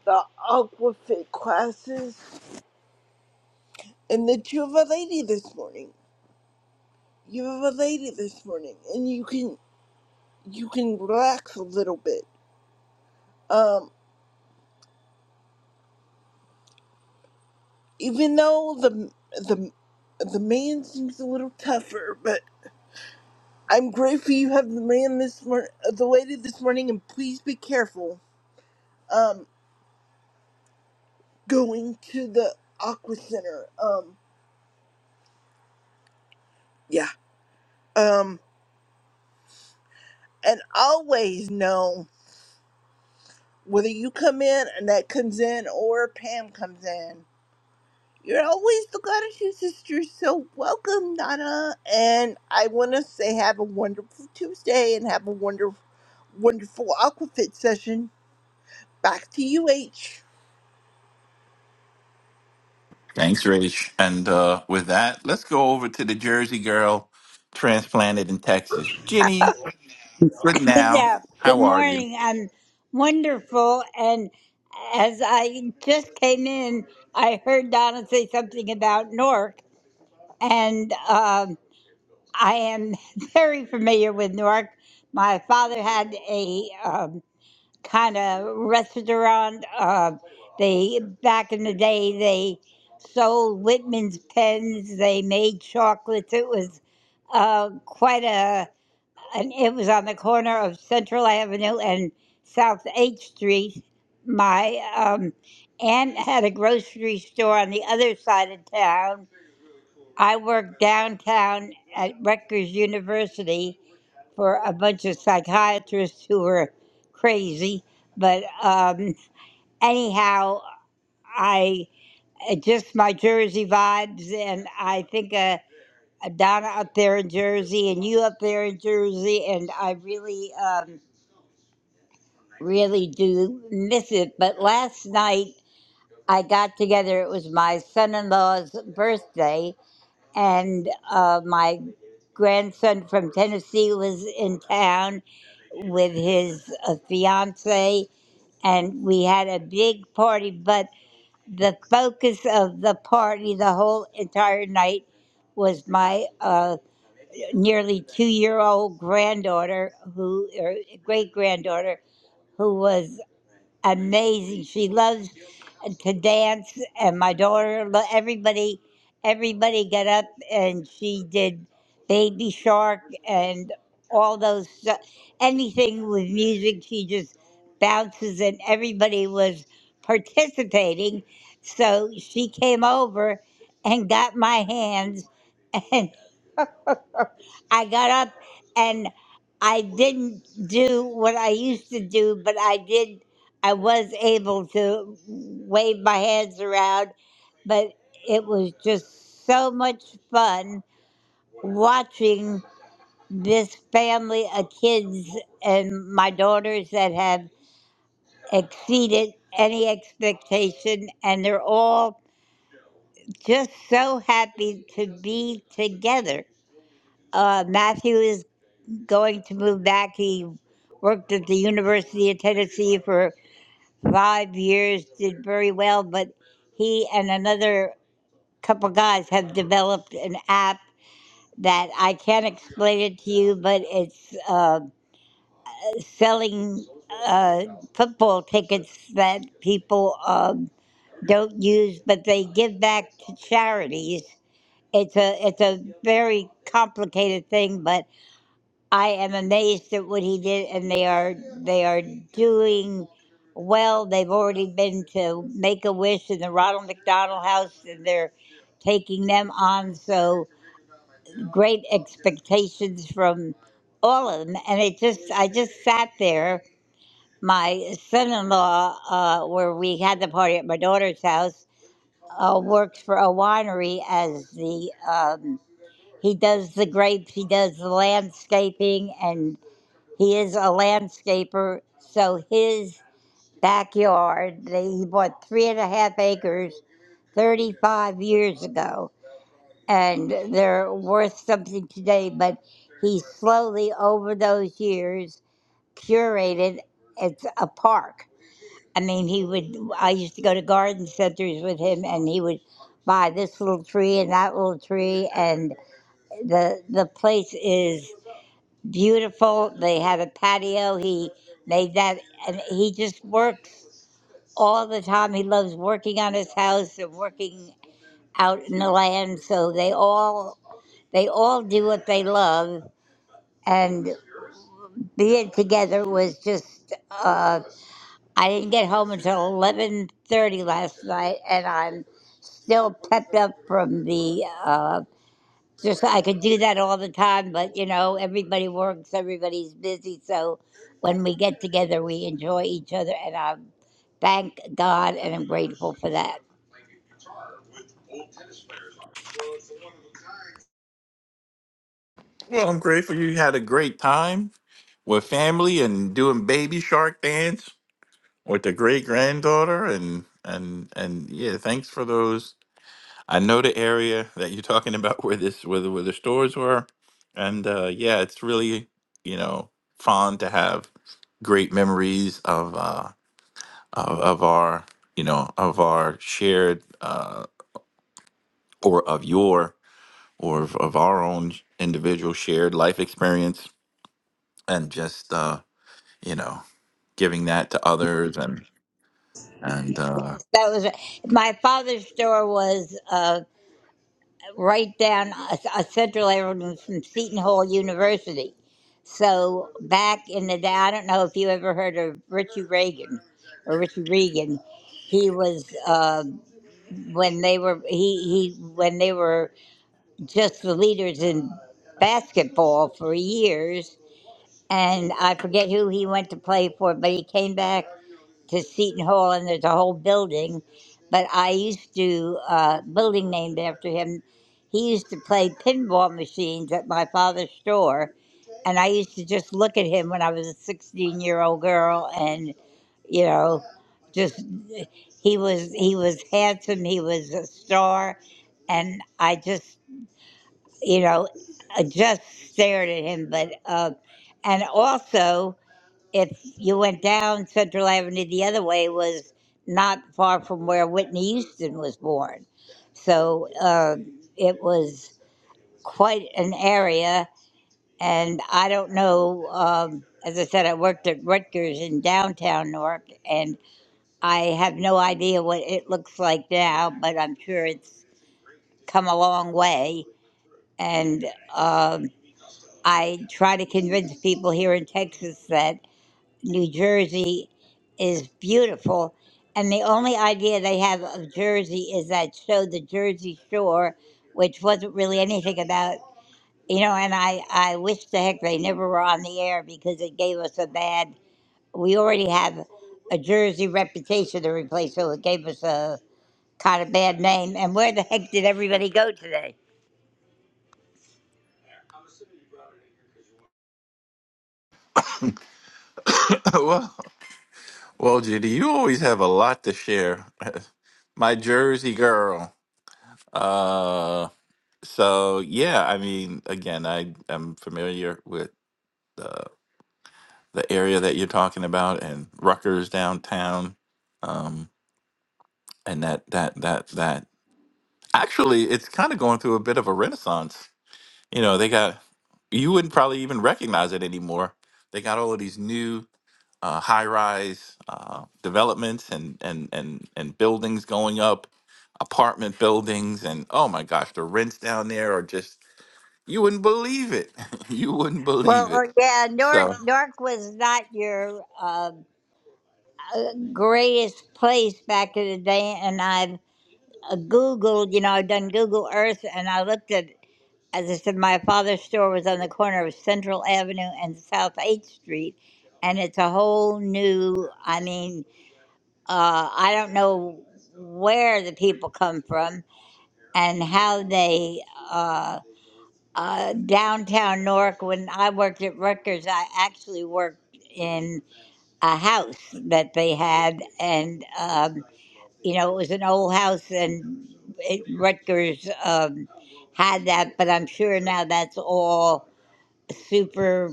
[SPEAKER 15] the Aquafit classes. and that you have a lady this morning. You have a lady this morning, and you can you can relax a little bit. Um, even though the the the man seems a little tougher, but I'm grateful you have the man this morning, the lady this morning, and please be careful. Um, going to the aqua center. Um, yeah. Um, and always know whether you come in and that comes in or Pam comes in. You're always the gratitude sister, so welcome, Donna. And I want to say have a wonderful Tuesday and have a wonderful, wonderful Aquafit session. Back to you, H.
[SPEAKER 14] Thanks, Rich. And uh, with that, let's go over to the Jersey girl transplanted in Texas, Jenny. Good
[SPEAKER 20] Good,
[SPEAKER 14] now.
[SPEAKER 20] uh, good
[SPEAKER 14] How are you?
[SPEAKER 20] morning. I'm wonderful. And as I just came in, I heard Donna say something about Newark. And um, I am very familiar with Newark. My father had a um, kind of restaurant. Uh, they Back in the day, they sold Whitman's pens, they made chocolates. It was uh, quite a and it was on the corner of Central Avenue and South H Street. My um, aunt had a grocery store on the other side of town. I worked downtown at Rutgers University for a bunch of psychiatrists who were crazy. But um, anyhow, I it just my Jersey vibes, and I think uh, Donna up there in Jersey, and you up there in Jersey, and I really. Um, really do miss it. But last night I got together. It was my son in law's birthday, and uh, my grandson from Tennessee was in town with his uh, fiance, and we had a big party. But the focus of the party the whole entire night was my uh, nearly two year old granddaughter, who, or great granddaughter, who was amazing. She loves to dance, and my daughter, lo- everybody, everybody got up and she did Baby Shark and all those stuff. Anything with music, she just bounces, and everybody was participating. So she came over and got my hands, I got up and I didn't do what I used to do, but I did. I was able to wave my hands around, but it was just so much fun watching this family of kids and my daughters that have exceeded any expectation, and they're all just so happy to be together. Uh, Matthew is going to move back. He worked at the University of Tennessee for five years, did very well, but he and another couple guys have developed an app that I can't explain it to you, but it's uh, selling uh, football tickets that people um, don't use, but they give back to charities. It's a it's a very complicated thing, but I am amazed at what he did, and they are they are doing well. They've already been to Make a Wish in the Ronald McDonald House, and they're taking them on. So great expectations from all of them, and it just I just sat there. My son-in-law, uh, where we had the party at my daughter's house, uh, works for a winery as the um, he does the grapes, he does the landscaping, and. He is a landscaper, so his backyard, he bought three and a half acres 35 years ago, and they're worth something today. But he slowly, over those years, curated it's a park. I mean, he would, I used to go to garden centers with him, and he would buy this little tree and that little tree, and the, the place is beautiful. They had a patio. He made that, and he just works all the time. He loves working on his house and working out in the land. So they all they all do what they love, and being together was just. Uh, I didn't get home until eleven thirty last night, and I'm still pepped up from the uh, just I could do that all the time, but you know, everybody works, everybody's busy. So when we get together, we enjoy each other, and I thank God and I'm grateful for that.
[SPEAKER 14] Well, I'm grateful you had a great time with family and doing baby shark dance. with the great granddaughter and and and yeah thanks for those i know the area that you're talking about where this where the, where the stores were and uh yeah it's really you know fond to have great memories of uh of, of our you know of our shared uh or of your or of, of our own individual shared life experience and just uh you know giving that to others and and uh
[SPEAKER 20] Yes, that was my father's store was uh, right down a, a Central Avenue from Seton Hall University. So back in the day, I don't know if you ever heard of Richie Reagan or Richie Regan. He was uh, when they were he he when they were just the leaders in basketball for years. And I forget who he went to play for, but he came back to Seton Hall, and there's a whole building. But I used to, uh, building named after him, he used to play pinball machines at my father's store. And I used to just look at him when I was a 16 year old girl and, you know, just he was he was handsome he was a star and i just you know, I just stared at him. But uh, and also, if you went down Central Avenue the other way, was not far from where Whitney Houston was born, so uh, it was quite an area. And I don't know. Um, as I said, I worked at Rutgers in downtown Newark, and I have no idea what it looks like now, but I'm sure it's come a long way. And uh, I try to convince people here in Texas that New Jersey is beautiful. And the only idea they have of Jersey is that show, The Jersey Shore, which wasn't really anything about, you know, and I, I wish the heck they never were on the air because it gave us a bad, we already have a Jersey reputation to replace, so it gave us a kind of bad name. And where the heck did everybody go today?
[SPEAKER 14] well. Well, Judy, you always have a lot to share. My Jersey girl. Uh, so yeah, I mean, again, I am familiar with the the area that you're talking about and Rutgers downtown, um, and that that that that. Actually, it's kind of going through a bit of a renaissance. You know, they got you wouldn't probably even recognize it anymore. They got all of these new uh, high-rise uh, developments and and and and buildings going up, apartment buildings, and oh my gosh, the rents down there are just you wouldn't believe it. you wouldn't
[SPEAKER 20] Well,
[SPEAKER 14] believe it.
[SPEAKER 20] uh, yeah, Newark,
[SPEAKER 14] So,
[SPEAKER 20] Newark was not your. uh, greatest place back in the day, and I've uh, Googled, you know, I've done Google Earth, and I looked at, as I said, my father's store was on the corner of Central Avenue and South 8th Street, and it's a whole new, I mean, uh, I don't know where the people come from and how they, uh, uh, downtown Newark, when I worked at Rutgers, I actually worked in a house that they had, and, um, you know, it was an old house, and it, Rutgers um, had that, but I'm sure now that's all super,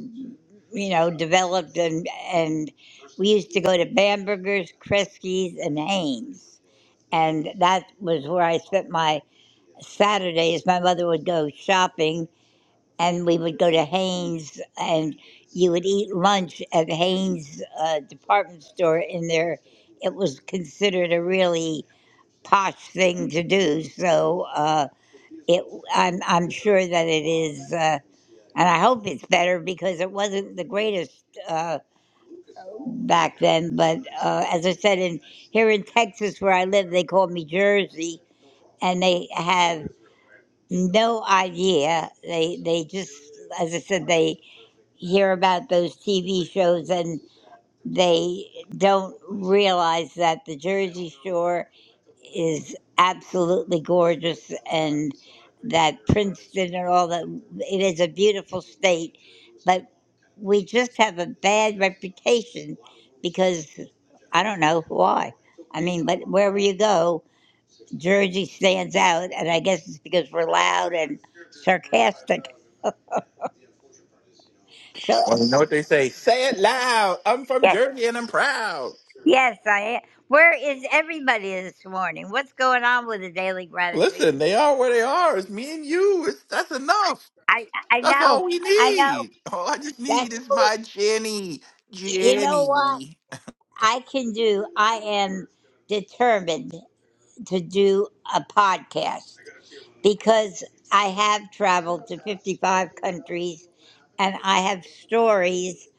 [SPEAKER 20] you know, developed. And, and we used to go to Bamberger's, Kresge's, and Haynes. And that was where I spent my Saturdays. My mother would go shopping, and we would go to Haynes, and you would eat lunch at Haynes uh, department store in there. It was considered a really posh thing to do. So uh, it, I'm I'm sure that it is, uh, and I hope it's better because it wasn't the greatest uh, back then. But uh, as I said, in here in Texas where I live, they call me Jersey, and they have no idea. They they just, as I said, they hear about those TV shows and they don't realize that the Jersey Shore is absolutely gorgeous and that Princeton and all that it is a beautiful state, but we just have a bad reputation because I don't know why. I mean, but wherever you go, Jersey stands out, and I guess it's because we're loud and sarcastic. So,
[SPEAKER 14] well, you know what they say? Say it loud. I'm from
[SPEAKER 20] yes,
[SPEAKER 14] Jersey and I'm proud.
[SPEAKER 20] yes, I am. Where is everybody this morning? What's going on with the daily
[SPEAKER 14] Listen,
[SPEAKER 20] gratitude?
[SPEAKER 14] they are where they are. It's me and you. It's that's enough.
[SPEAKER 20] I I
[SPEAKER 14] That's
[SPEAKER 20] know,
[SPEAKER 14] all we
[SPEAKER 20] I know.
[SPEAKER 14] need. All I just
[SPEAKER 20] That's
[SPEAKER 14] need is
[SPEAKER 20] all.
[SPEAKER 14] my Jenny.
[SPEAKER 20] You know what
[SPEAKER 14] Jenny.
[SPEAKER 20] I can do? I am determined to do a podcast because I have traveled to 55 countries and I have stories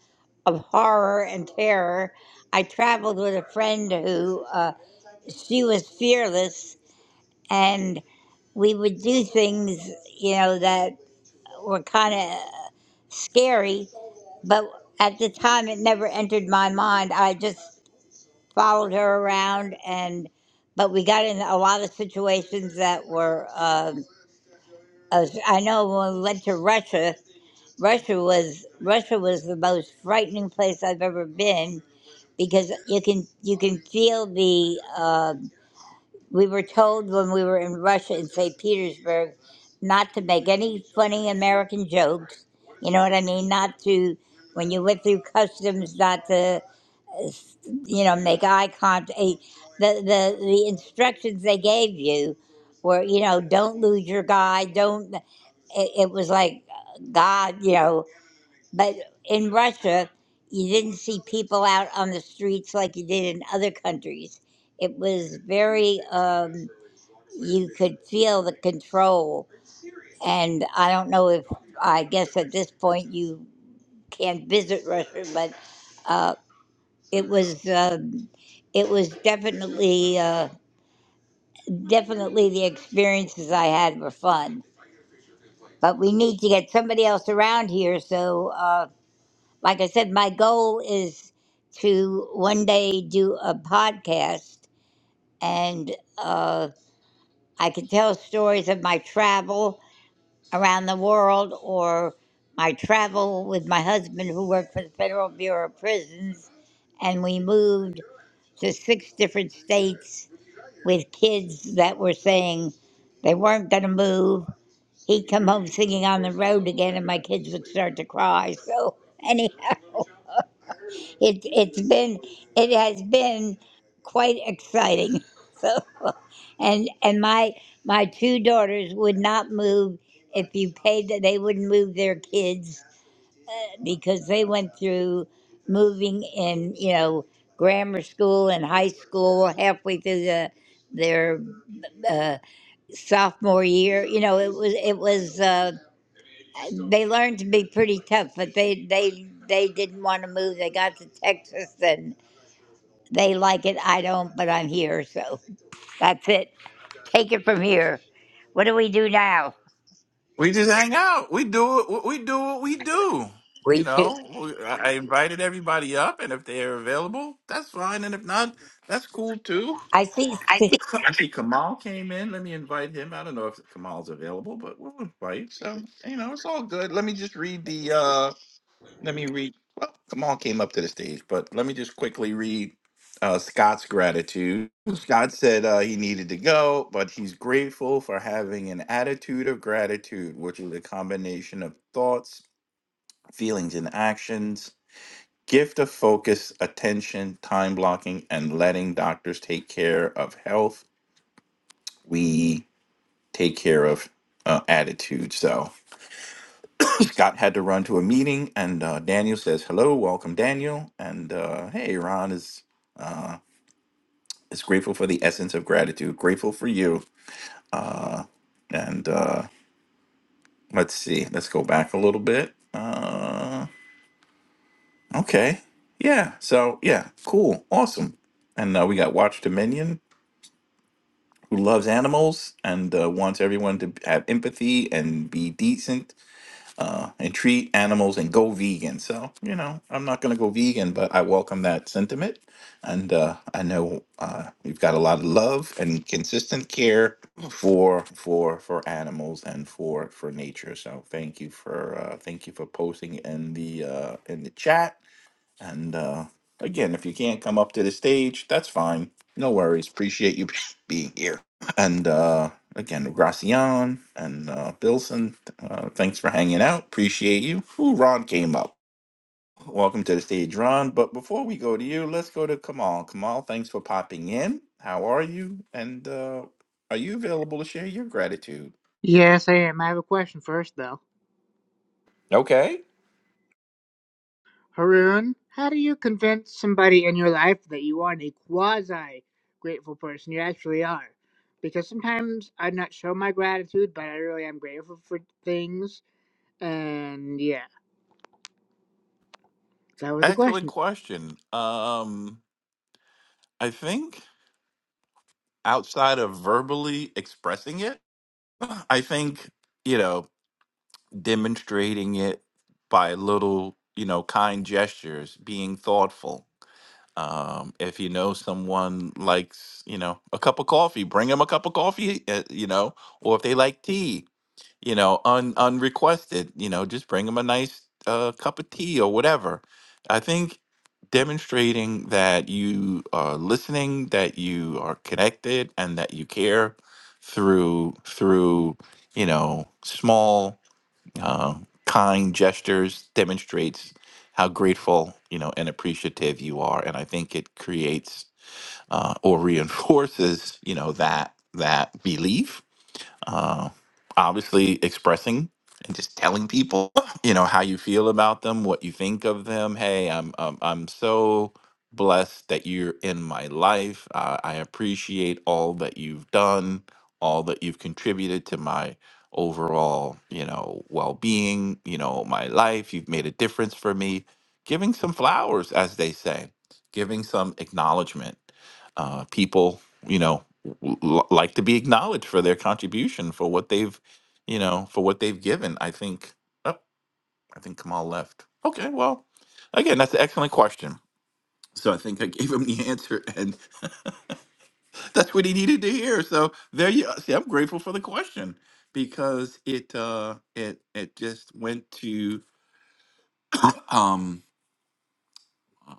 [SPEAKER 20] of horror and terror. I traveled with a friend who uh, she was fearless and we would do things, you know, that were kind of scary, but at the time it never entered my mind. I just followed her around and but we got in a lot of situations that were um, us- i know when we went to russia russia was russia was the most frightening place i've ever been because you can you can feel the um, we were told when we were in russia in st petersburg not to make any funny american jokes you know what i mean not to when you went through customs not to you know, make eye contact. eh, The, the, the instructions they gave you were, you know, don't lose your guy. Don't, eh, it, it was like, God, you know, but in Russia, you didn't see people out on the streets like you did in other countries. It was very, um, you could feel the control. And I don't know if, I guess at this point you can't visit Russia, but uh, it was um, it was definitely uh, definitely the experiences I had were fun. But we need to get somebody else around here. So, uh, like I said, my goal is to one day do a podcast, and uh, I can tell stories of my travel around the world or my travel with my husband, who worked for the Federal Bureau of Prisons, and we moved to six different states with kids that were saying they weren't going to move. He'd come home singing on the road again, and my kids would start to cry. So anyhow, it it's been it has been quite exciting. So and and my my two daughters would not move if you paid that they wouldn't move their kids because they went through moving in you know grammar school and high school halfway through the their. uh, sophomore year. You know, it was it was uh, they learned to be pretty tough, but they they they didn't want to move. They got to Texas and they like it. I don't, but I'm here, so that's it. Take it from here. What do we do now?
[SPEAKER 14] We just hang out. We do it. We do what we do. You
[SPEAKER 20] We do.
[SPEAKER 14] know, We- I I invited everybody up, and if they're available, that's fine. And if not, that's cool too.
[SPEAKER 20] I see.
[SPEAKER 14] I think I see Kamal came in. Let me invite him. I don't know if Kamal's available, but we'll invite. So you know, it's all good. Let me just read the. uh let me read. Well, Kamal came up to the stage, but let me just quickly read uh, Scott's gratitude. Scott said uh, he needed to go, but he's grateful for having an attitude of gratitude, which is a combination of thoughts, feelings, and actions. Gift of focus, attention, time blocking, and letting doctors take care of health. We take care of uh, attitude. So, Scott had to run to a meeting, and uh, Daniel says, "Hello, welcome, Daniel." And uh, hey, Ron is uh, is grateful for the essence of gratitude. Grateful for you. Uh, and uh, let's see, let's go back a little bit. Uh, okay, yeah. So yeah, cool, awesome. And uh, we got Watch Dominion, who loves animals and uh, wants everyone to have empathy and be decent uh, and treat animals and go vegan. So, you know, I'm not going to go vegan, but I welcome that sentiment. And uh, I know uh, we've got a lot of love and consistent care for for for animals and for for nature. So thank you for uh, thank you for posting in the uh, in the chat. And uh, again, if you can't come up to the stage, that's fine. No worries. Appreciate you being here. And uh, again, Gracian and uh, Bilson, uh, thanks for hanging out. Appreciate you. Ooh, Ron came up. Welcome to the stage, Ron. But before we go to you, let's go to Kamal. Kamal, thanks for popping in. How are you? And uh, are you available to share your gratitude?
[SPEAKER 21] Yes, I am. I have a question first, though.
[SPEAKER 14] Okay.
[SPEAKER 21] Haroon, how do you convince somebody in your life that you aren't a quasi grateful person? You actually are. Because sometimes I not show my gratitude, but I really am grateful for things. And yeah, that was the
[SPEAKER 14] Excellent
[SPEAKER 21] question.
[SPEAKER 14] question. Um, I think outside of verbally expressing it, I think, you know, demonstrating it by little, you know, kind gestures, being thoughtful. Um, if you know someone likes, you know, a cup of coffee, bring them a cup of coffee, uh, you know, or if they like tea, you know, un unrequested, you know, just bring them a nice uh, cup of tea or whatever. I think demonstrating that you are listening, that you are connected, and that you care through through you know small uh, kind gestures demonstrates how grateful you know and appreciative you are, and I think it creates uh, or reinforces you know that that belief uh, obviously expressing and just telling people, you know, how you feel about them, what you think of them. Hey, I'm I'm, I'm so blessed that you're in my life. Uh, I appreciate all that you've done, all that you've contributed to my overall, you know, well-being, you know, my life. You've made a difference for me. Giving some flowers, as they say, giving some acknowledgement. Uh, people, you know l- like to be acknowledged for their contribution for what they've you know for what they've given i think oh i think kamal left okay well again that's an excellent question so i think i gave him the answer and that's what he needed to hear so there you see i'm grateful for the question because it uh it it just went to um uh,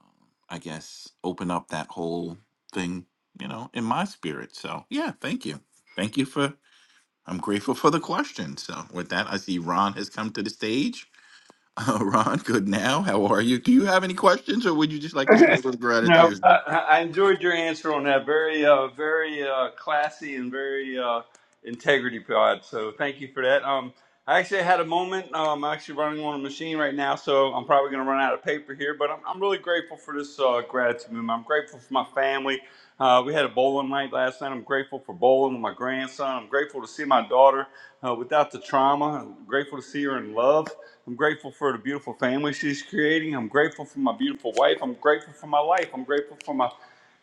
[SPEAKER 14] i guess open up that whole thing you know in my spirit so yeah thank you thank you for I'm grateful for the question. So, with that, I see Ron has come to the stage. Uh, Ron, good now. How are you? Do you have any questions, or would you just like to share some
[SPEAKER 22] No,
[SPEAKER 14] gratitude?
[SPEAKER 22] I, I enjoyed your answer on that. Very, uh, very uh, classy and very uh, integrity pod. So thank you for that. Um, I actually had a moment. Um, I'm actually running on a machine right now, so I'm probably going to run out of paper here. But I'm, I'm really grateful for this uh, gratitude movement. I'm grateful for my family. Uh, we had a bowling night last night. I'm grateful for bowling with my grandson. I'm grateful to see my daughter uh, without the trauma. I'm grateful to see her in love. I'm grateful for the beautiful family she's creating. I'm grateful for my beautiful wife. I'm grateful for my life. I'm grateful for my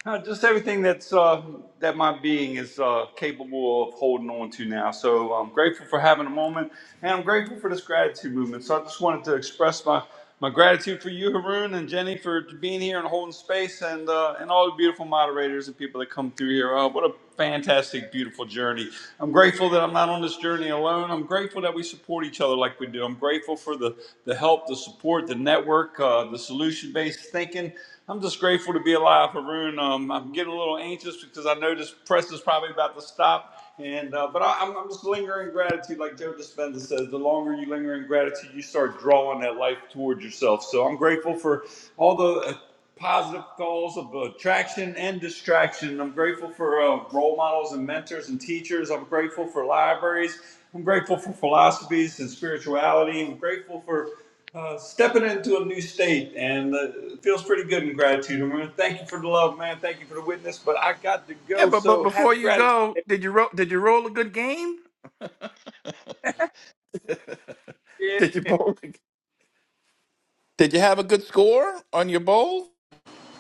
[SPEAKER 22] uh, just everything that's uh, that my being is uh, capable of holding on to now. So I'm grateful for having a moment, and I'm grateful for this gratitude movement. So I just wanted to express my my gratitude for you, Haroon, and Jenny for being here and holding space, and uh, and all the beautiful moderators and people that come through here. Uh, what a fantastic, beautiful journey. I'm grateful that I'm not on this journey alone. I'm grateful that we support each other like we do. I'm grateful for the the help, the support, the network, uh, the solution based thinking. I'm just grateful to be alive, Haroon. Um, I'm getting a little anxious because I know this press is probably about to stop. And uh, but I, I'm, I'm just lingering gratitude, like Joe Dispenza says. The longer you linger in gratitude, you start drawing that life towards yourself. So I'm grateful for all the uh, positive calls of attraction and distraction. I'm grateful for uh, role models and mentors and teachers. I'm grateful for libraries. I'm grateful for philosophies and spirituality. I'm grateful for uh, stepping into a new state and uh, it feels pretty good in gratitude. And man, thank you for the love, man. Thank you for the witness. But I got to
[SPEAKER 14] Yeah,
[SPEAKER 22] go.
[SPEAKER 14] but but
[SPEAKER 22] So
[SPEAKER 14] before
[SPEAKER 22] happy
[SPEAKER 14] you
[SPEAKER 22] gratitude.
[SPEAKER 14] go,
[SPEAKER 22] Day.
[SPEAKER 14] did you ro- did you roll a good game?
[SPEAKER 22] Yeah,
[SPEAKER 14] Did you
[SPEAKER 22] man.
[SPEAKER 14] bowl? Did you have a good score on your bowl?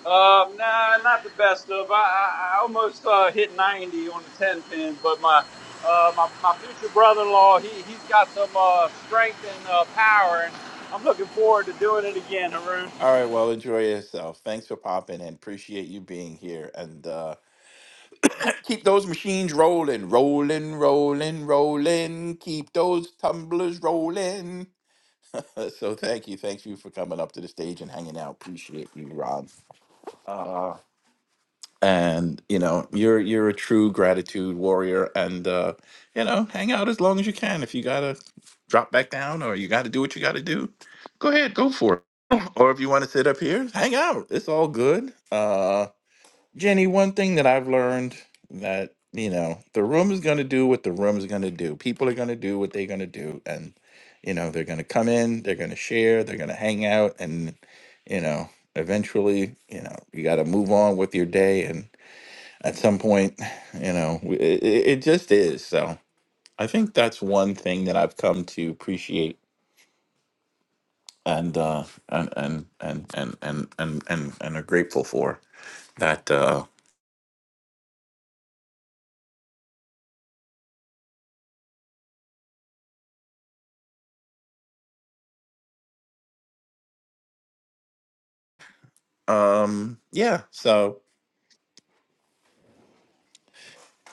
[SPEAKER 22] Um, nah, not the best of. I, I, I almost uh, hit 90 on the 10 pin, but my uh, my, my future brother-in-law, he he's got some uh, strength and uh, power, and I'm looking forward to doing it again, Haroon.
[SPEAKER 14] All right. Well, enjoy yourself. Thanks for popping in. Appreciate you being here. And uh, keep those machines rolling, rolling, rolling, rolling. Keep those tumblers rolling. Uh, so thank you, thank you for coming up to the stage and hanging out. Appreciate you, Rob. Uh, and you know, you're you're a true gratitude warrior, and uh, you know, hang out as long as you can. If you gotta drop back down or you gotta do what you gotta do, go ahead, go for it. Or if you want to sit up here, hang out. It's all good. Uh, Jenny, one thing that I've learned that, you know, the room is going to do what the room is going to do. People are going to do what they're going to do. And, you know, they're going to come in, they're going to share, they're going to hang out. And, you know, eventually, you know, you got to move on with your day. And at some point, you know, w- it, it it just is. So I think that's one thing that I've come to appreciate and, uh, and, and, and, and, and, and, and, and are grateful for that, uh, um, yeah. So,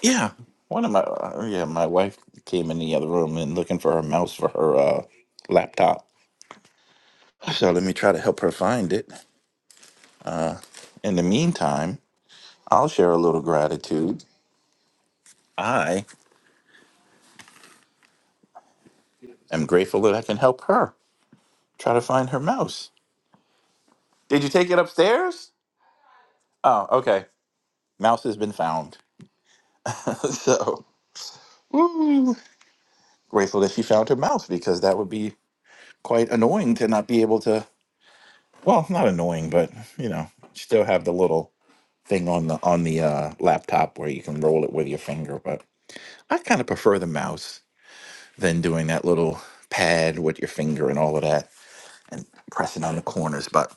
[SPEAKER 14] Yeah, one of my uh, yeah, my wife came in the other room and looking for her mouse for her uh, laptop. So let me try to help her find it. In the meantime, I'll share a little gratitude. I am grateful that I can help her try to find her mouse. Did you take it upstairs? Oh, okay. Mouse has been found. so woo, grateful that she found her mouse because that would be quite annoying to not be able to. Well, not annoying, but you know, still have the little thing on the on the uh, laptop where you can roll it with your finger. But I kind of prefer the mouse than doing that little pad with your finger and all of that and pressing on the corners. But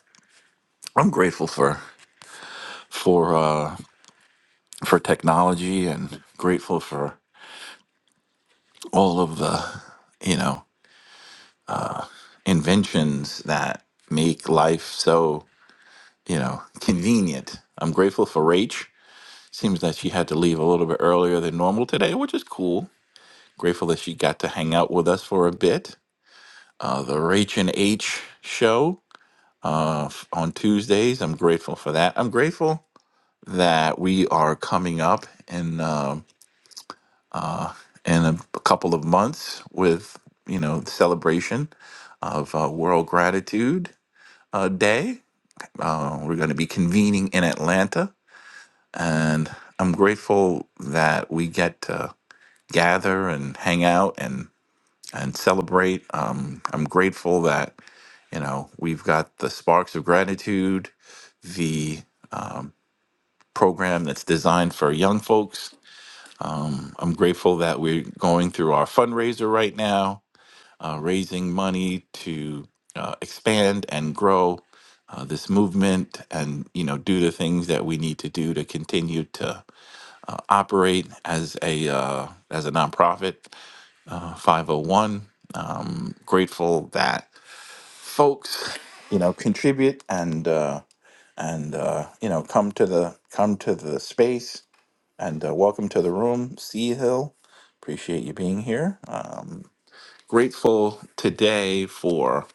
[SPEAKER 14] I'm grateful for for uh, for technology and grateful for all of the you know inventions that make life so you know convenient. I'm grateful for Rach. Seems that she had to leave a little bit earlier than normal today, which is cool. Grateful that she got to hang out with us for a bit. uh, the Rach and H show uh, f- on Tuesdays. I'm grateful for that. I'm grateful that we are coming up in um in a, couple of months with you know the celebration of uh, World Gratitude uh, Day. Uh, we're going to be convening in Atlanta, and I'm grateful that we get to gather and hang out and. and celebrate. Um, I'm grateful that you know we've got the Sparks of Gratitude, the program that's designed for young folks. I'm grateful that we're going through our fundraiser right now, uh, raising money to uh, expand and grow. Uh, this movement and you know do the things that we need to do to continue to operate as a uh, as a nonprofit 501 grateful that folks, you know, contribute and uh, and uh, you know come to the come to the space and uh, welcome to the room, Sea Hill. Appreciate you being here. Uh, grateful today for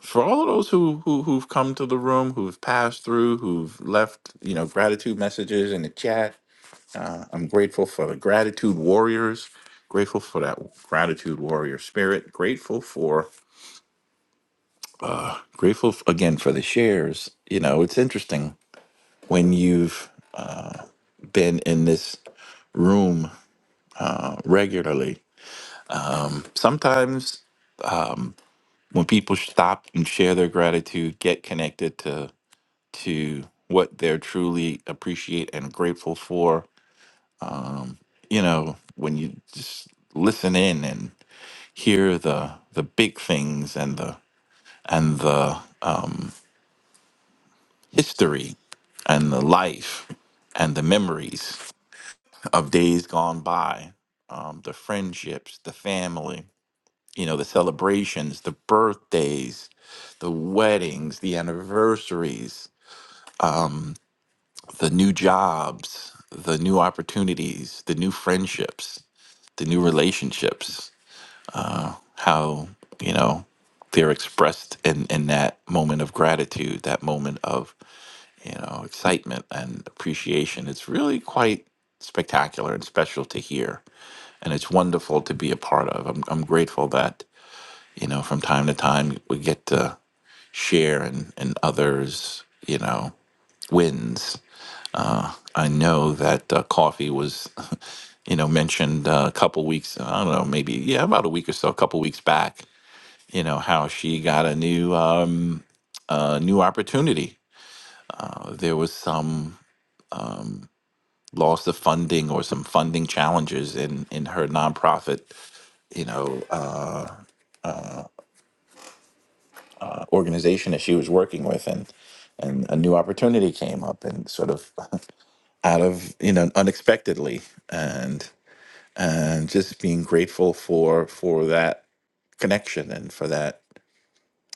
[SPEAKER 14] for all of those who, who who've come to the room, who've passed through, who've left you know gratitude messages in the chat. I'm grateful for the gratitude warriors. Grateful for that gratitude warrior spirit. Grateful for grateful f- again for the shares. You know, it's interesting when you've been in this room regularly. Sometimes when people stop and share their gratitude, get connected to to what they're truly appreciate and grateful for, you know, when you just listen in and hear the the big things and the and the um, history and the life and the memories of days gone by, um, the friendships, the family, you know the celebrations the birthdays the weddings the anniversaries the new jobs the new opportunities the new friendships the new relationships how you know they're expressed in in that moment of gratitude that moment of you know excitement and appreciation it's really quite spectacular and special to hear and it's wonderful to be a part of i'm, I'm grateful that You know, from time to time, we get to share and and others, you know, wins. I know that uh, coffee was, you know, mentioned uh, a couple weeks. I don't know, maybe yeah, about a week or so, a couple weeks back. You know how she got a new um, uh, new opportunity. Uh, There was some loss of funding or some funding challenges in in her nonprofit, you know, uh, organization that she was working with, and and a new opportunity came up, and sort of out of you know unexpectedly and and just being grateful for for that connection and for that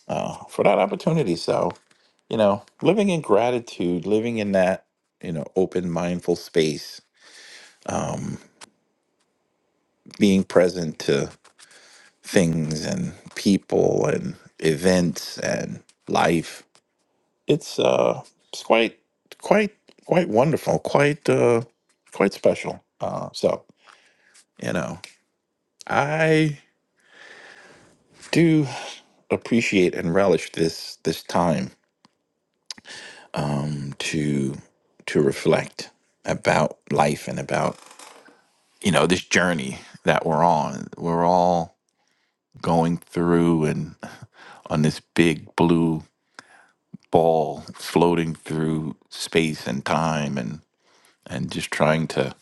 [SPEAKER 14] uh, for that opportunity so you know living in gratitude living in that you know open mindful space being present to things and people and events and life it's uh it's quite quite quite wonderful quite uh quite special uh so you know i do appreciate and relish this this time to to reflect about life and about you know this journey that we're on we're all going through and on this big blue ball floating through space and time and and just trying to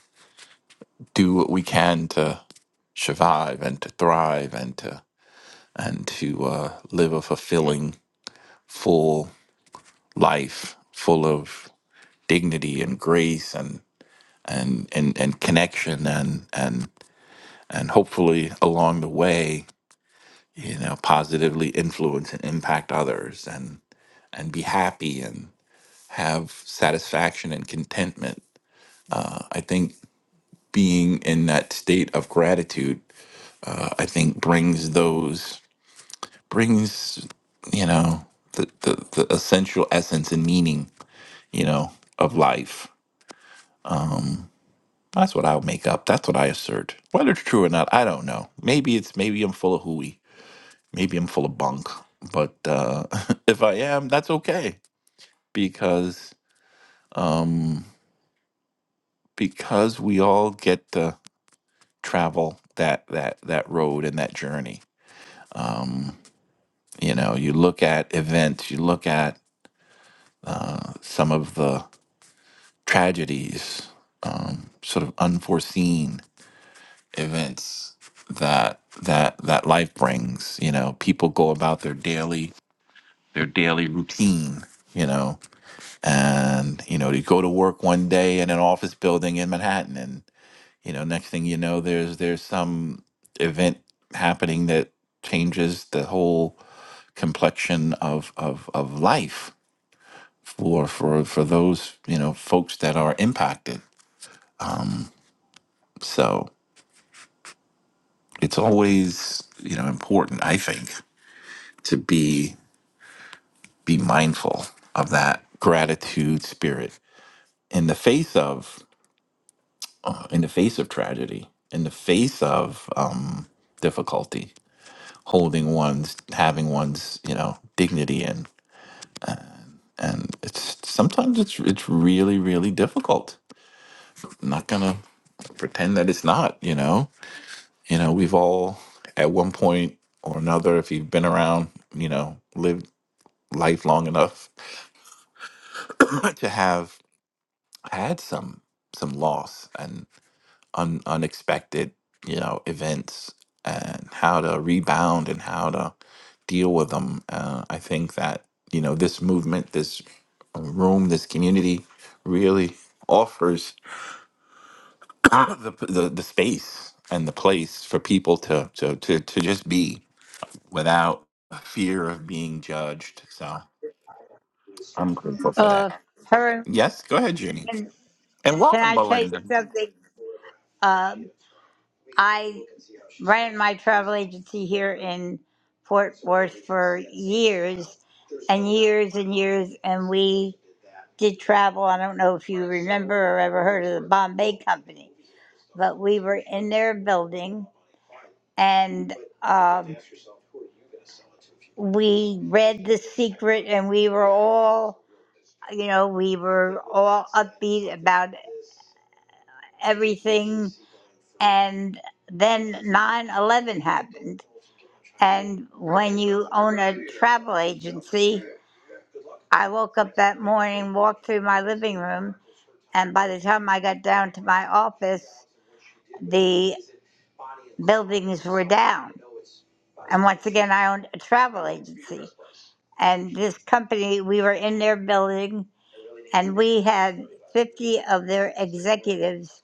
[SPEAKER 14] do what we can to survive and to thrive and to and to uh, live a fulfilling full life full of dignity and grace and. and and and connection and and and hopefully along the way you know positively influence and impact others and and be happy and have satisfaction and contentment i think being in that state of gratitude uh, i think brings those brings you know the, the the essential essence and meaning you know of life that's what i'll make up that's what i assert whether it's true or not i don't know maybe it's maybe i'm full of hooey Maybe I'm full of bunk, but uh, if I am, that's okay because um, because we all get to travel that that that road and that journey. Um, you know, you look at events, you look at uh, some of the tragedies, um, sort of unforeseen events that that that life brings. You know, people go about their daily their daily routine. You know, and you know to go to work one day in an office building in Manhattan and you know next thing you know there's there's some event happening that changes the whole complexion of of of life for for for those you know folks that are impacted so it's always you know important i think to be be mindful of that gratitude spirit in the face of in the face of tragedy, in the face of um, difficulty, holding one's, having one's, you know, dignity in. And it's sometimes it's it's really really difficult. I'm not gonna pretend that it's not. You know, you know, we've all at one point or another, if you've been around, you know, lived life long enough to have had some some loss, and. un, unexpected, you know, events and how to rebound and how to deal with them. Uh, I think that you know this movement, this uh, room, this community really offers the, the the space and the place for people to to to, to just be without fear of being judged. So I'm grateful for
[SPEAKER 20] Uh,
[SPEAKER 14] that.
[SPEAKER 20] her.
[SPEAKER 14] Yes, go ahead, Junie,
[SPEAKER 20] Can,
[SPEAKER 14] and
[SPEAKER 20] can
[SPEAKER 14] welcome,
[SPEAKER 20] I tell you
[SPEAKER 14] Belinda.
[SPEAKER 20] something? Um, I ran my travel agency here in Fort Worth for years and years and years, and we did travel. I don't know if you remember or ever heard of the Bombay Company, but we were in their building and um, we read The Secret and we were all, you know, we were all upbeat about everything. And then 9 11 happened. And when you own a travel agency, I woke up that morning, walked through my living room, and by the time I got down to my office, the buildings were down. And once again, I owned a travel agency. And this company, we were in their building, and we had 50 of their executives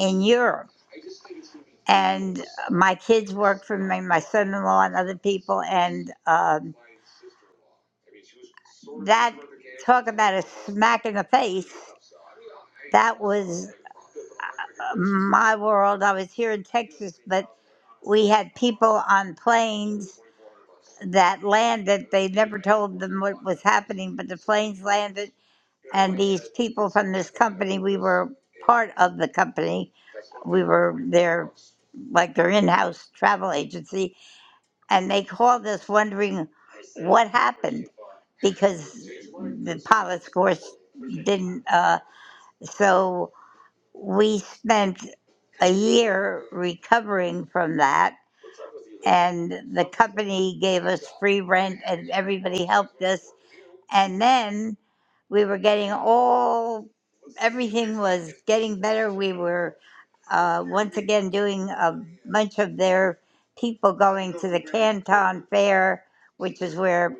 [SPEAKER 20] in Europe. And my kids worked for me, my son in law, and other people. And um, that talk about a smack in the face. That was uh, my world. I was here in Texas, but we had people on planes that landed. They never told them what was happening, but the planes landed, and these people from this company, we were part of the company. We were their like their in-house travel agency, and they called us wondering what happened because the pilot's course didn't. Uh, so we spent a year recovering from that and the company gave us free rent and everybody helped us and then we were getting all everything was getting better we were uh, once again doing a bunch of their people going to the canton fair which is where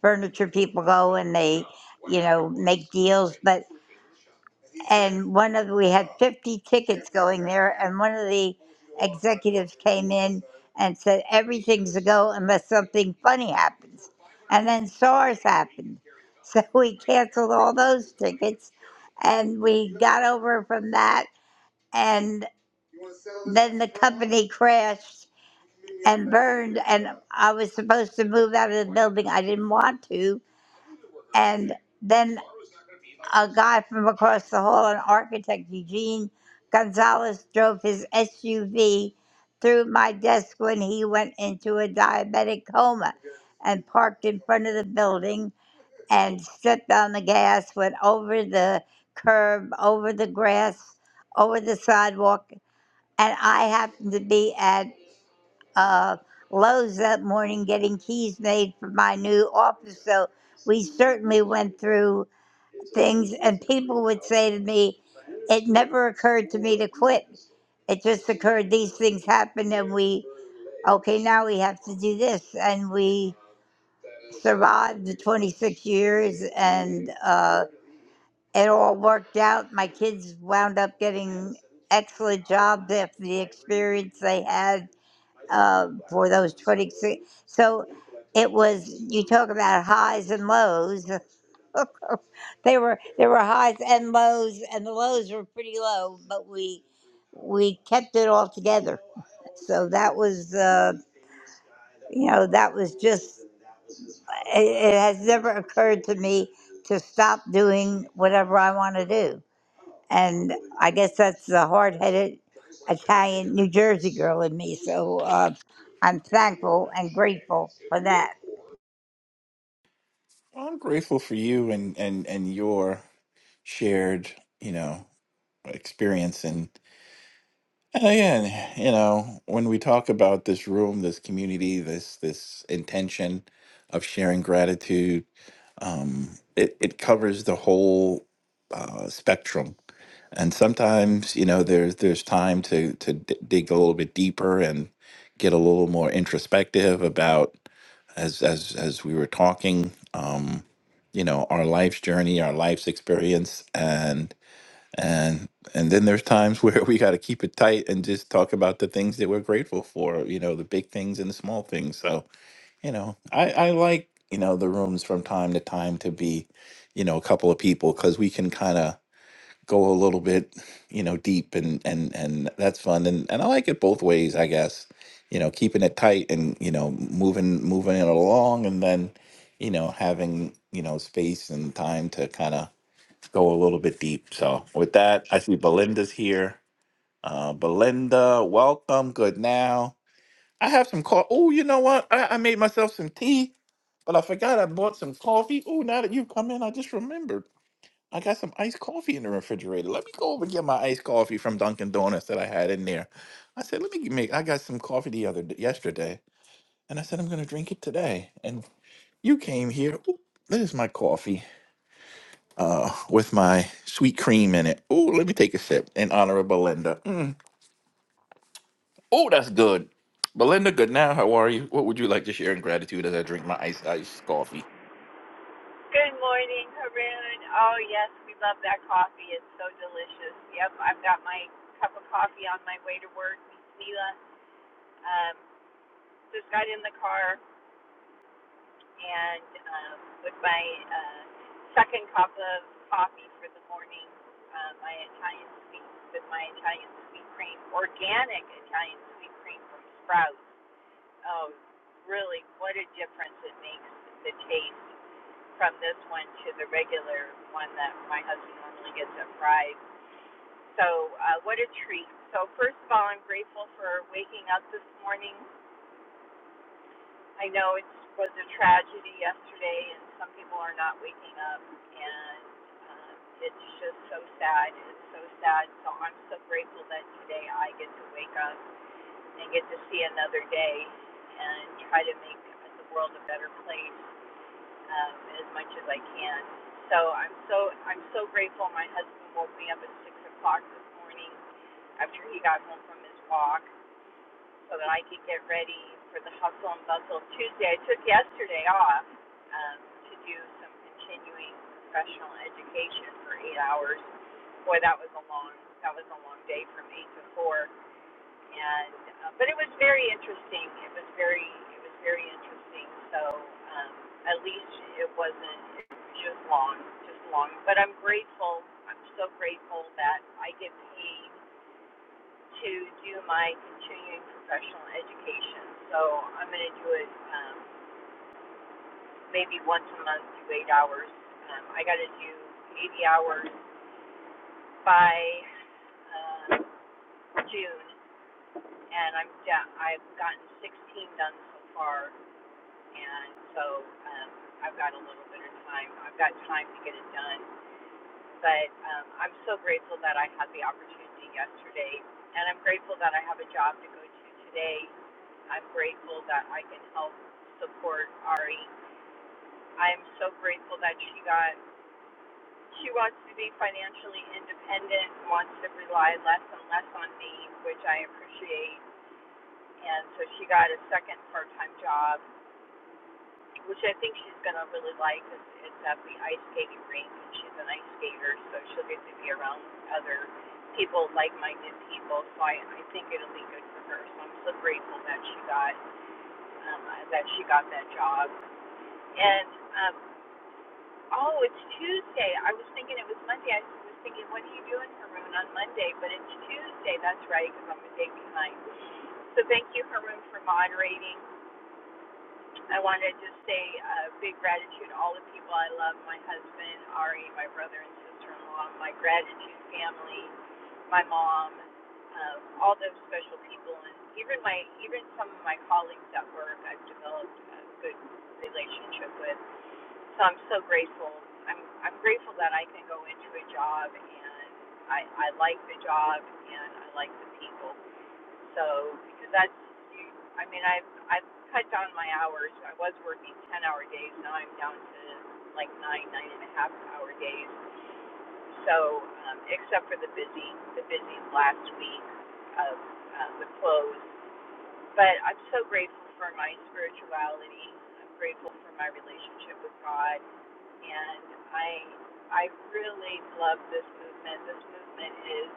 [SPEAKER 20] furniture people go and they you know make deals but and one of we had 50 tickets going there and one of the executives came in and said everything's a go unless something funny happens and then SARS happened so we canceled all those tickets and we got over from that and then the company crashed and burned and i was supposed to move out of the building i didn't want to and then. A guy from across the hall, an architect, Eugene Gonzalez, drove his SUV through my desk when he went into a diabetic coma and parked in front of the building and stepped on the gas, went over the curb, over the grass, over the sidewalk. And I happened to be at uh, Lowe's that morning getting keys made for my new office. So we certainly went through things and people would say to me it never occurred to me to quit it just occurred these things happened and we okay now we have to do this and we survived the 26 years and uh, it all worked out my kids wound up getting excellent jobs after the experience they had uh, for those 26 so it was you talk about highs and lows they were there were highs and lows, and the lows were pretty low, but we we kept it all together. So that was uh, you know that was just it, it has never occurred to me to stop doing whatever I want to do, and I guess that's the hard headed Italian New Jersey girl in me. So uh, I'm thankful and grateful for that.
[SPEAKER 14] Well, I'm grateful for you and and and your shared, you know. experience and again you know when we talk about this room this community this this intention of sharing gratitude um it, it covers the whole uh, spectrum and sometimes you know there's there's time to to d- dig a little bit deeper and get a little more introspective about as as as we were talking um you know our life's journey our life's experience and and and then there's times where we got to keep it tight and just talk about the things that we're grateful for you know the big things and the small things so you know i i like you know the rooms from time to time to be you know a couple of people because we can kind of go a little bit you know deep and and and that's fun and and i like it both ways i guess you know keeping it tight and you know moving moving it along and then you know having you know space and time to kind of go a little bit deep. So with that, I see Belinda's here. Uh, Belinda, welcome. Good now. I have some coffee. Oh, you know what? I, I made myself some tea, but I forgot I bought some coffee. Oh, now that you've come in, I just remembered. I got some iced coffee in the refrigerator. Let me go over and get my iced coffee from Dunkin' Donuts that I had in there. I said, let me make. I got some coffee the other d- yesterday, and I said I'm going to drink it today. And you came here. Ooh, there's my coffee. uh, with my sweet cream in it. Oh, let me take a sip in honor of Belinda. Mm. Oh, that's good. Belinda, good now. How are you? What would you like to share in gratitude as I drink my iced iced coffee?
[SPEAKER 23] Good morning, Haroon. Oh, yes, we love that coffee. It's so delicious. Yep, I've got my cup of coffee on my way to work. Mila um, just got in the car and um, with my uh, second cup of coffee for the morning, uh, my Italian sweet, with my Italian sweet cream, organic Italian sweet cream from Sprouts. Oh, really, what a difference it makes the taste. from this one to the regular one that my husband normally gets at Fry's. So, uh, what a treat. So, first of all, I'm grateful for waking up this morning. I know it was a tragedy yesterday, and some people are not waking up, and um, it's just so sad. It's so sad. So, I'm so grateful that today I get to wake up and get to see another day and try to make the world a better place. um, as much as I can. So I'm so I'm so grateful. My husband woke me up at six o'clock this morning after he got home from his walk, so that I could get ready for the hustle and bustle Tuesday. I took yesterday off um, to do some continuing professional education for eight hours. Boy, that was a long that was a long day from eight to four and uh, but it was very interesting. It was very it was very interesting. So um, at least it wasn't it was just long, just long. But I'm grateful. I'm so grateful that I get paid to do my continuing professional education. So I'm going to do it um, maybe once a month, do eight hours. Um, I got to do 80 hours by uh, June, and I'm da- I've gotten 16 done so far. and so um, I've got a little bit of time. I've got time to get it done, but um, I'm so grateful that I had the opportunity yesterday, and I'm grateful that I have a job to go to today. I'm grateful that I can help support Ari. I'm so grateful that she got. She wants to be financially independent, wants to rely less and less on me, which I appreciate. And so she got a second part-time job which I think she's gonna really like. It's is at the ice skating rink, and she's an ice skater, so she'll get to be around other people, like-minded people. So I, I think it'll be good for her. So I'm so grateful that she got um, uh, that she got that job. And um, oh, it's Tuesday. I was thinking it was Monday. I was thinking, what are you doing, Haroon, on Monday? But it's Tuesday. That's right, because I'm a day behind. So thank you, Haroon, for moderating. I wanted to just say uh, big gratitude to all the people I love my husband, Ari, my brother and sister in law, my gratitude family, my mom, um, all those special people, and even my even some of my colleagues at work I've developed a good relationship with. So I'm so grateful. I'm I'm grateful that I can go into a job and I I like the job and I like the people. So because that's, you, I mean, I've I've cut down my hours. I was working ten hour days. Now I'm down to like nine nine and a half hour days. So um, except for the busy the busy last week of uh, the close, but I'm so grateful for my spirituality. I'm grateful for my relationship with God, and I I really love this movement. This movement is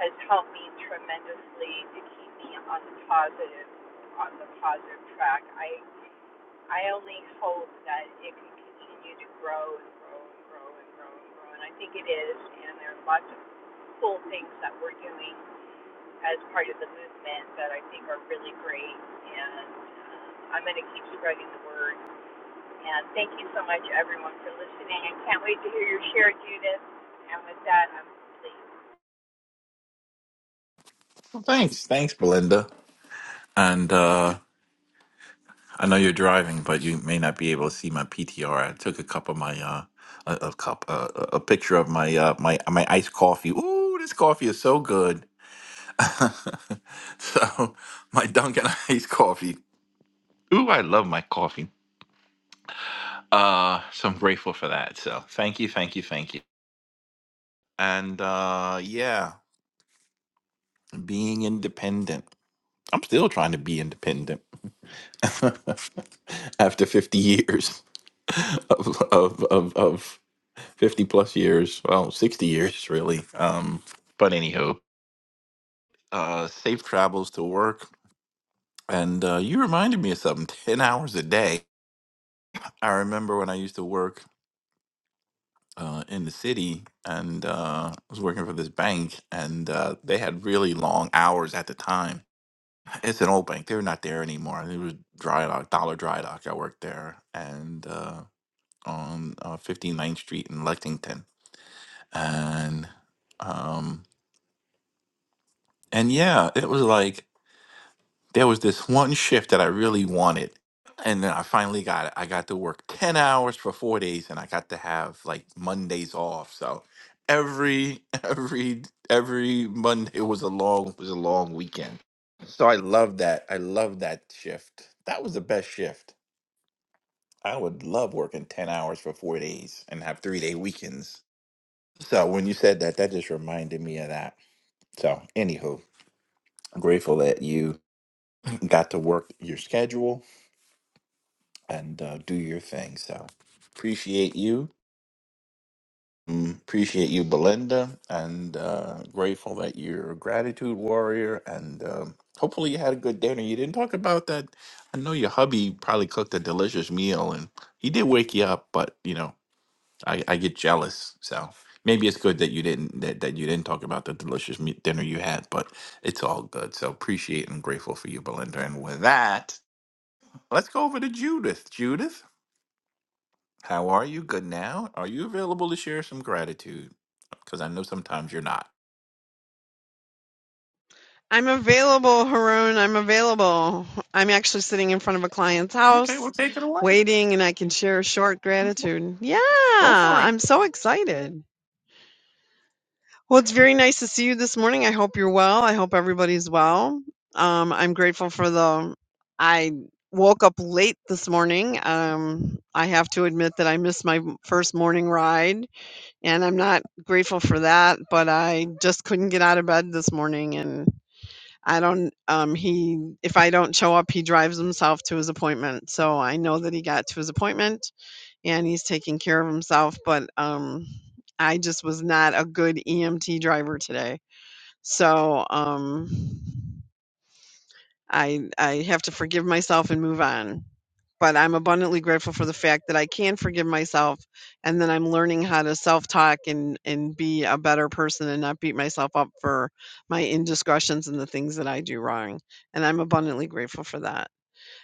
[SPEAKER 23] has helped me tremendously to keep me on the positive on the positive track. I I only hope that it can continue to grow and grow and grow and grow and grow and I think it is and there are lots of cool things that we're doing as part of the movement that I think are really great and um, I'm going to keep spreading the word and thank you so much everyone for listening. I can't wait to hear your share Judith and with that I'm complete.
[SPEAKER 14] Well, thanks, thanks, Belinda. And uh, I know you're driving, but you may not be able to see my PTR. I took a cup of my uh, a, a cup uh, a a picture of my uh, my my iced coffee. Ooh, this coffee is so good. so my Dunkin' iced coffee. Ooh, I love my coffee. Uh, so I'm grateful for that. So thank you, thank you, thank you. And uh, yeah, being independent. I'm still trying to be independent after 50 years of, of, of, of 50 plus years. Well, 60 years, really. Um, but anywho, uh, safe travels to work. And uh, you reminded me of something 10 hours a day. I remember when I used to work uh, in the city and uh, I was working for this bank, and uh, they had really long hours at the time. It's an old bank; they're not there anymore. It was Dry Dock, Dollar Dry Dock. I worked there, and uh, on uh, 59th Street in Lexington, and um, and yeah, it was like there was this one shift that I really wanted. And then I finally got it. I got to work 10 hours for four days and I got to have like Mondays off. So every every every Monday was a long was a long weekend. So I love that. I love that shift. That was the best shift. I would love working 10 hours for four days and have three day weekends. So when you said that, that just reminded me of that. So anywho, I'm grateful that you got to work your schedule and uh, do your thing. So appreciate you. Mm, Appreciate you, Belinda, and uh, grateful that you're a gratitude warrior. And um, hopefully, you had a good dinner. You didn't talk about that. I know your hubby probably cooked a delicious meal, and he did wake you up. But you know, I, I get jealous. So maybe it's good that you didn't that, that you didn't talk about the delicious me- dinner you had. But it's all good. So appreciate and grateful for you, Belinda. And with that, let's go over to Judith. Judith. How are you? Good now? Are you available to share some gratitude? Because I know sometimes you're not.
[SPEAKER 24] I'm available, Haroon. I'm available. I'm actually sitting in front of a client's
[SPEAKER 14] Okay, well,
[SPEAKER 24] house
[SPEAKER 14] take it away.
[SPEAKER 24] waiting and I can share a short gratitude. Yeah,
[SPEAKER 14] Go for it.
[SPEAKER 24] I'm so excited. Well, it's very nice to see you this morning. I hope you're well. I hope everybody's well. Um, I'm grateful for the. I woke up late this morning. Um, I have to admit that I missed my first morning ride and I'm not grateful for that, but I just couldn't get out of bed this morning and. I don't um he if I don't show up, he drives himself to his appointment. So I know that he got to his appointment and he's taking care of himself, but um I just was not a good EMT driver today. So um I I have to forgive myself and move on but I'm abundantly grateful for the fact that I can forgive myself and then I'm learning how to self-talk and and be a better person and not beat myself up for my indiscretions and the things that I do wrong. And I'm abundantly grateful for that.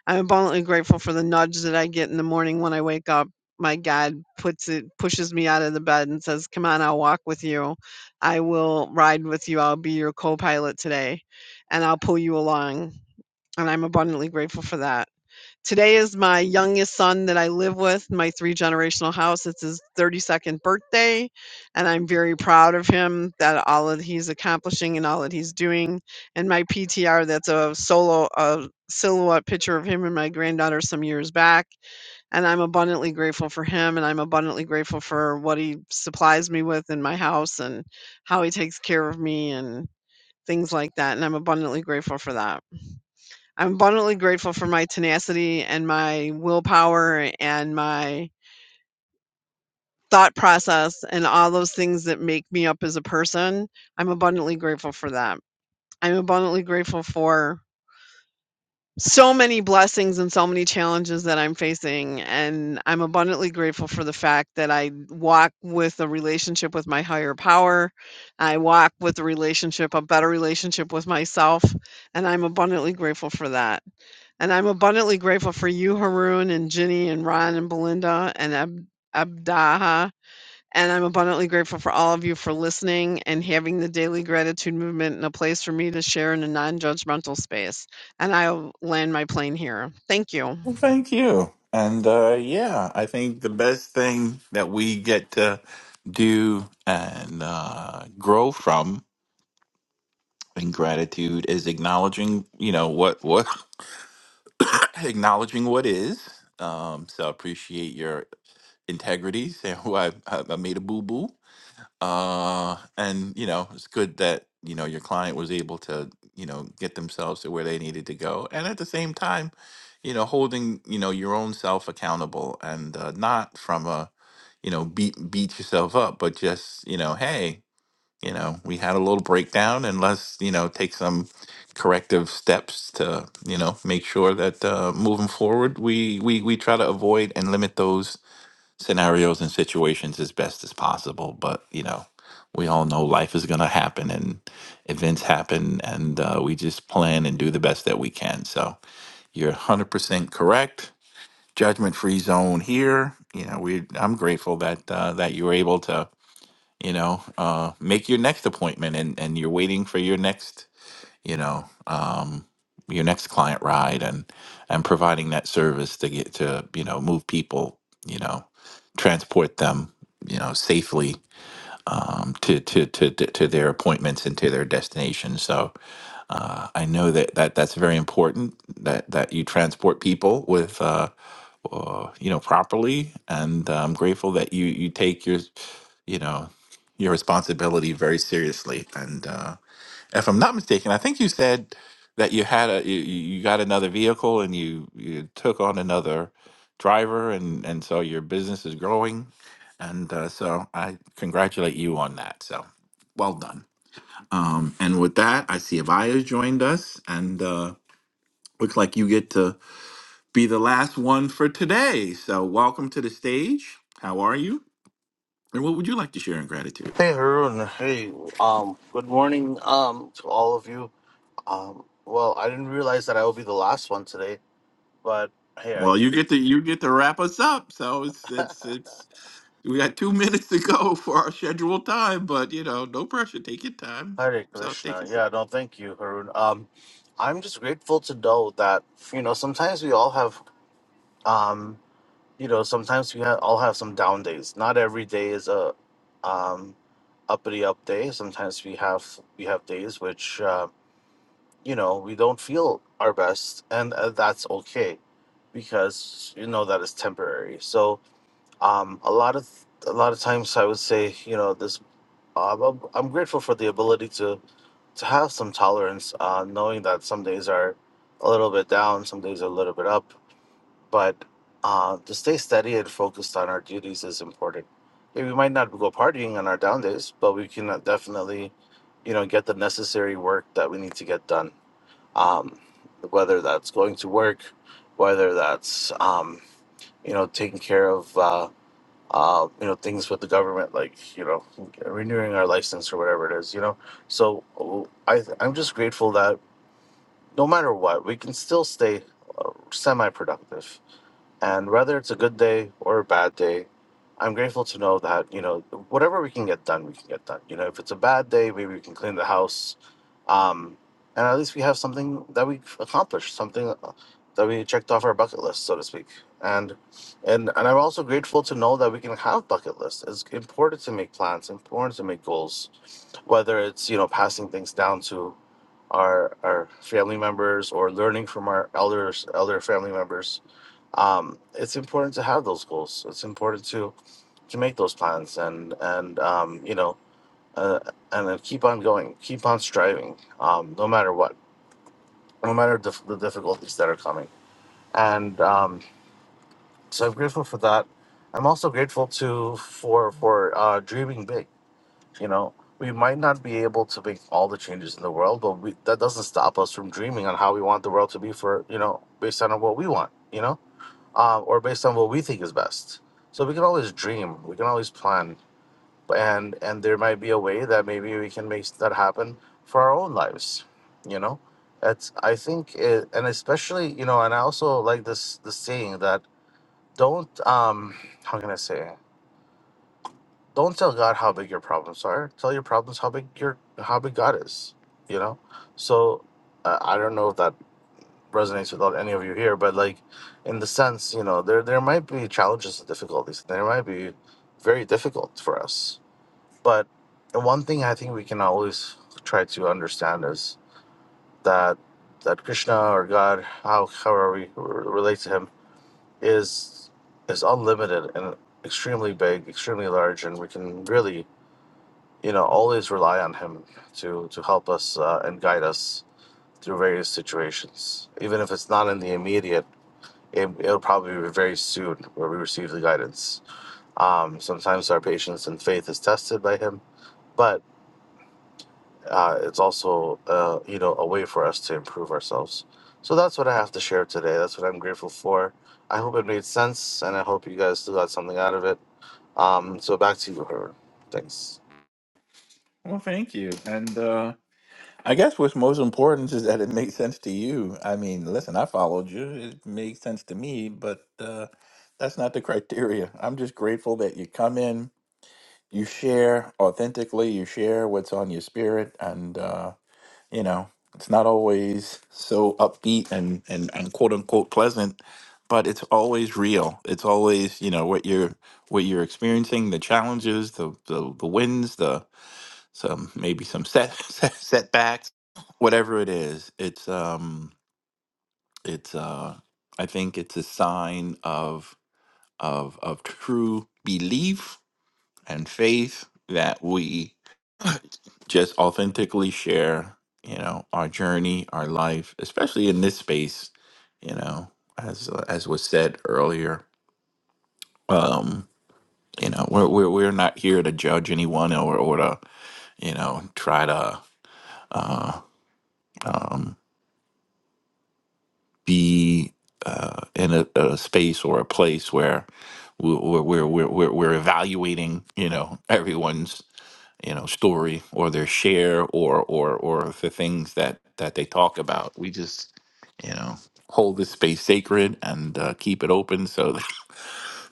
[SPEAKER 24] I'm abundantly grateful for the nudge that I get in the morning when I wake up. My God puts it pushes me out of the bed and says, "Come on, I'll walk with you. I will ride with you. I'll be your co-pilot today and I'll pull you along." And I'm abundantly grateful for that. Today is my youngest son that I live with, my three generational house. It's his 32nd birthday, and I'm very proud of him that all that he's accomplishing and all that he's doing. And my PTR, that's a solo a silhouette picture of him and my granddaughter some years back. And I'm abundantly grateful for him, and I'm abundantly grateful for what he supplies me with in my house and how he takes care of me and things like that. And I'm abundantly grateful for that. I'm abundantly grateful for my tenacity and my willpower and my thought process and all those things that make me up as a person. I'm abundantly grateful for that. I'm abundantly grateful for so many blessings and so many challenges that I'm facing. And I'm abundantly grateful for the fact that I walk with a relationship with my higher power. I walk with a relationship, a better relationship with myself. And I'm abundantly grateful for that. And I'm abundantly grateful for you, Haroon, and Ginny, and Ron, and Belinda, and Ab- Abdaha. And I'm abundantly grateful for all of you for listening and having the daily gratitude movement in a place for me to share in a non judgmental space. And I'll land my plane here. Thank you.
[SPEAKER 14] Well, thank you. And uh, yeah, I think the best thing that we get to do and uh, grow from in gratitude is acknowledging, you know, what what acknowledging what is. Um, so I appreciate your integrity. Saying who I, I I made a boo boo. uh and you know it's good that you know your client was able to you know get themselves to where they needed to go and at the same time you know holding you know your own self accountable and uh, not from a you know beat beat yourself up but just you know hey you know we had a little breakdown and let's you know take some corrective steps to you know make sure that uh, moving forward we we we try to avoid and limit those scenarios and situations as best as possible. But you know, we all know life is going to happen and events happen, and uh, we just plan and do the best that we can. So you're 100% correct. Judgment free zone here. You know, we I'm grateful that uh, that you were able to you know uh, make your next appointment, and and you're waiting for your next you know, um, your next client ride and and providing that service to get to you know move people, you know, transport them, you know, safely um, to, to to to to their appointments and to their destination. So uh, I know that, that that's very important that that you transport people with uh, uh, you know properly, and I'm grateful that you you take your you know your responsibility very seriously and. Uh, if I'm not mistaken, I think you said that you had a you, you you got another vehicle and you you took on another driver and and so your business is growing, and uh, so I congratulate you on that. So well done. Um, and with that, I see Avaya's joined us, and uh, looks like you get to be the last one for today. So welcome to the stage. How are you? And what would you like to share in gratitude?
[SPEAKER 25] Hey Haroon, hey, um, good morning, um, to all of you. Um, well, I didn't realize that I will be the last one today, but hey, I,
[SPEAKER 14] Well, you get to you get to wrap us up. So it's it's it's we got two minutes to go for our scheduled time, but you know, no pressure. Take your time.
[SPEAKER 25] Hare
[SPEAKER 14] So take
[SPEAKER 25] Krishna.
[SPEAKER 14] it.
[SPEAKER 25] Yeah, no, thank you, Haroon. Um, I'm just grateful to know that you know sometimes we all have, um, you know, sometimes we ha- all have some down days. Not every day is a, um, uppity up day. Sometimes we have we have days which. Um, you know we don't feel our best and uh, that's okay because you know that is temporary so um a lot of a lot of times i would say you know this um, i'm I'm grateful for the ability to to have some tolerance uh knowing that some days are a little bit down some days are a little bit up but uh to stay steady and focused on our duties is important Yeah, we might not go partying on our down days but we can uh, definitely you know get the necessary work that we need to get done um, whether that's going to work, whether that's um, you know taking care of uh, uh, you know things with the government, like you know renewing our license or whatever it is, you know. So I I'm just grateful that no matter what, we can still stay semi-productive and whether it's a good day or a bad day, I'm grateful to know that, you know, whatever we can get done, we can get done. You know, if it's a bad day, maybe we can clean the house. Um, and at least we have something that we accomplished, something uh, that we checked off our bucket list, so to speak. And and and I'm also grateful to know that we can have bucket lists. It's important to make plans, important to make goals, whether it's, you know, passing things down to our our family members or learning from our elders, elder family members um, it's important to have those goals. It's important to to make those plans and and um, you know uh, and then keep on going, keep on striving, um, no matter what, no matter dif- the difficulties that are coming. And um, so I'm grateful for that. I'm also grateful to for for uh, dreaming big. You know, we might not be able to make all the changes in the world, but we, that doesn't stop us from dreaming on how we want the world to be for you know based on what we want. You know uh, or based on what we think is best. So we can always dream, we can always plan, and and there might be a way that maybe we can make that happen for our own lives. You know, that's I think, it, and especially you know, and I also like this this saying that don't um how can I say it? don't tell God how big your problems are. Tell your problems how big your how big God is. You know, so uh, I don't know if that resonates with all- any of you here, but like in the sense, you know, there there might be challenges and difficulties. There might be very difficult for us. But one thing I think we can always try to understand is that that Krishna or God, how however we re- relate to him, is is unlimited and extremely big, extremely large, and we can really, you know, always rely on him to to help us uh, and guide us through various situations, even if it's not in the immediate it, it'll probably be very soon where we receive the guidance. Um, sometimes our patience and faith is tested by Him, but uh, it's also uh, you know a way for us to improve ourselves. So that's what I have to share today. That's what I'm grateful for. I hope it made sense, and I hope you guys still got something out of it. Um, so back to you, Herbert. Thanks.
[SPEAKER 14] Well, thank you. And uh I guess what's most important is that it makes sense to you. I mean, listen, I followed you. It makes sense to me, but uh that's not the criteria. I'm just grateful that you come in, you share authentically, you share what's on your spirit and uh, you know it's not always so upbeat and and, and quote unquote pleasant but it's always real it's always you know what you're what you're experiencing the challenges the the, the wins the some maybe some set, set setbacks whatever it is it's um it's uh i think it's a sign of of of true belief and faith that we just authentically share, you know, our journey, our life, especially in this space, you know, as as was said earlier. Um, you know, we're we're we're not here to judge anyone or or to you know try to uh, um, be uh, in a, a space or a place where we're we're we're we're, we're we're evaluating you know everyone's you know story or their share or or or the things that that they talk about we just you know hold this space sacred and uh, keep it open so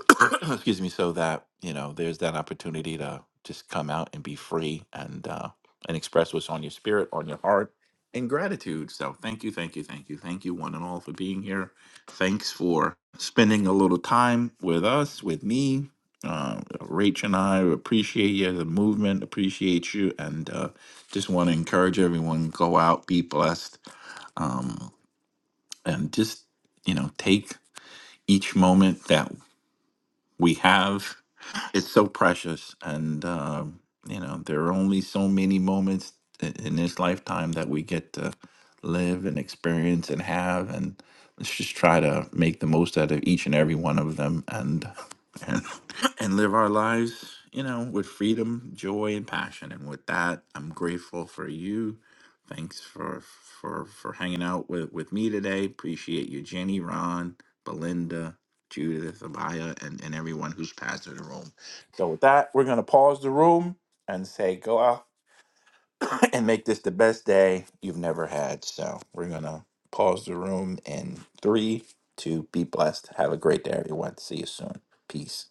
[SPEAKER 14] excuse me, so that you know there's that opportunity to just come out and be free and uh, and express what's on your spirit, on your heart, and gratitude. So thank you, thank you, thank you, thank you, one and all, for being here. Thanks for spending a little time with us, with me. Uh, Rach and I appreciate you, the movement appreciate you, and uh, just want to encourage everyone go out, be blessed, um, and just you know take each moment that we have. It's so precious, and um, you know there are only so many moments i- in this lifetime that we get to live and experience and have, and let's just try to make the most out of each and every one of them, and and and live our lives, you know, with freedom, joy, and passion. And with that, I'm grateful for you. Thanks for for for hanging out with with me today. Appreciate you, Jenny, Ron, Belinda. Judith, Abaya, and, and everyone who's passed through the room. So with that, we're gonna pause the room and say go out and make this the best day you've never had. So we're gonna pause the room in three, two, be blessed. Have a great day, everyone. See you soon. Peace.